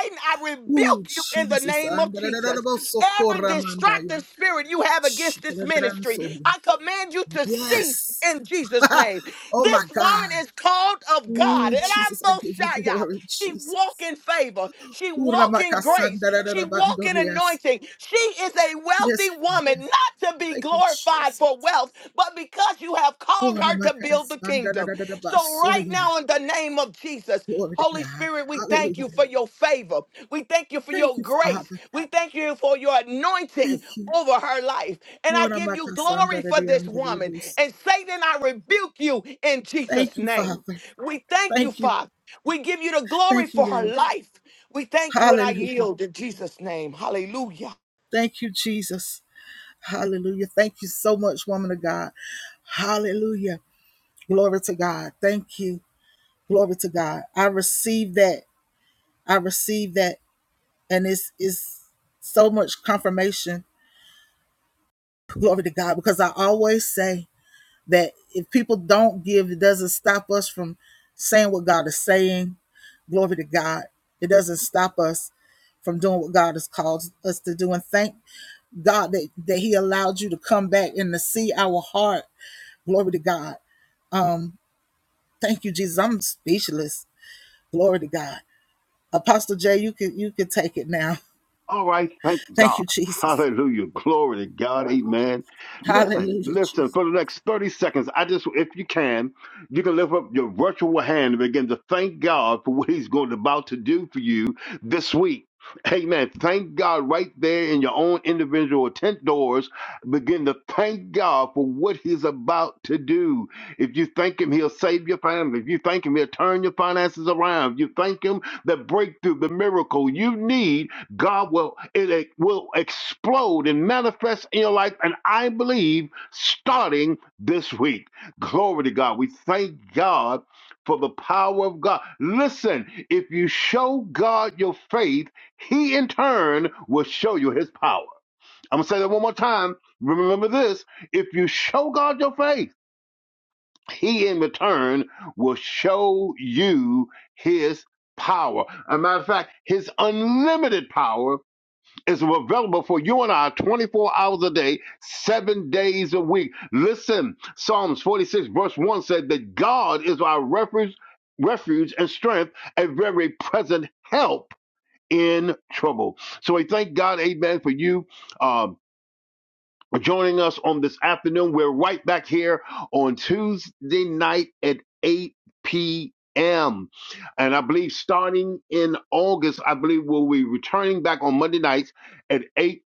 S12: Satan, I
S1: Ooh,
S12: rebuke you in the
S1: Jesus.
S12: name of
S1: Handa da da da
S12: Jesus.
S1: da baso
S12: Every distracting
S1: koramandaya.
S12: spirit you have against this ministry,
S1: Shikadadadansoya.
S12: I command you to cease
S1: Yes.
S12: in Jesus' name.
S1: Oh
S12: This
S1: my God.
S12: woman is called of God.
S1: oh
S12: And I'm
S1: Jesus, I
S12: most
S1: give you
S12: shy, y'all.
S1: glory,
S12: She walk
S1: Jesus.
S12: in favor. She
S1: Ooh,
S12: walk in grace. She walk in
S1: Ramakasandarabandoreas.
S12: anointing. She is a wealthy
S1: Yes, Father.
S12: woman, not to be
S1: Thank you,
S12: glorified
S1: Jesus.
S12: for wealth, but because you have called
S1: Ooh,
S12: her to build the kingdom. So right
S1: Ramakasandarabasoya.
S12: now, in the name of Jesus,
S1: Glory to
S12: Holy
S1: God.
S12: Spirit, we thank
S1: Hallelujah.
S12: you for your favor. We thank you for
S1: Thank
S12: your
S1: you,
S12: grace.
S1: Father.
S12: We thank you for your anointing
S1: Thank you.
S12: over her life. And I
S1: Ooh,
S12: give you glory for this woman.
S1: Ramakasandarabandoreas.
S12: And Satan, I rebuke you in Jesus'
S1: Thank you,
S12: name.
S1: Father.
S12: We thank you,
S1: Thank you.
S12: Father. We give you the glory
S1: Thank you,
S12: for her
S1: Lord.
S12: life. We thank you, and I
S1: Hallelujah.
S12: yield in Jesus' name. Hallelujah.
S1: Thank you, Jesus. Hallelujah. Thank you so much, woman of God. Hallelujah. Glory to God. Thank you. Glory to God. I receive that. I receive that. And it's, it's so much confirmation. Glory to God. Because I always say that if people don't give, it doesn't stop us from saying what God is saying. Glory to God. It doesn't stop us from doing what God has called us to do. And thank God that, that He allowed you to come back and to see our heart. Glory to God. Thank you, Jesus. I'm speechless. Glory to God. Apostle Jay, you can you can take it now.
S3: All right, thank
S1: <laughs> Thank
S3: God.
S1: you, Jesus.
S3: Hallelujah. Glory to God. Amen. Listen,
S1: Hallelujah, Jesus.
S3: listen, for the next 30 seconds, I just, if you can, you can lift up your virtual hand and begin to thank God for what He's going about to do for you this week. Amen. Thank God right there in your own individual tent doors. Begin to thank God for what He's about to do. If you thank Him, He'll save your family. If you thank Him, He'll turn your finances around. If you thank Him, the breakthrough, the miracle you need God will it it will explode and manifest in your life, and I believe starting this week. Glory to God. We thank God for the power of God. Listen, if you show God your faith, He in turn will show you His power. I'm gonna say that one more time. Remember this: if you show God your faith, He in return will show you His power. As a matter of fact, His unlimited power is available for you and I 24 hours a day, seven days a week. Listen, Psalms 46, verse 1 said that God is our refuge, refuge and strength, a very present help in trouble. So we thank God, amen, for you. uh, joining us on this afternoon. We're right back here on Tuesday night at 8 p.m. And I believe starting in August, I believe we'll be returning back on Monday nights at 8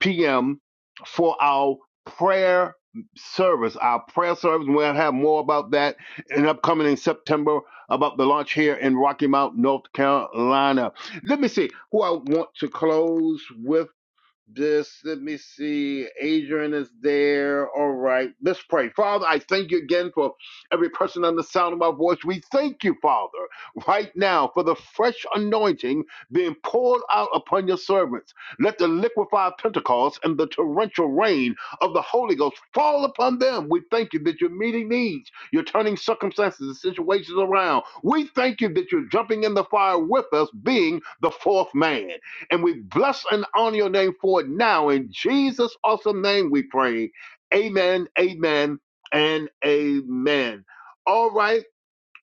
S3: p.m. for our prayer service. Our prayer service. We'll have more about that in upcoming in September about the launch here in Rocky Mount, North Carolina. Let me see who I want to close with this, let me see. Adrian is there. All right. Let's pray. Father, I thank you again for every person on the sound of my voice. We thank you, Father, right now for the fresh anointing being poured out upon your servants. Let the liquefied Pentecost and the torrential rain of the Holy Ghost fall upon them. We thank you that you're meeting needs. You're turning circumstances and situations around. We thank you that you're jumping in the fire with us, being the fourth man. And we bless and honor your name for it now. In Jesus' awesome name we pray. Amen, amen, and amen. All right.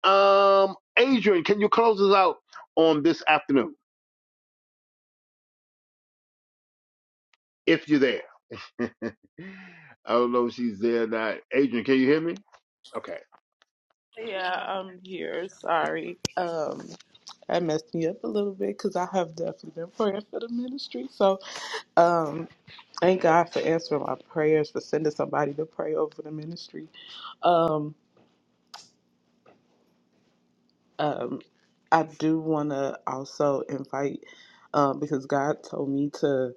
S3: Um, Adrian, can you close us out on this afternoon if you're there? <laughs> I don't know if she's there or not. Adrian, can you hear me? Okay.
S4: Yeah, I'm here. Sorry. Um, I messed me up a little bit because I have definitely been praying for the ministry. So, Thank God for answering my prayers, for sending somebody to pray over the ministry. Um, um, I do want to also invite, um, because God told me to.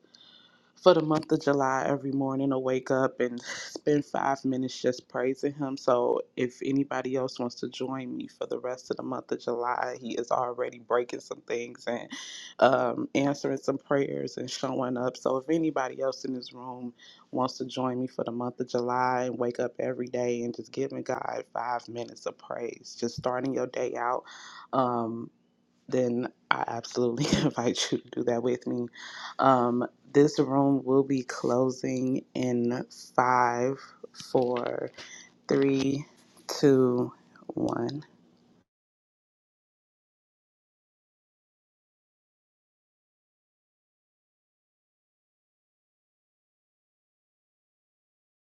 S4: for the month of July every morning. I wake up and spend five minutes just praising him. So if anybody else wants to join me for the rest of the month of July, he is already breaking some things and um, answering some prayers and showing up. So if anybody else in this room wants to join me for the month of July and wake up every day and just giving God five minutes of praise, just starting your day out. Um, then I absolutely <laughs> invite you to do that with me. Um, this room will be closing in five, four, three, two, one.